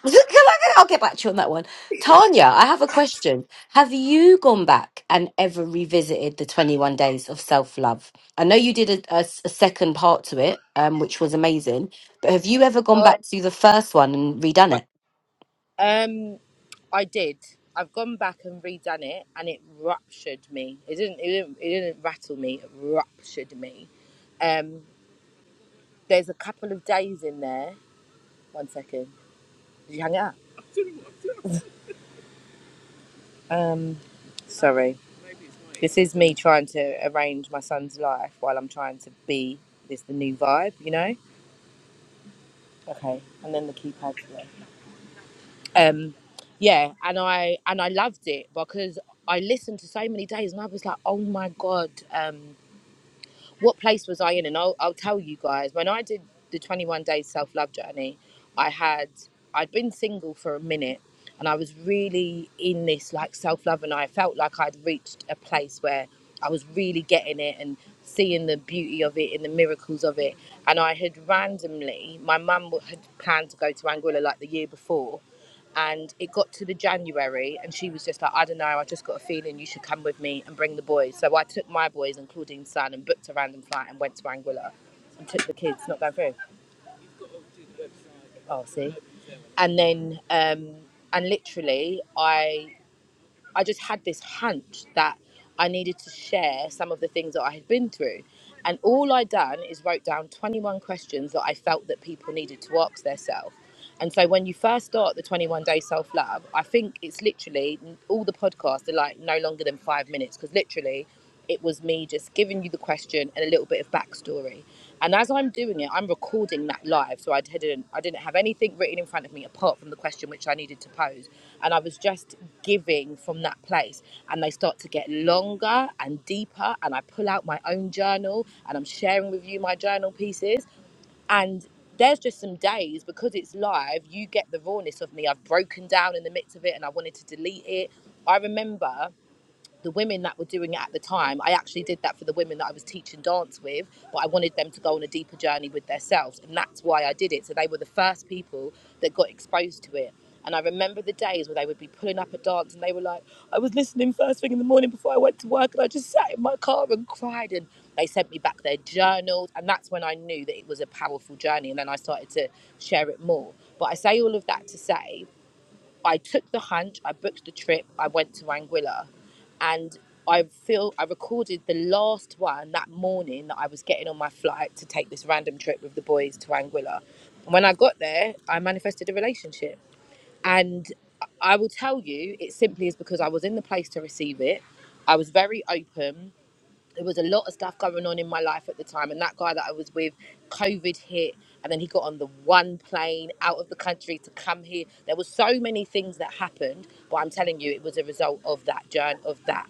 S1: Is it- Can I, I'll get back to you on that one. Tanya, I have a question. Have you gone back and ever revisited the 21 days of self love? I know you did a, a s- a second part to it, um, which was amazing, but have you ever gone
S2: Oh,
S1: back to the first one and redone
S2: well,
S1: it?
S2: um, I did. I've gone back and redone it, and it ruptured me. It didn't. It didn't. It didn't rattle me. It ruptured me. Um, There's a couple of days in there. One second. Did you hang it up? Um, sorry. This is me trying to arrange my son's life while I'm trying to be this the new vibe, you know? Okay. And then the keypad. Um, yeah, and I and I loved it because I listened to so many days and I was like, oh my god. Um, what place was I in? And I'll, I'll tell you guys, when I did the 21 day self love journey, I had, I'd been single for a minute and I was really in this like self love and I felt like I'd reached a place where I was really getting it and seeing the beauty of it and the miracles of it. And I had randomly, my mum had planned to go to Anguilla like the year before and it got to the January, and she was just like, I don't know, I just got a feeling you should come with me and bring the boys. So I took my boys and Claudine's son and booked a random flight and went to Anguilla and took the kids, not going through. Oh, see. And then, um, and literally, I I just had this hunch that I needed to share some of the things that I had been through. And all I done is wrote down 21 questions that I felt that people needed to ask themselves. And so when you first start the 21 day self love, I think it's literally all the podcasts are like no longer than five minutes because literally it was me just giving you the question and a little bit of backstory. And as I'm doing it, I'm recording that live, so I didn't I didn't have anything written in front of me apart from the question which I needed to pose, and I was just giving from that place. And they start to get longer and deeper, and I pull out my own journal and I'm sharing with you my journal pieces and. There's just some days because it's live, you get the rawness of me. I've broken down in the midst of it and I wanted to delete it. I remember the women that were doing it at the time, I actually did that for the women that I was teaching dance with, but I wanted them to go on a deeper journey with themselves. And that's why I did it. So they were the first people that got exposed to it. And I remember the days where they would be pulling up a dance and they were like, I was listening first thing in the morning before I went to work and I just sat in my car and cried. And they sent me back their journals. And that's when I knew that it was a powerful journey. And then I started to share it more. But I say all of that to say, I took the hunch, I booked the trip, I went to Anguilla, and I feel I recorded the last one that morning that I was getting on my flight to take this random trip with the boys to Anguilla. When I got there, I manifested a relationship, and I will tell you, it simply is because I was in the place to receive it. I was very open there was a lot of stuff going on in my life at the time and that guy that i was with covid hit and then he got on the one plane out of the country to come here there were so many things that happened but i'm telling you it was a result of that journey of that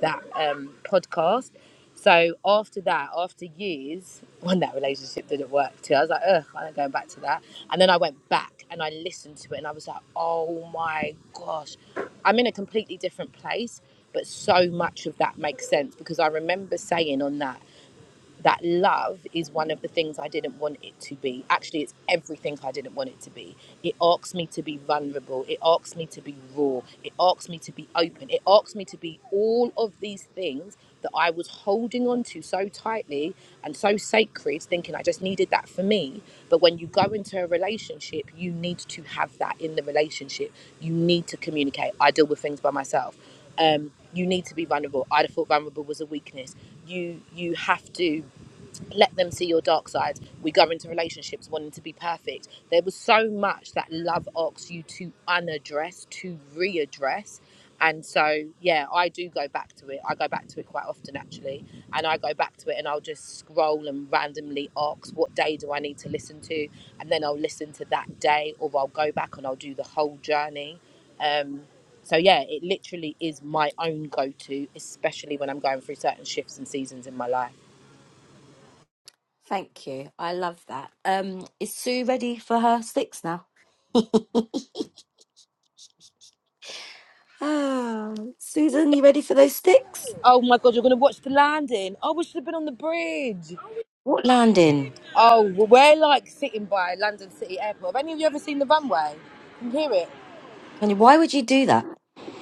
S2: that um, podcast. So after that, after years, when that relationship didn't work too, I was like, ugh, I'm not going back to that. And then I went back and I listened to it and I was like, oh my gosh, I'm in a completely different place. But so much of that makes sense because I remember saying on that that love is one of the things I didn't want it to be. Actually, it's everything I didn't want it to be. It asks me to be vulnerable. It asks me to be raw. It asks me to be open. It asks me to be all of these things that I was holding on to so tightly and so sacred, thinking I just needed that for me. But when you go into a relationship, you need to have that in the relationship. You need to communicate. I deal with things by myself. Um, you need to be vulnerable. I thought vulnerable was a weakness you you have to let them see your dark side. We go into relationships wanting to be perfect. There was so much that love asks you to unaddress, to readdress. And so, yeah, I do go back to it. I go back to it quite often, actually. And I go back to it and I'll just scroll and randomly ask, what day do I need to listen to? And then I'll listen to that day, or I'll go back and I'll do the whole journey. Um, so, yeah, it literally is my own go to, especially when I'm going through certain shifts and seasons in my life.
S1: Thank you. I love that. Um, is Sue ready for her six now? Oh, Susan, you ready for those sticks?
S2: Oh my god, you're gonna watch the landing. Oh, we should have been on the bridge.
S1: What landing?
S2: Oh, well, we're like sitting by London City Airport. Have any of you ever seen the runway? You can hear it.
S1: Tanya, why would you do that?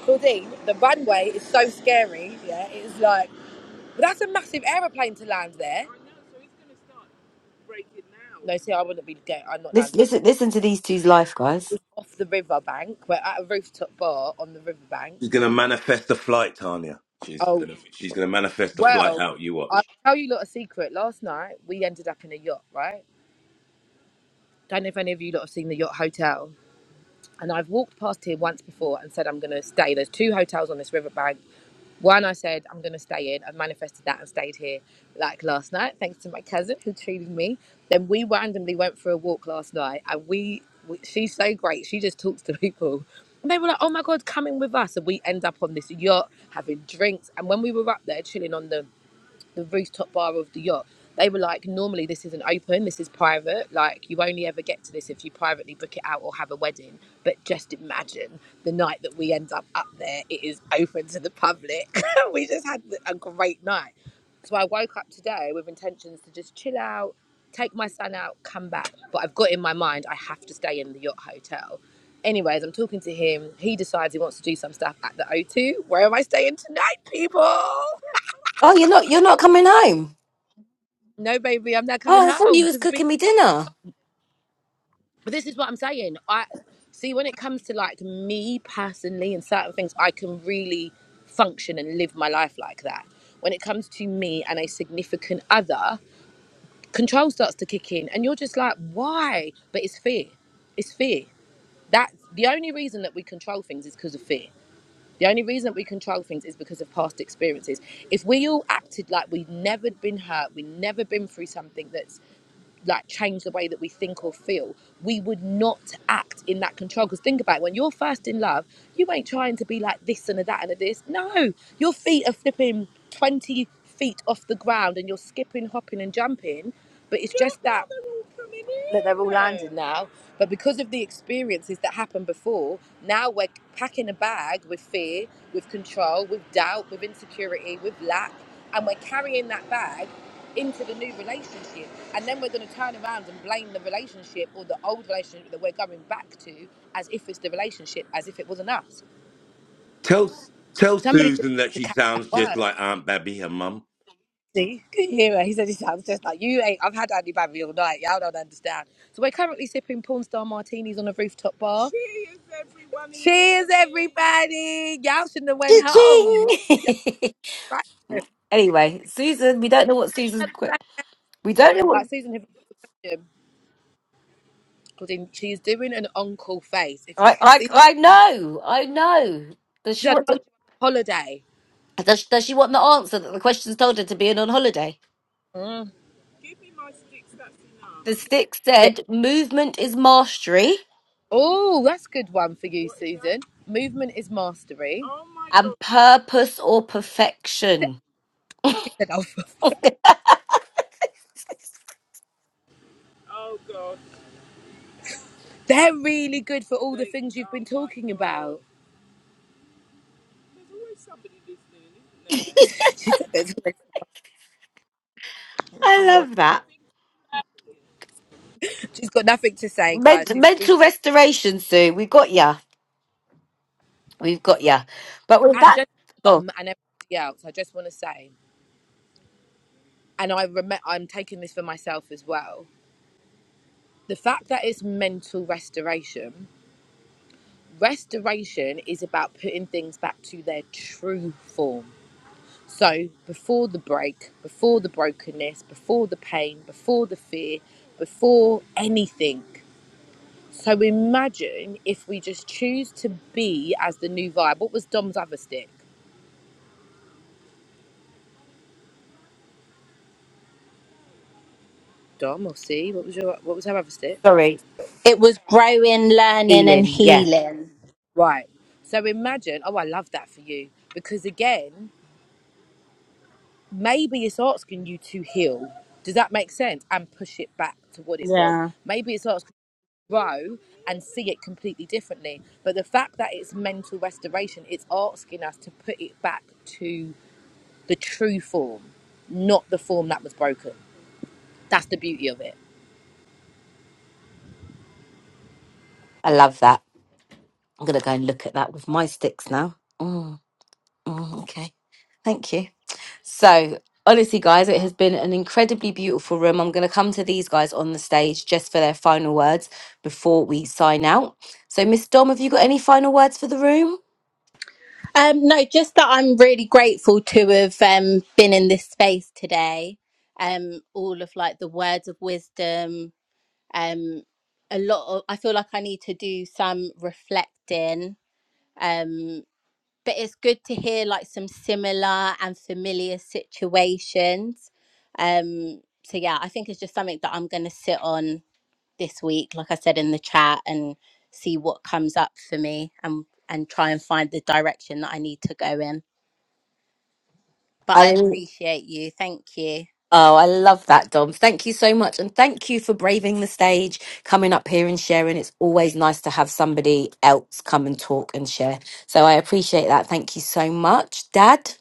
S2: Claudine, the runway is so scary. Yeah, it's like, but that's a massive aeroplane to land there. No, see, I wouldn't be going. I'm not landing.
S1: Listen, listen, listen to these two's life, guys.
S2: It's off the riverbank. We're at a rooftop bar on the riverbank.
S3: She's gonna manifest the flight, Tanya. She's
S2: Oh,
S3: gonna she's gonna manifest the flight
S2: well,
S3: out. You
S2: I'll
S3: watch.
S2: tell you lot a secret. Last night, we ended up in a yacht, right? Don't know if any of you lot have seen the yacht hotel. And I've walked past here once before and said, I'm going to stay. There's two hotels on this riverbank. One I said, I'm going to stay in. I manifested that and stayed here like last night, thanks to my cousin who treated me. Then we randomly went for a walk last night and we, we she's so great. She just talks to people. And they were like, oh my God, come in with us. And we end up on this yacht having drinks. And when we were up there chilling on the the rooftop bar of the yacht. They were like, normally this isn't open, this is private. Like, you only ever get to this if you privately book it out or have a wedding. But just imagine the night that we end up up there, it is open to the public. we just had a great night. So I woke up today with intentions to just chill out, take my son out, come back. But I've got in my mind, I have to stay in the yacht hotel. Anyways, I'm talking to him. He decides he wants to do some stuff at the O2. Where am I staying tonight, people?
S1: Oh, you're not, you're not coming home.
S2: no baby i'm not coming
S1: Oh, I thought
S2: home
S1: you was
S2: because be-
S1: cooking me dinner.
S2: but this is what i'm saying i see when it comes to like me personally and certain things i can really function and live my life like that when it comes to me and a significant other control starts to kick in and you're just like why but it's fear it's fear that the only reason that we control things is because of fear the only reason that we control things is because of past experiences if we all acted like we've never been hurt we've never been through something that's like change the way that we think or feel, we would not act in that control. Because think about it, when you're first in love, you ain't trying to be like this and a that and a this. No, your feet are flipping 20 feet off the ground and you're skipping, hopping, and jumping. But it's just that that they're all landed now. But because of the experiences that happened before, now we're packing a bag with fear, with control, with doubt, with insecurity, with lack, and we're carrying that bag into the new relationship. And then we're going to turn around and blame the relationship or the old relationship that we're going back to as if it's the relationship, as if it wasn't us.
S3: Tell tell
S2: Somebody just
S3: Susan
S2: needed
S3: that
S2: to
S3: she
S2: catch that
S3: sounds just
S2: word.
S3: like Aunt Babby, her mum.
S2: See, could you hear her? He said he sounds just like you. Ain't I've had Andy Bambi all night. Y'all don't understand. So we're currently sipping porn star martinis on a rooftop bar. Cheers, everyone. Cheers, everybody. Y'all shouldn't have went
S1: Ching.
S2: home. Y'all right?
S1: anyway, Susan, we don't know what Susan's. que- We don't know what.
S2: Like Susan had a question, 'cause in- she's doing an uncle face. If you
S1: I,
S2: can
S1: I,
S2: see,
S1: I know, I know. Does
S2: she's
S1: she
S2: I
S1: want?
S2: told
S1: The,
S2: you I'm on holiday.
S1: does, does she want the answer that the question's told her to be in on holiday?
S2: Mm.
S1: The stick said, "Movement is mastery
S2: Oh, that's a good one for you, Susan. Movement is mastery. Oh my god.
S1: and purpose or perfection."
S2: She said, oh, they're really good for all the things you've been talking about. She said there's no
S1: I love that.
S2: she's got nothing to say, guys.
S1: Ment-
S2: She
S1: mental
S2: speaks
S1: restoration, Sue. We've got ya. We've got ya. But with
S2: and
S1: that,
S2: just for
S1: oh,
S2: Dom and everybody else. I just want to say, and I rem- I'm taking this for myself as well. The fact that it's mental restoration, restoration is about putting things back to their true form. So before the break, before the brokenness, before the pain, before the fear, before anything. So imagine if we just choose to be as the new vibe. What was Dom's other stick? Dom or C? What was your what was her other step?
S1: sorry,
S4: It was growing, learning, and
S1: Elin. Yeah,
S4: healing.
S2: Right. So imagine. Oh, I love that for you because again, maybe it's asking you to heal. Does that make sense? And push it back to what it was.
S4: Yeah.
S2: Maybe it's asking you to grow and see it completely differently. But the fact that it's mental restoration, it's asking us to put it back to the true form, not the form that was broken. That's the beauty of it.
S1: I love that. I'm going to go and look at that with my sticks now. Mm, mm, okay. Thank you. So, honestly, guys, it has been an incredibly beautiful room. I'm going to come to these guys on the stage just for their final words before we sign out. So, Miss Dom, have you got any final words for the room?
S4: Um, no, just that I'm really grateful to have um, been in this space today. Um, all of like the words of wisdom. Um, a lot of I feel like I need to do some reflecting. Um, but it's good to hear like some similar and familiar situations um so yeah i think it's just something that i'm going to sit on this week like i said in the chat and see what comes up for me and and try and find the direction that i need to go in but i appreciate you thank you
S1: Oh, I love that, Dom. Thank you so much. And thank you for braving the stage, coming up here and sharing. It's always nice to have somebody else come and talk and share. So I appreciate that. Thank you so much, Dad.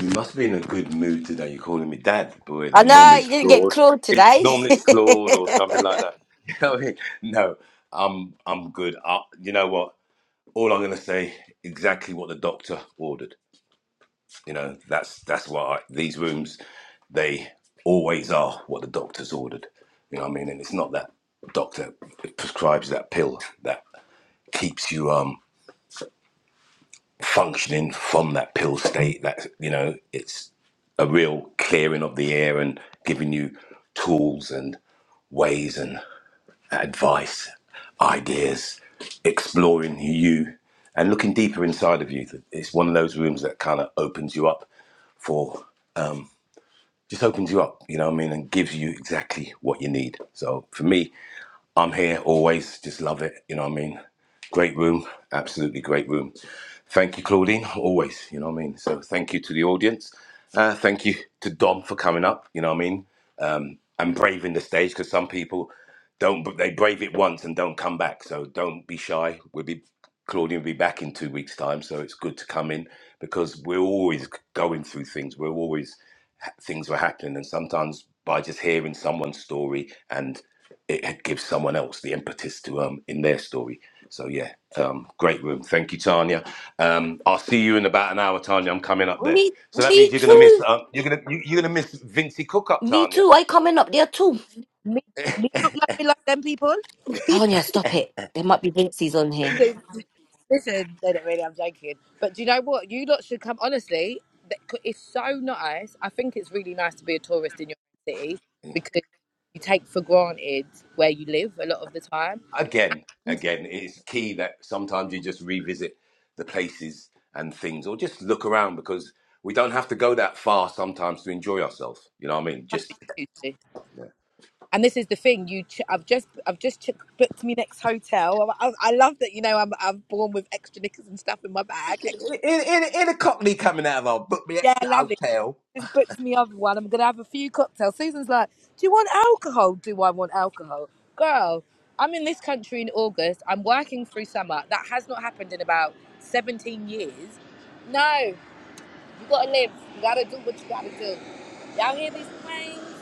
S3: You must be in a good mood today. You're calling me dad, boy.
S1: I
S3: Normally
S1: know
S3: it's
S1: you didn't get
S3: Claude.
S1: clawed
S3: It's
S1: today.
S3: normally it's Claude or something like that. You know what I mean? No, I'm I'm good. I, you know what? All I'm gonna say exactly what the doctor ordered. You know, that's that's why I, these rooms they always are what the doctor's ordered. You know what I mean? And it's not that doctor prescribes that pill that keeps you um functioning from that pill state. That you know, it's a real clearing of the air and giving you tools and ways and advice, ideas, exploring you and looking deeper inside of you. It's one of those rooms that kind of opens you up for just opens you up, you know what I mean, and gives you exactly what you need. So for me, I'm here always, just love it, you know what I mean. Great room, absolutely great room. Thank you, Claudine, always, you know what I mean. So thank you to the audience. Uh, thank you to Dom for coming up, you know what I mean um, and braving the stage because some people don't but they brave it once and don't come back so don't be shy we'll be claudia will be back in two weeks time so it's good to come in because we're always going through things we're always things were happening and sometimes by just hearing someone's story and it, it gives someone else the impetus to um in their story so yeah um great room thank you tanya um i'll see you in about an hour tanya i'm coming up there
S1: Me,
S3: so that means
S1: me
S3: you're gonna miss
S1: too.
S3: um, you're gonna you, you're gonna miss vincey cook up
S1: Me
S3: tanya
S1: too. I coming up there too.
S2: Me, me look like me like them people.
S1: Tanya, stop it. There might be Vinci's on here.
S2: They- Listen, no, not really. I'm joking. But do you know what? You lot should come. Honestly, th- c- it's so nice. I think it's really nice to be a tourist in your city because you take for granted where you live a lot of the time.
S3: again, again, it's key that sometimes you just revisit the places and things, or just look around because we don't have to go that far sometimes to enjoy ourselves. You know what I mean?
S2: That's
S3: Just
S2: what you do. And this is the thing. You, ch- I've just, I've just ch- booked me next hotel. I, I, I love that. You know, I'm, I'm born with extra knickers and stuff in my bag. Extra,
S3: in, in, in a cockney coming out of our book me
S2: yeah,
S3: extra
S2: lovely.
S3: hotel.
S2: just booked me other one. I'm gonna have a few cocktails. Susan's like, Do you want alcohol? Do I want alcohol? Girl, I'm in this country in August. I'm working through summer. That has not happened in about 17 years. No, you gotta live. You gotta do what you gotta do. Y'all hear these planes?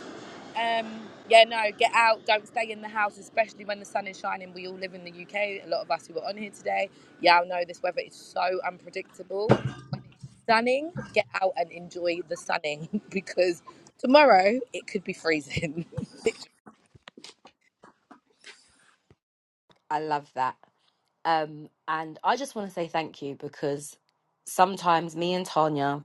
S2: Um, yeah, no, get out. Don't stay in the house, especially when the sun is shining. We all live in the UK. A lot of us who are on here today, y'all know this weather is so unpredictable. When it's sunning, get out and enjoy the sunning because tomorrow it could be freezing. Literally
S1: I love that. Um, and I just want to say thank you because sometimes me and Tanya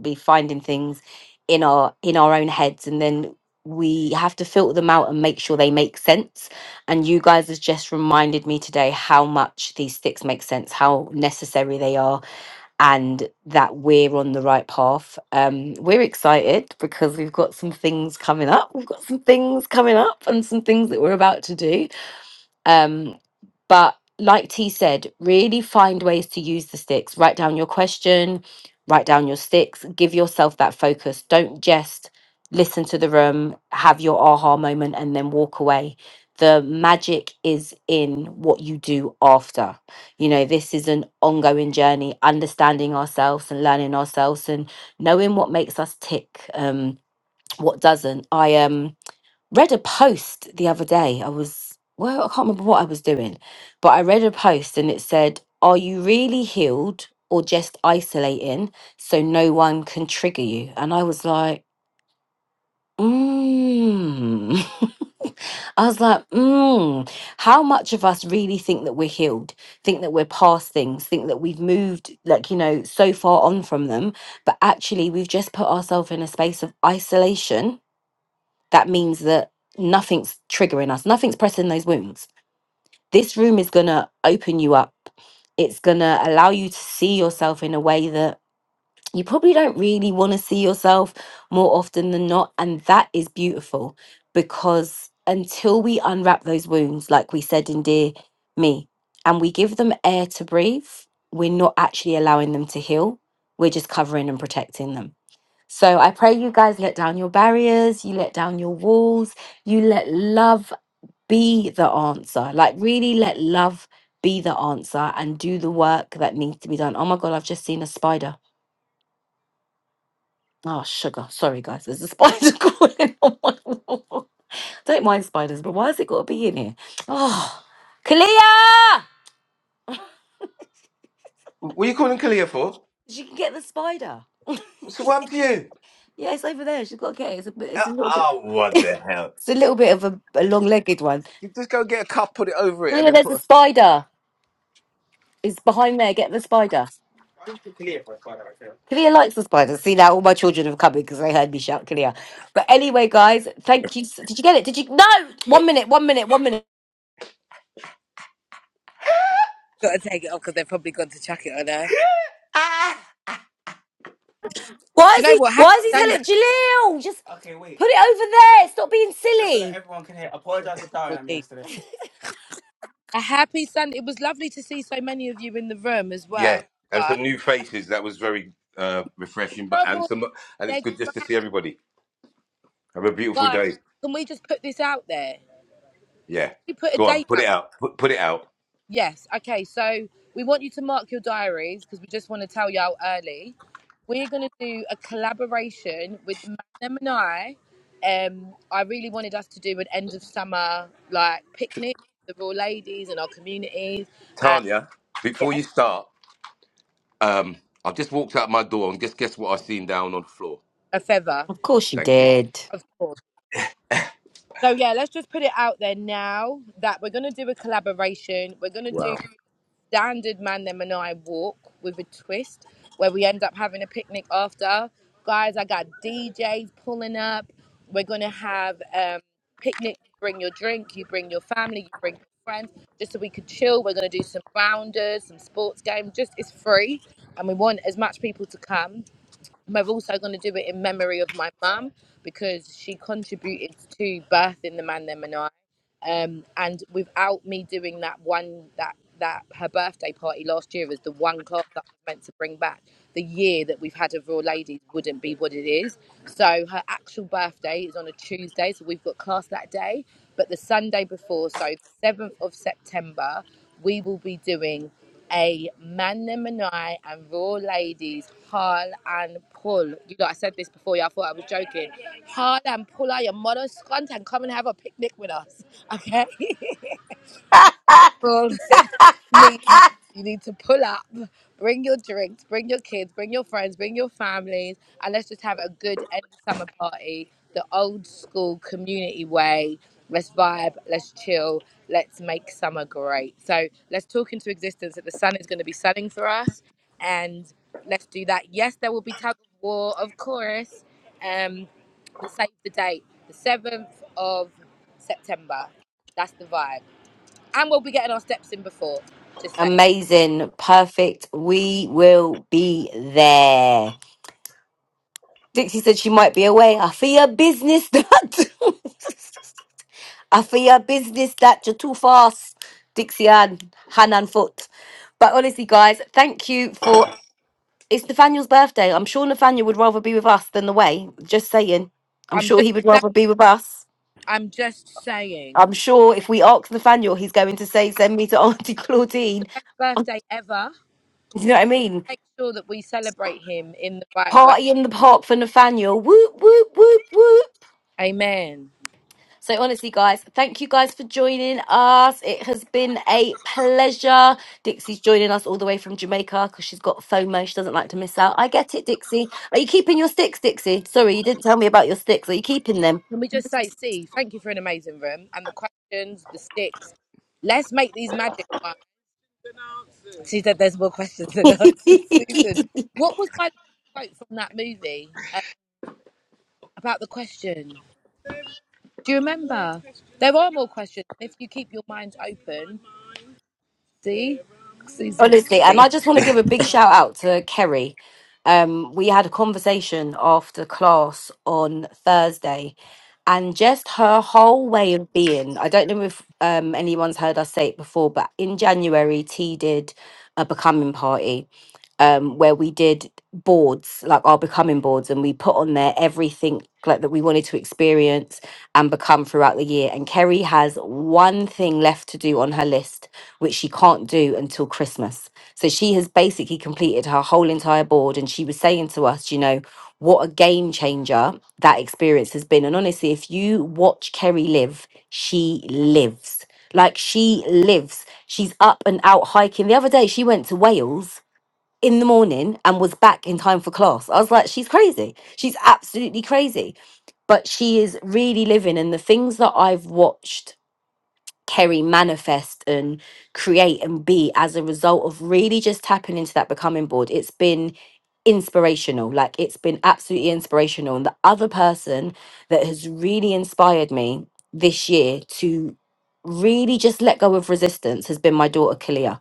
S1: be finding things in our in our own heads, and then we have to filter them out and make sure they make sense. And you guys has just reminded me today how much these sticks make sense, how necessary they are, and that we're on the right path. Um, we're excited because we've got some things coming up. We've got some things coming up and some things that we're about to do. Um, but like T said, really find ways to use the sticks. Write down your question, write down your sticks, give yourself that focus. Don't just listen to the room, have your aha moment, and then walk away. The magic is in what you do after. You know, this is an ongoing journey, understanding ourselves and learning ourselves and knowing what makes us tick, um, what doesn't. I am. Um, read a post the other day. I was, well, I can't remember what I was doing, but I read a post and it said, Are you really healed or just isolating so no one can trigger you? And I was like, Mmm. I was like, Mmm. How much of us really think that we're healed, think that we're past things, think that we've moved, like, you know, so far on from them, but actually we've just put ourselves in a space of isolation that means that nothing's triggering us, nothing's pressing those wounds. This room is going to open you up. It's going to allow you to see yourself in a way that you probably don't really want to see yourself more often than not. And that is beautiful because until we unwrap those wounds, like we said in Dear Me, and we give them air to breathe, we're not actually allowing them to heal. We're just covering and protecting them. So I pray you guys let down your barriers, you let down your walls, you let love be the answer. Like, really let love be the answer and do the work that needs to be done. Oh my God, I've just seen a spider. Oh, sugar. Sorry, guys. There's a spider crawling on my wall. Don't mind spiders, but why has it got to be in here? Oh, Kalia!
S3: What are you calling Kalia for?
S1: She can get the spider.
S3: So what happened to you?
S1: Yeah, it's over there. She's got to get it. It's a, bit,
S3: Uh,
S1: it's a little bit.
S3: Oh, what the hell?
S1: It's a little bit of a, a long-legged one.
S3: You just go get a cup, put it over it, and
S1: Kalia,
S3: then
S1: there's
S3: put.
S1: a
S3: A...
S1: spider. Is behind there. Get the spider. Kalia likes the spider. See now, all my children have come in because they heard me shout Kalia. But anyway, guys, thank you. s- Did you get it? Did you? No. One minute. One minute. One minute.
S2: Gotta take it off because they've probably gone to chuck it on her.
S3: Ah.
S1: Why
S2: Do
S1: is
S2: you know
S1: he?
S2: what? Happy
S1: Why is he
S2: Sunday,
S1: telling Jaleel? Just put it over there. Stop being silly.
S2: everybody. A happy Sunday. It was lovely to see so many of you in the room as well,
S3: Yeah, and
S2: guys.
S3: some new faces. That was very uh, refreshing, but and some, and it's good just to see everybody. Have a beautiful
S2: guys.
S3: day.
S2: Can we just put this out there?
S3: Yeah.
S2: We put a
S3: Go on,
S2: date
S3: put it
S2: out
S3: out. Put, put it out.
S2: Yes. Okay. So we want you to mark your diaries because we just want to tell y'all early. We're going to do a collaboration with Magnum and I. Um, I really wanted us to do an end of summer like picnic with all ladies in our communities and
S3: Tanya, before
S2: yeah,
S3: you start, um, I've just walked out my door and just guess what I've seen down on the floor.
S2: a feather,
S1: Of course you
S3: Thank you.
S1: did.
S2: of course. So yeah, let's just put it out there now that we're going to do a collaboration. We're going to do
S3: Wow.
S2: standard man them and I walk with a twist where we end up having a picnic after. Guys, I got DJs pulling up. We're gonna have um picnic, bring your drink, you bring your family, you bring your friends, just so we could chill. We're gonna do some rounders, some sports games, just it's free and we want as much people to come. We're also going to do it in memory of my mum because she contributed to birthing the man them and I. Um, and without me doing that one that that her birthday party last year as the one class that was meant to bring back the year that we've had of Raw Ladies wouldn't be what it is. So her actual birthday is on a Tuesday, so we've got class that day. But the Sunday before, so the seventh of September, we will be doing a man them and I and raw ladies haul and pull. You know, I said this before, y'all thought I was joking. Haul and pull out your model scunt and come and have a picnic with us. Okay? Full means you need to pull up, bring your drinks, bring your kids, bring your friends, bring your families, and let's just have a good end of summer party, the old school community way. Let's vibe, let's chill, let's make summer great. So let's talk into existence that the sun is going to be setting for us, and let's do that. Yes, there will be tug of war, of course. Um, but save the date, the seventh of September. That's the vibe. And we'll be getting our steps in before. Just saying.
S1: Amazing. Perfect. We will be there. Dixie said she might be away. I feel your business. Dad. I for your business that you're too fast, Dixie Ann, hand and foot. But honestly, guys, thank you for. It's Nathaniel's birthday. I'm sure Nathaniel would rather be with us than the way. Just saying. I'm
S2: I'm
S1: sure
S2: just
S1: he would
S2: saying.
S1: rather be with us.
S2: I'm just saying.
S1: I'm sure if we ask Nathaniel, he's going to say, send me to Auntie
S2: The
S1: Claudine.
S2: best birthday ever.
S1: You know what I mean?
S2: Make sure that we celebrate him in the right way.
S1: Party in the park for Nathaniel. Whoop, whoop, whoop, whoop.
S2: Amen.
S1: So honestly, guys, thank you guys for joining us. It has been a pleasure. Dixie's joining us all the way from Jamaica because she's got FOMO. She doesn't like to miss out. I get it, Dixie. Are you keeping your sticks, Dixie? Sorry, you didn't tell me about your sticks. Are you keeping them?
S2: Can we just say, see, thank you for an amazing room and the questions, the sticks. Let's make these magic ones. She said there's more questions than answers, Susan. What was my quote from that movie uh, about the question? Do you remember? There are more questions. If you keep your mind open, See? See, Cynthia,
S1: Honestly,
S2: they
S1: and
S2: exist.
S1: I just want to give a big shout out to Kerry. Um, we had a conversation after class on Thursday, and just her whole way of being. I don't know if um, anyone's heard us say it before, but in January, T did a becoming party um, where we did boards, like our becoming boards, and we put on there everything like that we wanted to experience and become throughout the year. And Kerry has one thing left to do on her list, which she can't do until Christmas. So she has basically completed her whole entire board, and she was saying to us, you know, what a game changer that experience has been. And honestly, if you watch Kerry live, she lives. Like she lives. She's up and out hiking. The other day, she went to Wales in the morning and was back in time for class. I was like, she's crazy. She's absolutely crazy. But she is really living. And the things that I've watched Kerry manifest and create and be as a result of really just tapping into that becoming board, it's been inspirational. Like, it's been absolutely inspirational. And the other person that has really inspired me this year to really just let go of resistance has been my daughter, Kalia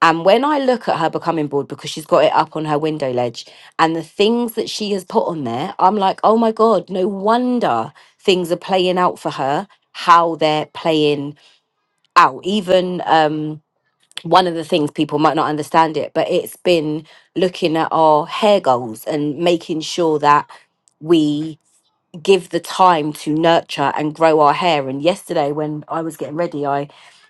S1: and when I look at her becoming board, because she's got it up on her window ledge, and the things that she has put on there, I'm like, oh my God, no wonder things are playing out for her, how they're playing out. Even um, one of the things people might not understand it, but it's been looking at our hair goals and making sure that. we give the time to nurture and grow our hair. And yesterday, when I was getting ready, I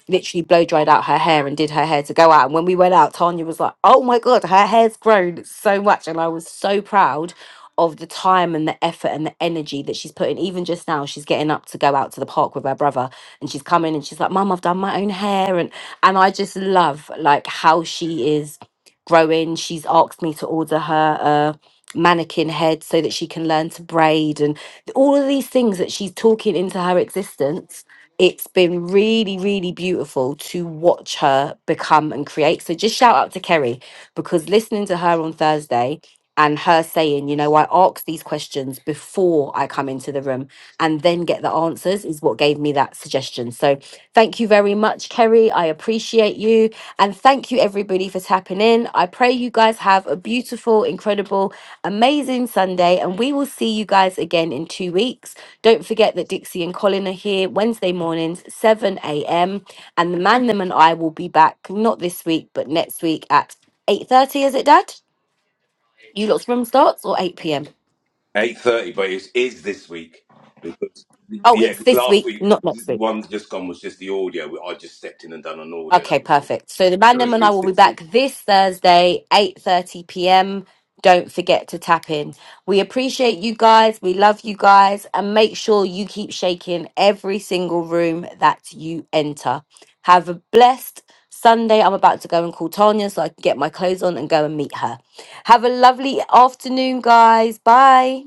S1: literally blow dried out her hair and did her hair to go out. And when we went out, Tanya was like, "Oh my god, her hair's grown so much," and I was so proud of the time and the effort and the energy that she's put in. Even just now, she's getting up to go out to the park with her brother, and she's coming and she's like, "Mum, I've done my own hair," and and I just love like how she is growing. She's asked me to order her a mannequin head so that she can learn to braid and all of these things that she's talking into her existence it's been really really beautiful to watch her become and create so just shout out to kerry because listening to her on thursday and her saying you know i ask these questions before i come into the room and then get the answers is what gave me that suggestion so thank you very much kerry i appreciate you and thank you everybody for tapping in i pray you guys have a beautiful incredible amazing Sunday, and we will see you guys again in two weeks. Don't forget that Dixie and Colin are here Wednesday mornings, 7 a.m. And the man, them, and I will be back not this week, but next week at 8:30. Is it, Dad? You lot's room starts or 8 p.m.
S3: 8.30, but it is this week. Because,
S1: Oh,
S3: yeah,
S1: it's
S3: because
S1: this
S3: last
S1: week,
S3: week,
S1: not
S3: the
S1: next week.
S3: one just gone was just the audio. I just stepped in and done an audio,
S1: Okay,
S3: that was all.
S1: perfect. So the
S3: So it
S1: Mandem and I
S3: is
S1: will be
S3: this week.
S1: back this Thursday, 8.30 p.m. Don't forget to tap in. We appreciate you guys. We love you guys. And make sure you keep shaking every single room that you enter. Have a blessed Sunday. I'm about to go and call Tanya so I can get my clothes on and go and meet her. Have a lovely afternoon, guys. Bye.